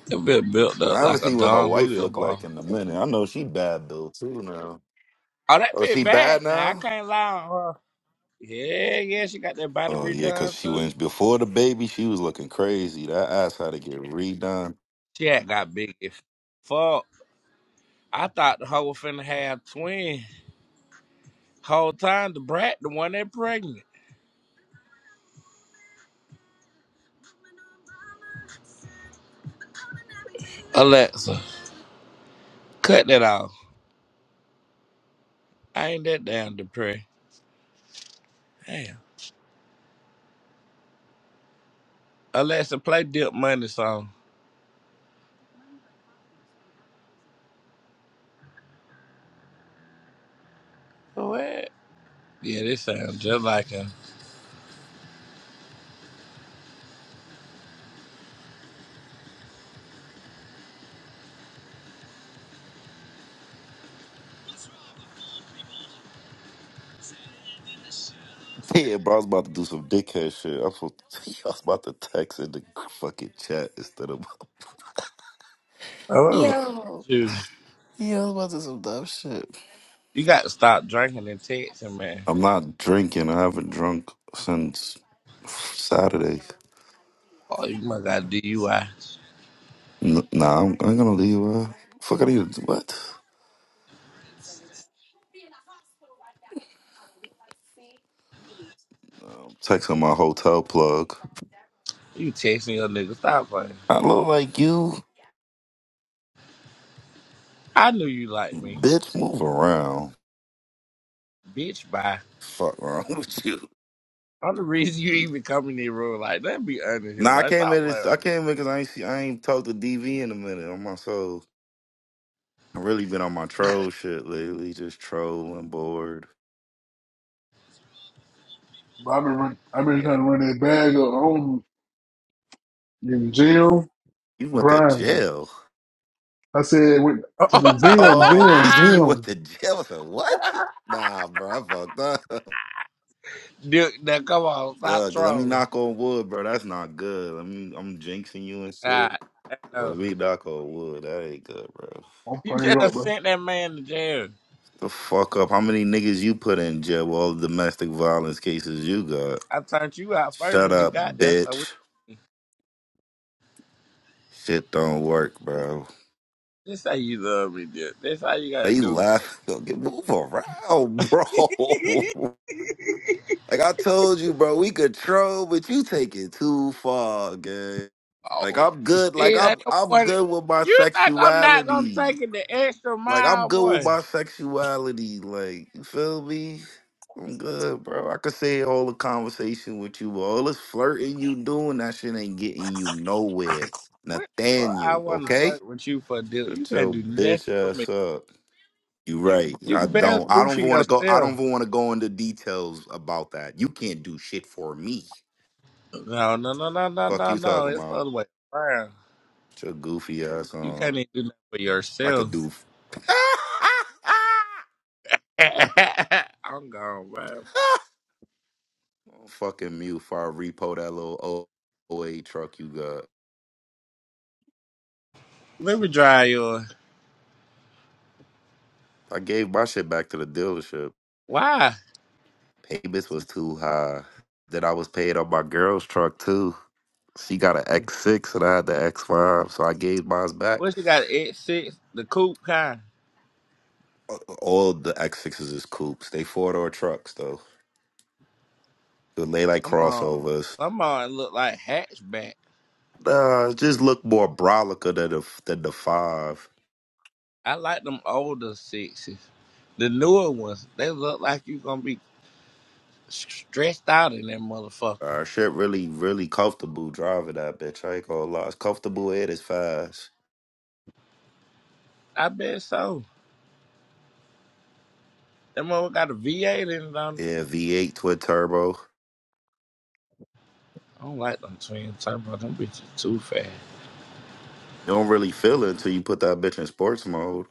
Speaker 4: That bitch built
Speaker 14: I
Speaker 4: up
Speaker 14: haven't
Speaker 4: like a
Speaker 14: seen what her
Speaker 4: Don
Speaker 14: wife
Speaker 4: Julio
Speaker 14: look
Speaker 4: ball.
Speaker 14: like in a minute. I know she bad though too now.
Speaker 4: Oh, that
Speaker 14: Oh,
Speaker 4: bitch
Speaker 14: she bad
Speaker 4: bad now. I
Speaker 14: now?
Speaker 4: can't lie on her. Yeah, yeah, she got that body
Speaker 14: Oh yeah, cause
Speaker 4: redone
Speaker 14: she
Speaker 4: too.
Speaker 14: went before the baby. She was looking crazy. That ass had to get redone.
Speaker 4: She had got big as fuck. I thought the hoe was finna have twin. Whole time the brat the one that pregnant. Alexa, cut that off. I ain't that damn depressed. Damn. Alexa, play Dip Money song. What? Yeah, this sounds just like him.
Speaker 14: Yeah, bro, I was about to do some dickhead shit. I was, supposed- to- I was about to text in the fucking chat instead of
Speaker 4: Oh, what's wrong
Speaker 14: Yo.
Speaker 4: with you?
Speaker 14: Yeah, I was about to do some dumb shit.
Speaker 4: You got to stop drinking and texting, man.
Speaker 14: I'm not drinking. I haven't drunk since Saturday.
Speaker 4: Oh, you must got DUI.
Speaker 14: N- nah, I'm, I'm gonna leave. Uh, fuck, I need to, what? I'm texting my hotel plug.
Speaker 4: You texting your nigga. Stop playing.
Speaker 14: I look like you,
Speaker 4: I knew you liked me.
Speaker 14: bitch. Move around.
Speaker 4: Bitch, bye.
Speaker 14: Fuck wrong with you?
Speaker 4: I'm the reason you even come in the room. Like, let be under here.
Speaker 14: Nah, I
Speaker 4: Like,
Speaker 14: came
Speaker 4: stop
Speaker 14: in. This, I
Speaker 4: playing.
Speaker 14: came in because I ain't see, I ain't talked to DV in a minute on my soul. I really been on my troll shit lately, just trolling, bored.
Speaker 2: But I've been run, I've been trying
Speaker 4: Yeah.
Speaker 2: to run that bag up on in gym
Speaker 14: You went to
Speaker 2: grinding.
Speaker 14: jail.
Speaker 2: I said went to the gym,
Speaker 14: Oh, they
Speaker 2: gym,
Speaker 14: say you went
Speaker 2: gym.
Speaker 14: to jail. I said, what? Nah, bro, I fucked up.
Speaker 4: Dude, now come on. Stop
Speaker 14: Uh, let me
Speaker 4: trolling.
Speaker 14: knock on wood, bro. That's not good. Let me. I'm jinxing you and
Speaker 4: All
Speaker 14: shit.
Speaker 4: right. Oh.
Speaker 14: Let me knock on wood. That ain't good, bro.
Speaker 2: I'm
Speaker 4: You
Speaker 2: praying
Speaker 4: just done
Speaker 2: up, bro.
Speaker 4: sent that man to jail.
Speaker 14: The fuck up. How many niggas you put in jail? with All the domestic violence cases you got.
Speaker 4: I turned you out first
Speaker 14: Shut
Speaker 4: when you
Speaker 14: up,
Speaker 4: got there, so we
Speaker 14: bitch. Shit don't work, bro.
Speaker 4: This how you love me, dude. This how you gotta
Speaker 14: Are you
Speaker 4: do.
Speaker 14: laughing? Yo, Get move around, bro. like I told you, bro, we could troll, but you take it too far, gang.
Speaker 4: Oh,
Speaker 14: Like I'm good. Like
Speaker 4: shit! I
Speaker 14: I'm
Speaker 4: don't
Speaker 14: I'm good with my
Speaker 4: You think I'm not gonna
Speaker 14: sexuality.
Speaker 4: take it the extra
Speaker 14: Like I'm
Speaker 4: mile,
Speaker 14: good with
Speaker 4: boy?
Speaker 14: my sexuality. Like you feel me? I'm good, bro. I could say all the conversation with you, but all this flirting you doing, that shit ain't getting you nowhere,
Speaker 4: What? Well, I
Speaker 14: Nathaniel.
Speaker 4: want to
Speaker 14: Okay?
Speaker 4: flirt with you for a deal. You
Speaker 14: Shut
Speaker 4: can't
Speaker 14: your
Speaker 4: do nothing
Speaker 14: bitch
Speaker 4: for me.
Speaker 14: ass up. You right.
Speaker 4: You
Speaker 14: I
Speaker 4: can barely
Speaker 14: don't. I
Speaker 4: do for
Speaker 14: don't want to go. I
Speaker 4: yourself.
Speaker 14: don't want to go into details about that. You can't do shit for me.
Speaker 4: No, no, no, no, no,
Speaker 14: Fuck
Speaker 4: no,
Speaker 14: you
Speaker 4: no.
Speaker 14: talking
Speaker 4: It's the
Speaker 14: about?
Speaker 4: other way around.
Speaker 14: Shut Your goofy ass
Speaker 4: You can't
Speaker 14: on.
Speaker 4: even do nothing for
Speaker 14: I could
Speaker 4: yourself.
Speaker 14: do.
Speaker 4: I'm gone, man.
Speaker 14: I'm fucking mute for I repo that little O 08 truck you got.
Speaker 4: Let me dry yours.
Speaker 14: I gave my shit back to the dealership.
Speaker 4: Why?
Speaker 14: Payments was too high. Then I was paid on my girl's truck too. She got an X6 and I had the X5, so I gave mine back.
Speaker 4: What you got? X six, the coupe kind.
Speaker 14: Uh, All the X6s is coupes. They four door trucks though. So They like
Speaker 4: Some uh,
Speaker 14: crossovers.
Speaker 4: some uh look like hatchback.
Speaker 14: Nah, it just look more brolica than the than the five.
Speaker 4: I like them older sixes. The newer ones, they look like you gonna be s- stressed out in that motherfucker.
Speaker 14: Uh, shit, really, really comfortable driving that bitch. I ain't gonna lie, it's comfortable and it's fast.
Speaker 4: I bet so. That mother got a V8 in it on. it.
Speaker 14: Yeah, V8 twin turbo. You
Speaker 4: I don't like them twin turbo. Them bitches too fast.
Speaker 14: don't really feel it until you put that bitch in sports mode.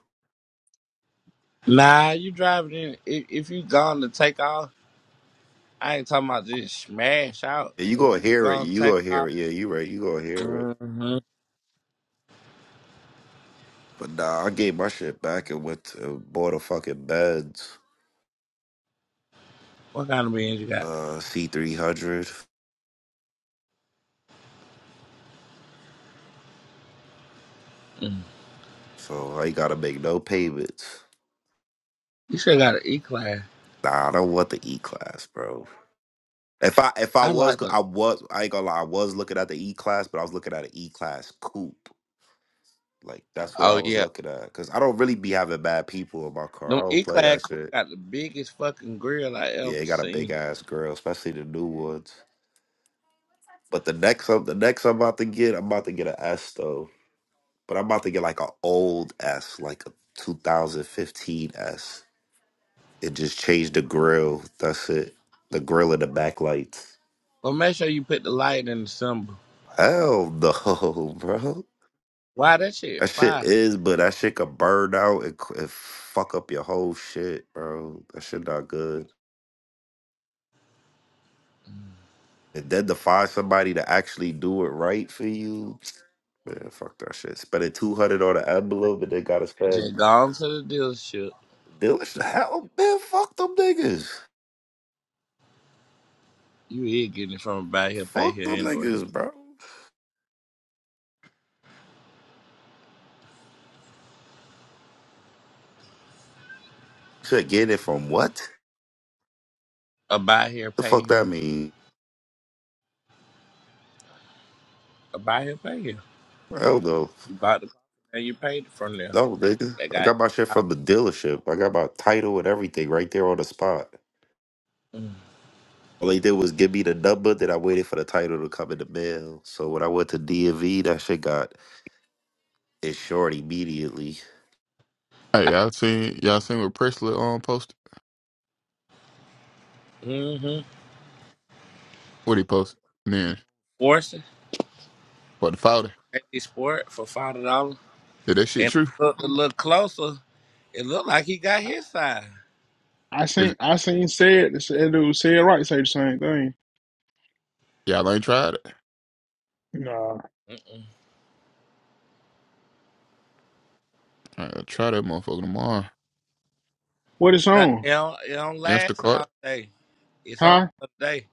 Speaker 4: Nah, you driving in. If, if you gone to take off, I ain't talking about just smash out.
Speaker 14: Yeah, you
Speaker 4: But
Speaker 14: gonna
Speaker 4: you
Speaker 14: hear it.
Speaker 4: gonna
Speaker 14: You
Speaker 4: take
Speaker 14: gonna
Speaker 4: off.
Speaker 14: hear it. Yeah, you right. You gonna hear it.
Speaker 4: hmm
Speaker 14: But nah, I gave my shit back and went to bought a fucking Benz,
Speaker 4: What kind of beans you got?
Speaker 14: uh, C300. So I ain't gotta make no payments.
Speaker 4: You should got an E class.
Speaker 14: Nah, I don't want the E class, bro. If I if I
Speaker 4: I
Speaker 14: was
Speaker 4: like
Speaker 14: go-
Speaker 4: the.
Speaker 14: I was I ain't gonna lie, I was looking at the E class, but I was looking at an E class coupe. Like that's what I
Speaker 4: Oh
Speaker 14: was
Speaker 4: yeah.
Speaker 14: looking at. Cause I don't really be having bad people in my car.
Speaker 4: Them
Speaker 14: I
Speaker 4: E
Speaker 14: don't play that
Speaker 4: clad cook
Speaker 14: shit.
Speaker 4: got the biggest fucking grill I
Speaker 14: Yeah,
Speaker 4: ever
Speaker 14: he got a big
Speaker 4: seen.
Speaker 14: ass grill, especially the new ones. But the next up, the next I'm about to get, I'm about to get an S though. But I'm about to get like an old S, like a 2015 S. It just changed the grill. That's it. The grill and the backlights.
Speaker 4: But make sure you put the light in the symbol.
Speaker 14: Hell no, bro.
Speaker 4: Why that shit
Speaker 14: That shit
Speaker 4: fire?
Speaker 14: is, but that shit could burn out and, c- and fuck up your whole shit, bro. That shit not good. And then to find somebody to actually do it right for you, Man, fuck that shit. Spending two hundred on an envelope and they gotta spend.
Speaker 4: Just go on to the dealership.
Speaker 14: Dealership, hell, man. Fuck them niggas.
Speaker 4: You is getting it from a buy here, pay
Speaker 14: Fuck
Speaker 4: here
Speaker 14: them
Speaker 4: anyway.
Speaker 14: niggas, bro. Shit, get it from what?
Speaker 4: A buy here,
Speaker 14: The
Speaker 4: pay
Speaker 14: fuck that
Speaker 4: here.
Speaker 14: mean?
Speaker 4: A buy here, pay here.
Speaker 14: I don't know.
Speaker 4: You bought the car and you paid it from there.
Speaker 14: No, nigga.
Speaker 4: They
Speaker 14: I
Speaker 4: got
Speaker 14: got my shit from the dealership. I got my title and everything right there on the spot. All they did was give me the number that I waited for the title to come in the mail. So when I went to DMV, that shit got insured immediately.
Speaker 11: Hey, y'all seen y'all seen what Presley um posted?
Speaker 4: mm-hmm.
Speaker 11: What he posted? And then
Speaker 4: Forces.
Speaker 11: for the founder.
Speaker 4: They sport for five dollars.
Speaker 11: Is that shit
Speaker 4: And
Speaker 11: true?
Speaker 4: I looked a little closer. It looked like he got
Speaker 2: I,
Speaker 4: his side.
Speaker 2: I
Speaker 11: Is
Speaker 2: seen I seen said said, dude said right say the same thing.
Speaker 11: y'all ain't tried it?
Speaker 2: Nah,
Speaker 4: Mm-mm.
Speaker 11: Uh, try that motherfucker tomorrow.
Speaker 2: what it's
Speaker 4: That-
Speaker 2: on,
Speaker 4: It don't, it don't last
Speaker 11: Instacart
Speaker 4: all day. It's on
Speaker 2: huh?
Speaker 4: for the day.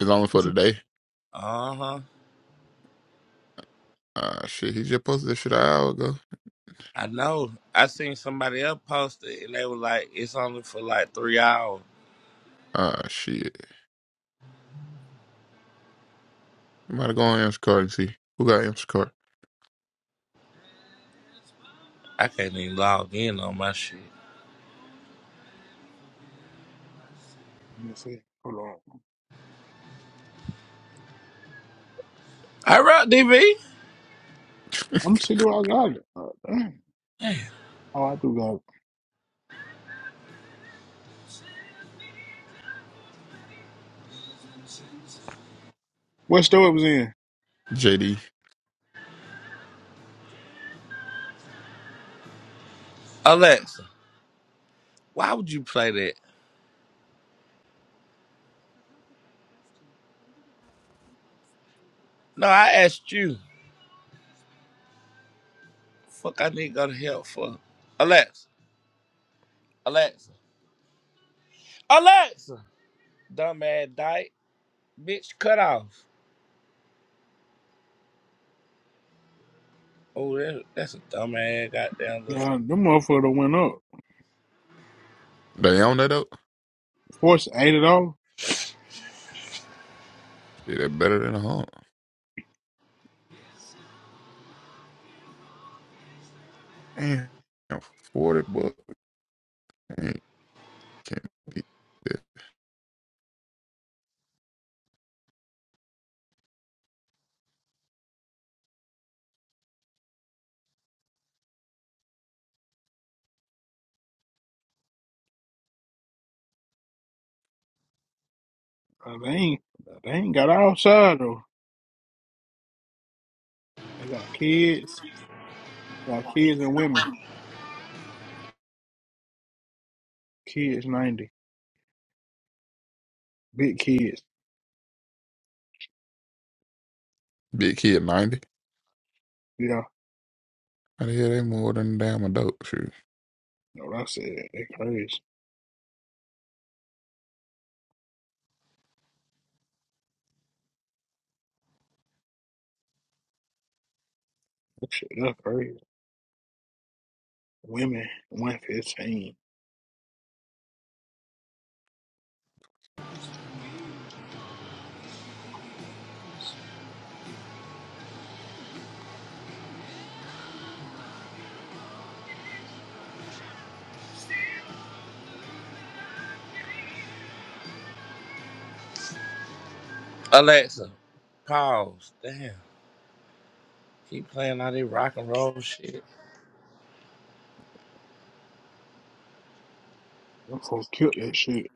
Speaker 11: is only
Speaker 2: You
Speaker 11: for
Speaker 2: see,
Speaker 11: today.
Speaker 4: Uh huh.
Speaker 11: Ah shit, he just posted this shit an hour ago.
Speaker 4: I know. I seen somebody else post it, and they were like, "It's only for like three hours."
Speaker 11: Ah shit. I'm about to go on Instacart and see who got Instacart.
Speaker 4: I can't even log in on my shit.
Speaker 2: let me see. Hold on.
Speaker 4: All right, DV.
Speaker 2: I'm see do I got it. Oh, damn.
Speaker 4: Damn.
Speaker 2: Oh, I do got it. What store it was in?
Speaker 11: JD.
Speaker 4: Alexa, why would you play that? No, I asked you. Fuck, I need to go to hell for. Alexa, Alexa, Alexa. Dumb ass dyke, bitch, cut off. Oh, that, that's a dumb ass goddamn. Little...
Speaker 2: Yeah, them motherfucker done went up.
Speaker 11: They own that up.
Speaker 2: Force eighty dollars.
Speaker 11: Shit, that better than a home. Damn, 40 bucks. Dang, Can't beat that.
Speaker 2: They ain't they ain't got outside though. They got kids, got kids and women. Kids ninety. Big kids.
Speaker 11: Big kid, 90.
Speaker 2: Yeah.
Speaker 11: How the hell they more than a damn adult? Shoot.
Speaker 2: Know what I said? They crazy. That shit that's crazy. Women one fifteen.
Speaker 4: Alexa, pause. Damn, keep playing all this rock and roll shit.
Speaker 2: Them folk killed that shit.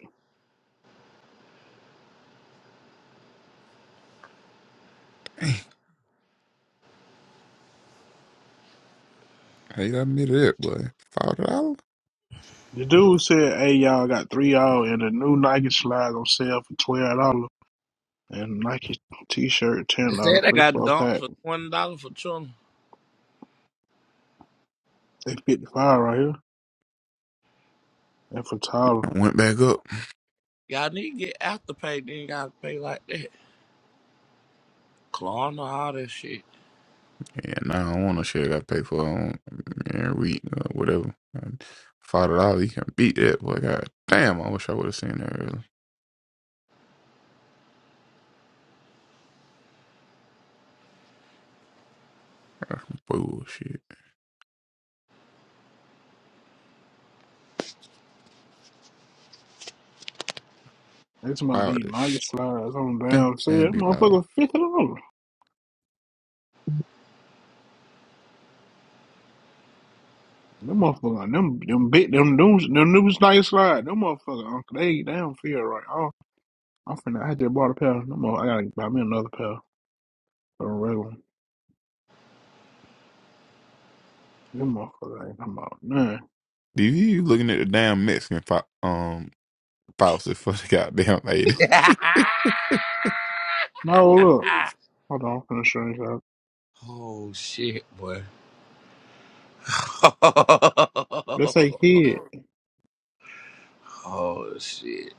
Speaker 11: Hate I admitted it, boy. $5?
Speaker 2: The dude said, Hey y'all got three you all and the new Nike slides on sale for twelve dollars and Nike t shirt
Speaker 4: They
Speaker 2: ten dollars,
Speaker 4: said they
Speaker 2: three
Speaker 4: got
Speaker 2: for a
Speaker 4: dumped
Speaker 2: pack.
Speaker 4: for twenty dollars for children.
Speaker 2: They fifty five right here. And for taller.
Speaker 11: I went back up.
Speaker 4: Y'all need to get after pay, then you gotta pay like that. Klarna, all that shit.
Speaker 11: Yeah, now I don't want no shit I gotta pay for on every week or whatever. And $5, you can beat that, boy. God damn, I wish I would have seen that earlier. Bullshit.
Speaker 2: That's about
Speaker 11: Five
Speaker 2: these Nike
Speaker 11: dollars.
Speaker 2: slides on
Speaker 11: stink
Speaker 2: down sale.
Speaker 11: and
Speaker 2: That
Speaker 11: be loud.
Speaker 2: motherfucker fifty dollars. Them motherfucker, them them big them new them new Nike slide, them motherfucker, uncle, they damn feel right. I I'm finna, I just bought a pair. No more, I gotta buy me another pair. A regular. one. Them motherfucker ain't come out. Man.
Speaker 11: DV, you looking at the damn Mexican fi- um faucet for the goddamn lady.
Speaker 2: No, look. Hold on, I'm finna show you out.
Speaker 4: oh shit, boy.
Speaker 2: This say kid.
Speaker 4: oh shit.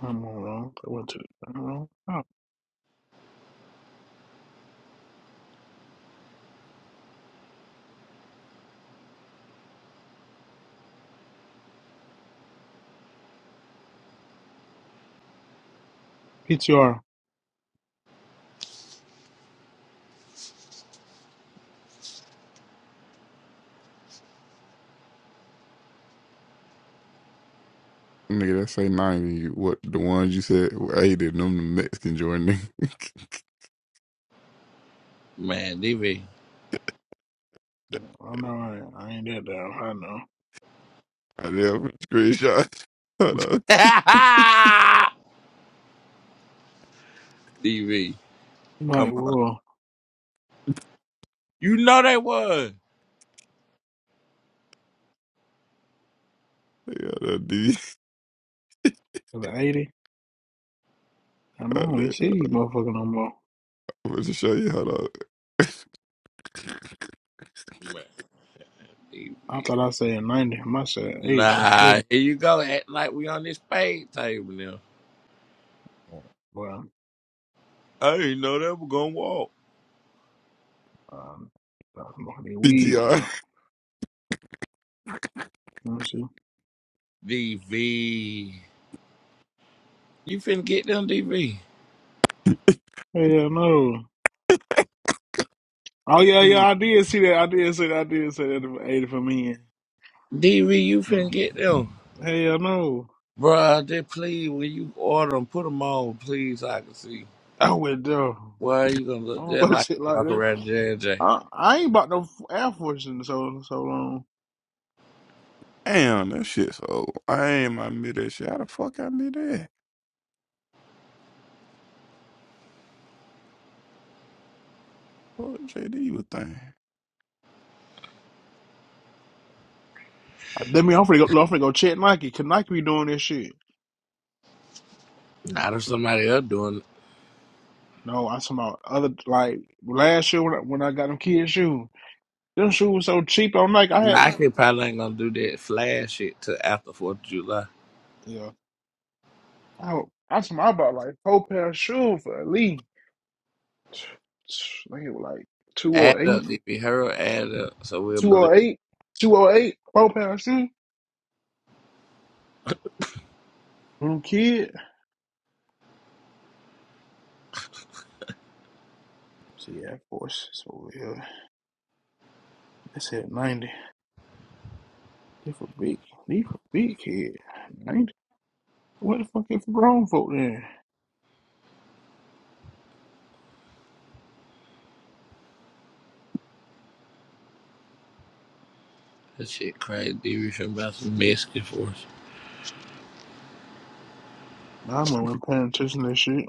Speaker 2: Come on, wrong. I went to, I don't know. Oh, PTR.
Speaker 11: Nigga, that say 90. What the ones you said were 80, them the Mexican Jordan.
Speaker 4: Man, DV.
Speaker 2: I know I ain't, I ain't that damn high now.
Speaker 11: Goddamn screenshot. Hold on.
Speaker 4: DV,
Speaker 2: I'm like,
Speaker 4: come on.
Speaker 2: well,
Speaker 4: You know they was.
Speaker 11: I got a D.
Speaker 2: is it 80? Come on, you
Speaker 11: Goddamn.
Speaker 2: see
Speaker 11: I'm
Speaker 2: these motherfucker no more.
Speaker 11: about to show you. Hold on.
Speaker 4: Man. DV.
Speaker 2: I thought I said 90. I said 80. I'm sure.
Speaker 4: Nah, here you go, acting like we on this paid table now.
Speaker 2: Well,
Speaker 4: I didn't know they were gonna walk.
Speaker 2: um, I'm gonna be weed.
Speaker 11: PTR.
Speaker 2: Well, let me see.
Speaker 4: DV. You finna get them, DV.
Speaker 2: Hell no. Oh yeah, yeah, I did see that. I did see that. I did see that. Eighty for men.
Speaker 4: DV, you finna
Speaker 2: No,
Speaker 4: get them.
Speaker 2: hell no.
Speaker 4: Bruh, they please, when you order them, put them on, please, so I can see.
Speaker 2: I would uh,
Speaker 4: Why you gonna
Speaker 2: I
Speaker 4: look
Speaker 2: don't
Speaker 4: there
Speaker 2: watch
Speaker 4: like
Speaker 2: shit
Speaker 4: you
Speaker 2: like
Speaker 4: walk
Speaker 2: that.
Speaker 4: around J&J?
Speaker 2: I, I ain't bought no Air Force in so so long.
Speaker 11: Damn, that shit so old. I ain't my mid that shit. How the fuck I knew that? What JD you would think?
Speaker 2: That mean I'm finna go. no, I'm finna go check Nike. Can Nike be doing this shit?
Speaker 4: Not if somebody else doing it.
Speaker 2: No, I talking about other like last year when I, when I got them kids shoes. Them shoes were so cheap on Nike. I had
Speaker 4: Nike probably ain't gonna do that flash shit till after 4th of July.
Speaker 2: yeah. I I talking about I bought like four pair of shoes for at least. I think it was like two
Speaker 4: Add
Speaker 2: or
Speaker 4: up,
Speaker 2: eight.
Speaker 4: DV, hurry, add up, so we'll
Speaker 2: Two
Speaker 4: believe.
Speaker 2: oh eight, two oh eight, four pound shoe. Little kid. See that force. So yeah, that's at 90. They for big, they for big kid. 90. What the fuck is for grown folk then?
Speaker 4: That shit crazy. DV finna buy some Mexican for us.
Speaker 2: Nah, I'm not paying attention to that shit.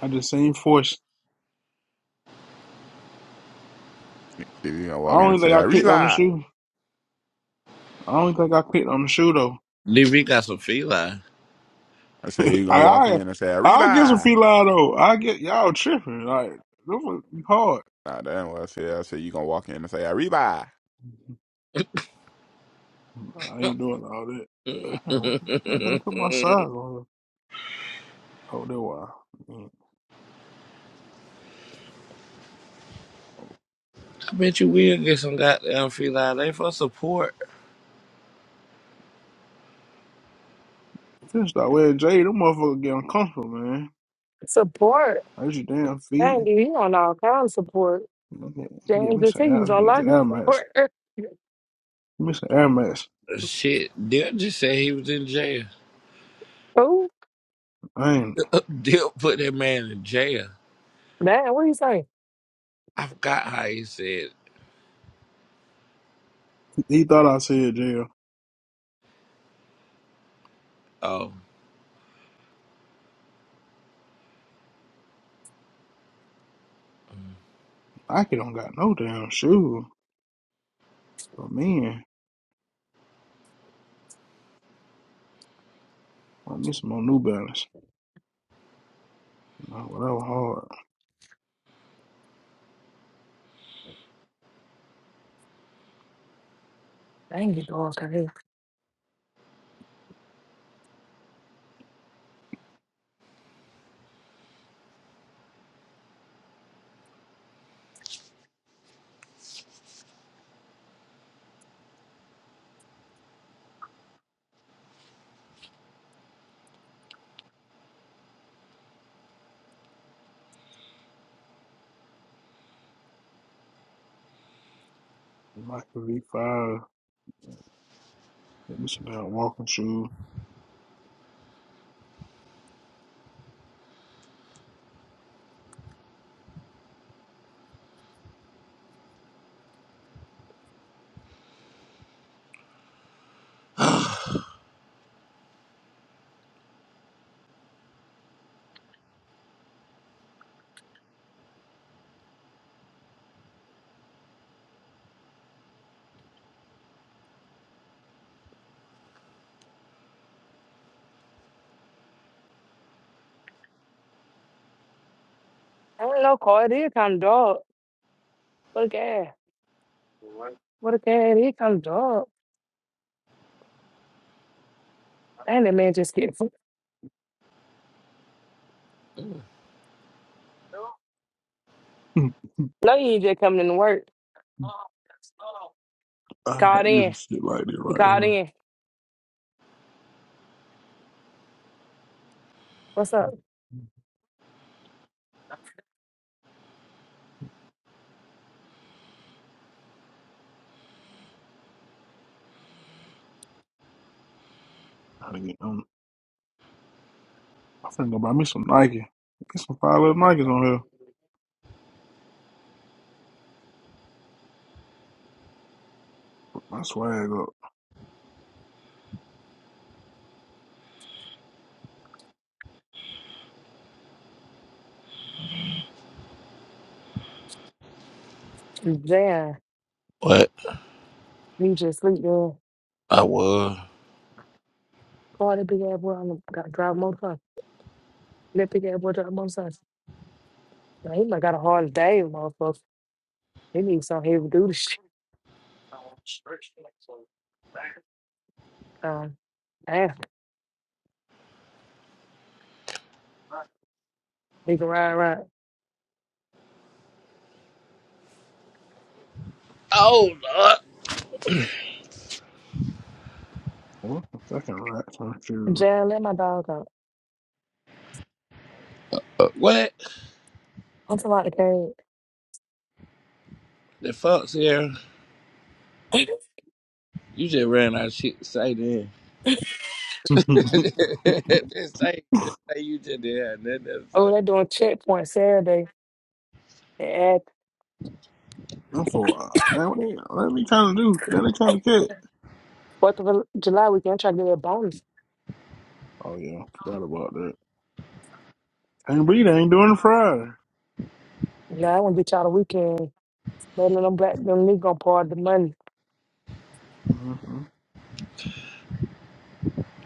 Speaker 2: I just seen force.
Speaker 11: If you gonna
Speaker 2: I
Speaker 11: walk in and
Speaker 2: don't
Speaker 11: say,
Speaker 2: think I clicked on the
Speaker 11: Arriba.
Speaker 2: shoe. I don't think I clicked on the shoe though.
Speaker 4: DV got some feline.
Speaker 11: I say, you gonna
Speaker 2: I,
Speaker 11: walk
Speaker 2: I,
Speaker 11: in and say,
Speaker 2: I get some
Speaker 11: Arriba.
Speaker 2: feline though. I get y'all tripping. Like, this was hard.
Speaker 11: Nah, that ain't what I said. I said, you gonna walk in and say, Arriba.
Speaker 2: I ain't doing all that. Damn, I can't put my size on. Oh, that why. Mm.
Speaker 4: I bet you will get some goddamn feline. They for support.
Speaker 2: Just start wearing Jade. Them motherfuckers get uncomfortable, man.
Speaker 1: Support.
Speaker 2: I use your damn feet.
Speaker 1: Dang, he on all kinds of support.
Speaker 2: Get, get
Speaker 1: James
Speaker 2: me
Speaker 1: is
Speaker 2: some
Speaker 1: he
Speaker 2: ass.
Speaker 1: was
Speaker 2: Get
Speaker 1: on
Speaker 2: me
Speaker 1: life
Speaker 2: some air mats.
Speaker 1: support.
Speaker 2: Get me some air mats.
Speaker 4: Shit, Dip just said he was in jail.
Speaker 1: Ooh.
Speaker 2: I ain't.
Speaker 4: Deal put that man in jail.
Speaker 1: Damn, what you say?
Speaker 4: I forgot how he said,
Speaker 2: He thought I said jail.
Speaker 4: um,
Speaker 2: I don't got no damn shoe. But man, want me some more New Balance. You whatever hard.
Speaker 1: Dang, you dog, crazy.
Speaker 2: Nike V5. Get me some damn walking shoe.
Speaker 1: I don't know, Carl. It is kind of dog. What a cat. What a cat. He kind of dog. Dang, that man just get. No, you ain't just coming in into work.
Speaker 2: I had
Speaker 1: Called
Speaker 2: to get some
Speaker 1: in.
Speaker 2: shit like this
Speaker 1: You
Speaker 2: right
Speaker 1: called
Speaker 2: here.
Speaker 1: in. What's up?
Speaker 2: I got to get them? I'm finna go buy me some Nike. Get some five little Nikes on here. Put My swag up.
Speaker 1: Damn.
Speaker 4: what?
Speaker 1: You just sleep, man.
Speaker 4: I was.
Speaker 1: Call big ass boy on the got drive a motorcycle. That big ass boy drive a motorcycle. Man, he might got a hard day, motherfucker. He needs some heavy duty shit. Um, damn. He can ride around.
Speaker 4: Oh, Lord.
Speaker 2: What the fucking rats on shoe?
Speaker 1: Jam, let my dog go.
Speaker 4: Uh, What?
Speaker 1: I'm talking about the thing.
Speaker 4: The fuck's here? You just ran out of shit to say then. this thing,
Speaker 2: That's
Speaker 4: this thing you just did had nothing to
Speaker 1: Oh,
Speaker 4: say.
Speaker 1: they're doing checkpoint Saturday and add
Speaker 2: a lot. Now what they, what they trying to do? Now they trying to catch.
Speaker 1: Fourth of July weekend. I'm trying to get a bonus.
Speaker 2: Oh yeah, forgot about that. Can't believe they ain't doing it Friday.
Speaker 1: Nah, I want to get y'all the weekend. Letting them black them niggas gonna party the money.
Speaker 2: Mm-hmm.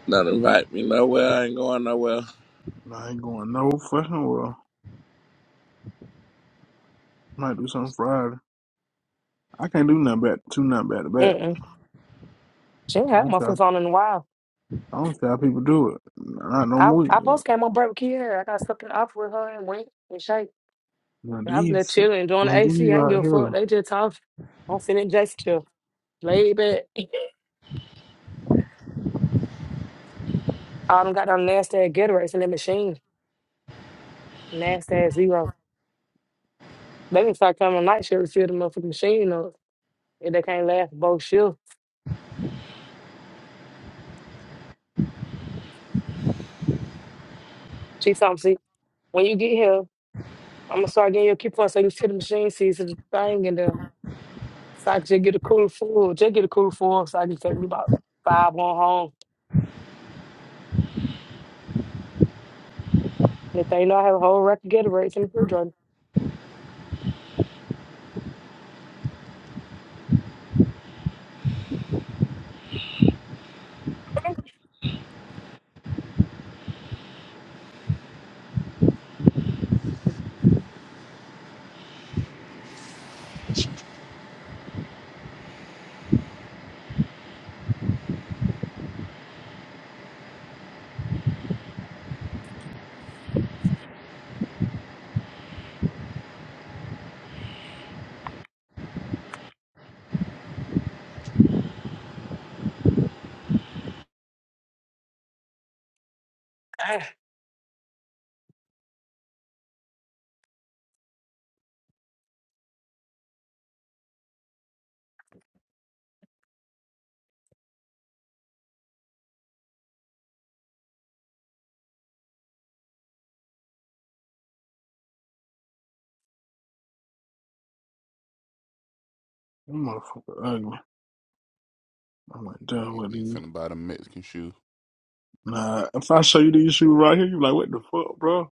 Speaker 4: Not invite me nowhere. I ain't going nowhere.
Speaker 2: Nah, I ain't going no fucking well. Might do something Friday. I can't do nothing back two nothing back to back.
Speaker 1: Mm-mm. She ain't
Speaker 2: I
Speaker 1: had
Speaker 2: don't
Speaker 1: my
Speaker 2: see how,
Speaker 1: foot on in a while.
Speaker 2: I don't see how people do it. Not no
Speaker 1: I
Speaker 2: more. than
Speaker 1: I post came on break with Kiara. I got stuck in the office with her and went and shake.
Speaker 2: Now
Speaker 1: I was there
Speaker 2: these
Speaker 1: chilling, enjoying the
Speaker 2: now these
Speaker 1: AC. I ain't
Speaker 2: right
Speaker 1: give a fuck.
Speaker 2: here.
Speaker 1: They just talking. I'm sitting in Jason chill. Laid back. All them got them nasty ass Gatorades in that machine. Nasty ass zero. They didn't start coming on night shift to fill the motherfucking machine up. If they can't last both shifts, she told me, see, when you get here, I'm gonna start getting your key points so you see the machine sees the thing in there. So I can just get a cooler full, just get a cooler full. So I can take me about five on home. And if they know I have a whole rack of Gatorades in the refrigerator.
Speaker 2: Them motherfucker ugly. I'm like done with
Speaker 11: DV
Speaker 2: these.
Speaker 11: finna buy the Mexican shoes.
Speaker 2: Nah, if I show you these shoes right here, you like what the fuck, bro?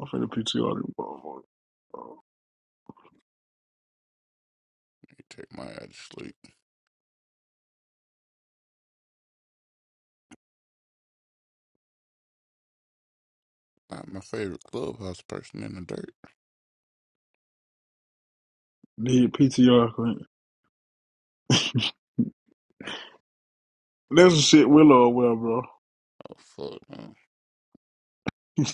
Speaker 2: I'm finna PTR these motherfuckers.
Speaker 11: Take my ass to sleep. Not my favorite clubhouse person in the dirt.
Speaker 2: Need PTR Clint. That's the shit Willow well, bro.
Speaker 11: Oh fuck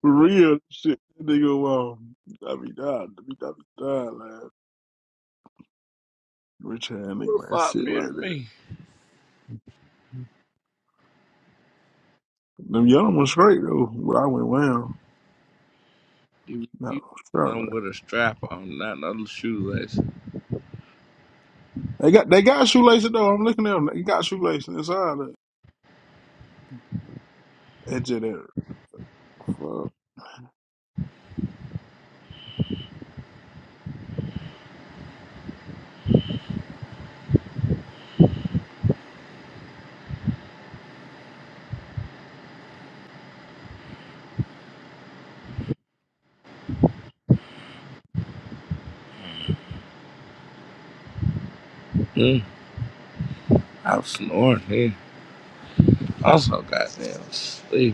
Speaker 2: For real shit, that nigga um I be died, I be, I be died, man. Rich hand nigga
Speaker 4: Who the
Speaker 2: like that
Speaker 4: fuck
Speaker 2: shit like
Speaker 4: muted
Speaker 2: that.
Speaker 4: me?
Speaker 2: Them young ones straight though, but I went well.
Speaker 4: You, you
Speaker 2: No, straight like
Speaker 4: something with a strap on, not no shoelace.
Speaker 2: that. They got they got shoelaces though. I'm looking at them. They got shoelaces inside of it. That shit there. Fuck.
Speaker 4: Hmm. I was snoring here. Also, am so goddamn sleepy.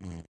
Speaker 11: no.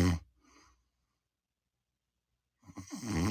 Speaker 11: Mm-hmm.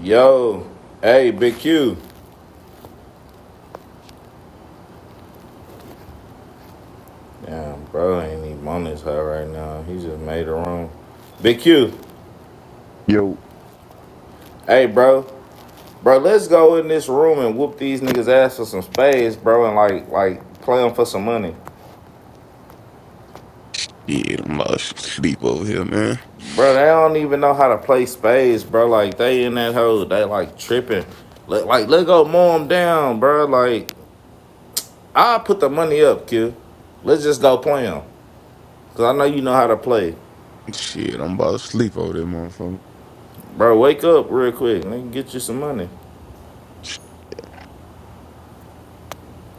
Speaker 16: Yo, hey, Big Q. Damn, bro, ain't even on this hell right now. He just made a room. Big Q,
Speaker 11: Yo.
Speaker 16: hey, bro, bro, let's go in this room and whoop these niggas ass for some spades, bro, and like, like, play them for some money,
Speaker 11: Yeah, I'm about to sleep over here, man.
Speaker 16: bro. They don't even know how to play spades, bro. Like they in that hole, they like tripping. Let, like, let go, mow them down, bro. Like, I put the money up, Q. Let's just go play them, cause I know you know how to play,
Speaker 11: Shit, I'm about to sleep over there, motherfucker.
Speaker 16: bro. Wake up real quick, nigga, get you some money.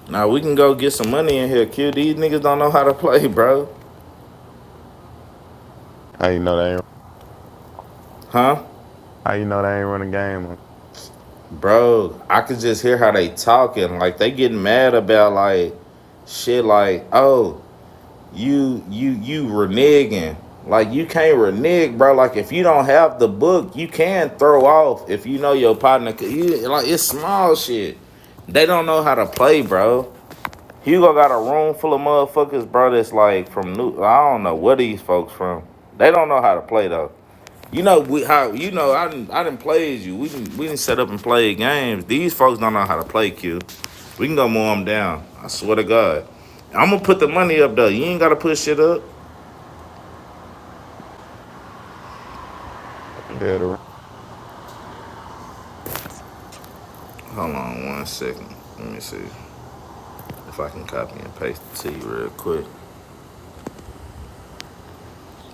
Speaker 16: Now we can go get some money in here, Q. These niggas don't know how to play, bro.
Speaker 11: I ain't know that.
Speaker 16: Huh?
Speaker 11: ain't- I am.
Speaker 16: Bro, I could just hear how they talking. Like they getting mad about like shit like, oh, you you you reneging. Like you can't renege, bro. Like if you don't have the book, you can throw off if you know your partner. You, like it's small shit. They don't know how to play, bro. Hugo got a room full of motherfuckers, bro. That's like from new. I don't know where these folks from. They don't know how to play though. You know we, how you know I didn't I didn't play as you. We didn't we didn't set up and play games. These folks don't know how to play Q. We can go mow them down. I swear to God. I'm gonna put the money up though. You ain't gotta put shit up.
Speaker 11: Head around.
Speaker 16: Hold on one second. Let me see if I can copy and paste it to you real quick.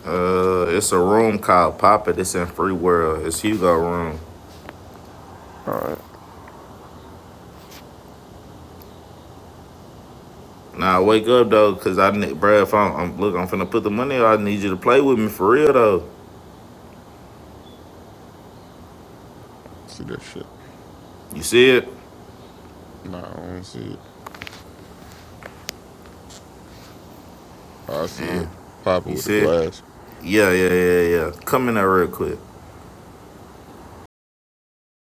Speaker 16: Uh, it's a room called Pop It. It's in Free World. It's Hugo room.
Speaker 11: All right.
Speaker 16: Now wake up though, cause I need, bruh, If I'm, I'm look, I'm finna put the money. up. I need you to play with me for real though.
Speaker 11: See that shit.
Speaker 16: You see it?
Speaker 11: No, I don't see it. I see
Speaker 16: Yeah,
Speaker 11: it popping
Speaker 16: you
Speaker 11: with the
Speaker 16: see it?
Speaker 11: glass.
Speaker 16: Yeah, yeah, yeah, yeah. Come in there real quick.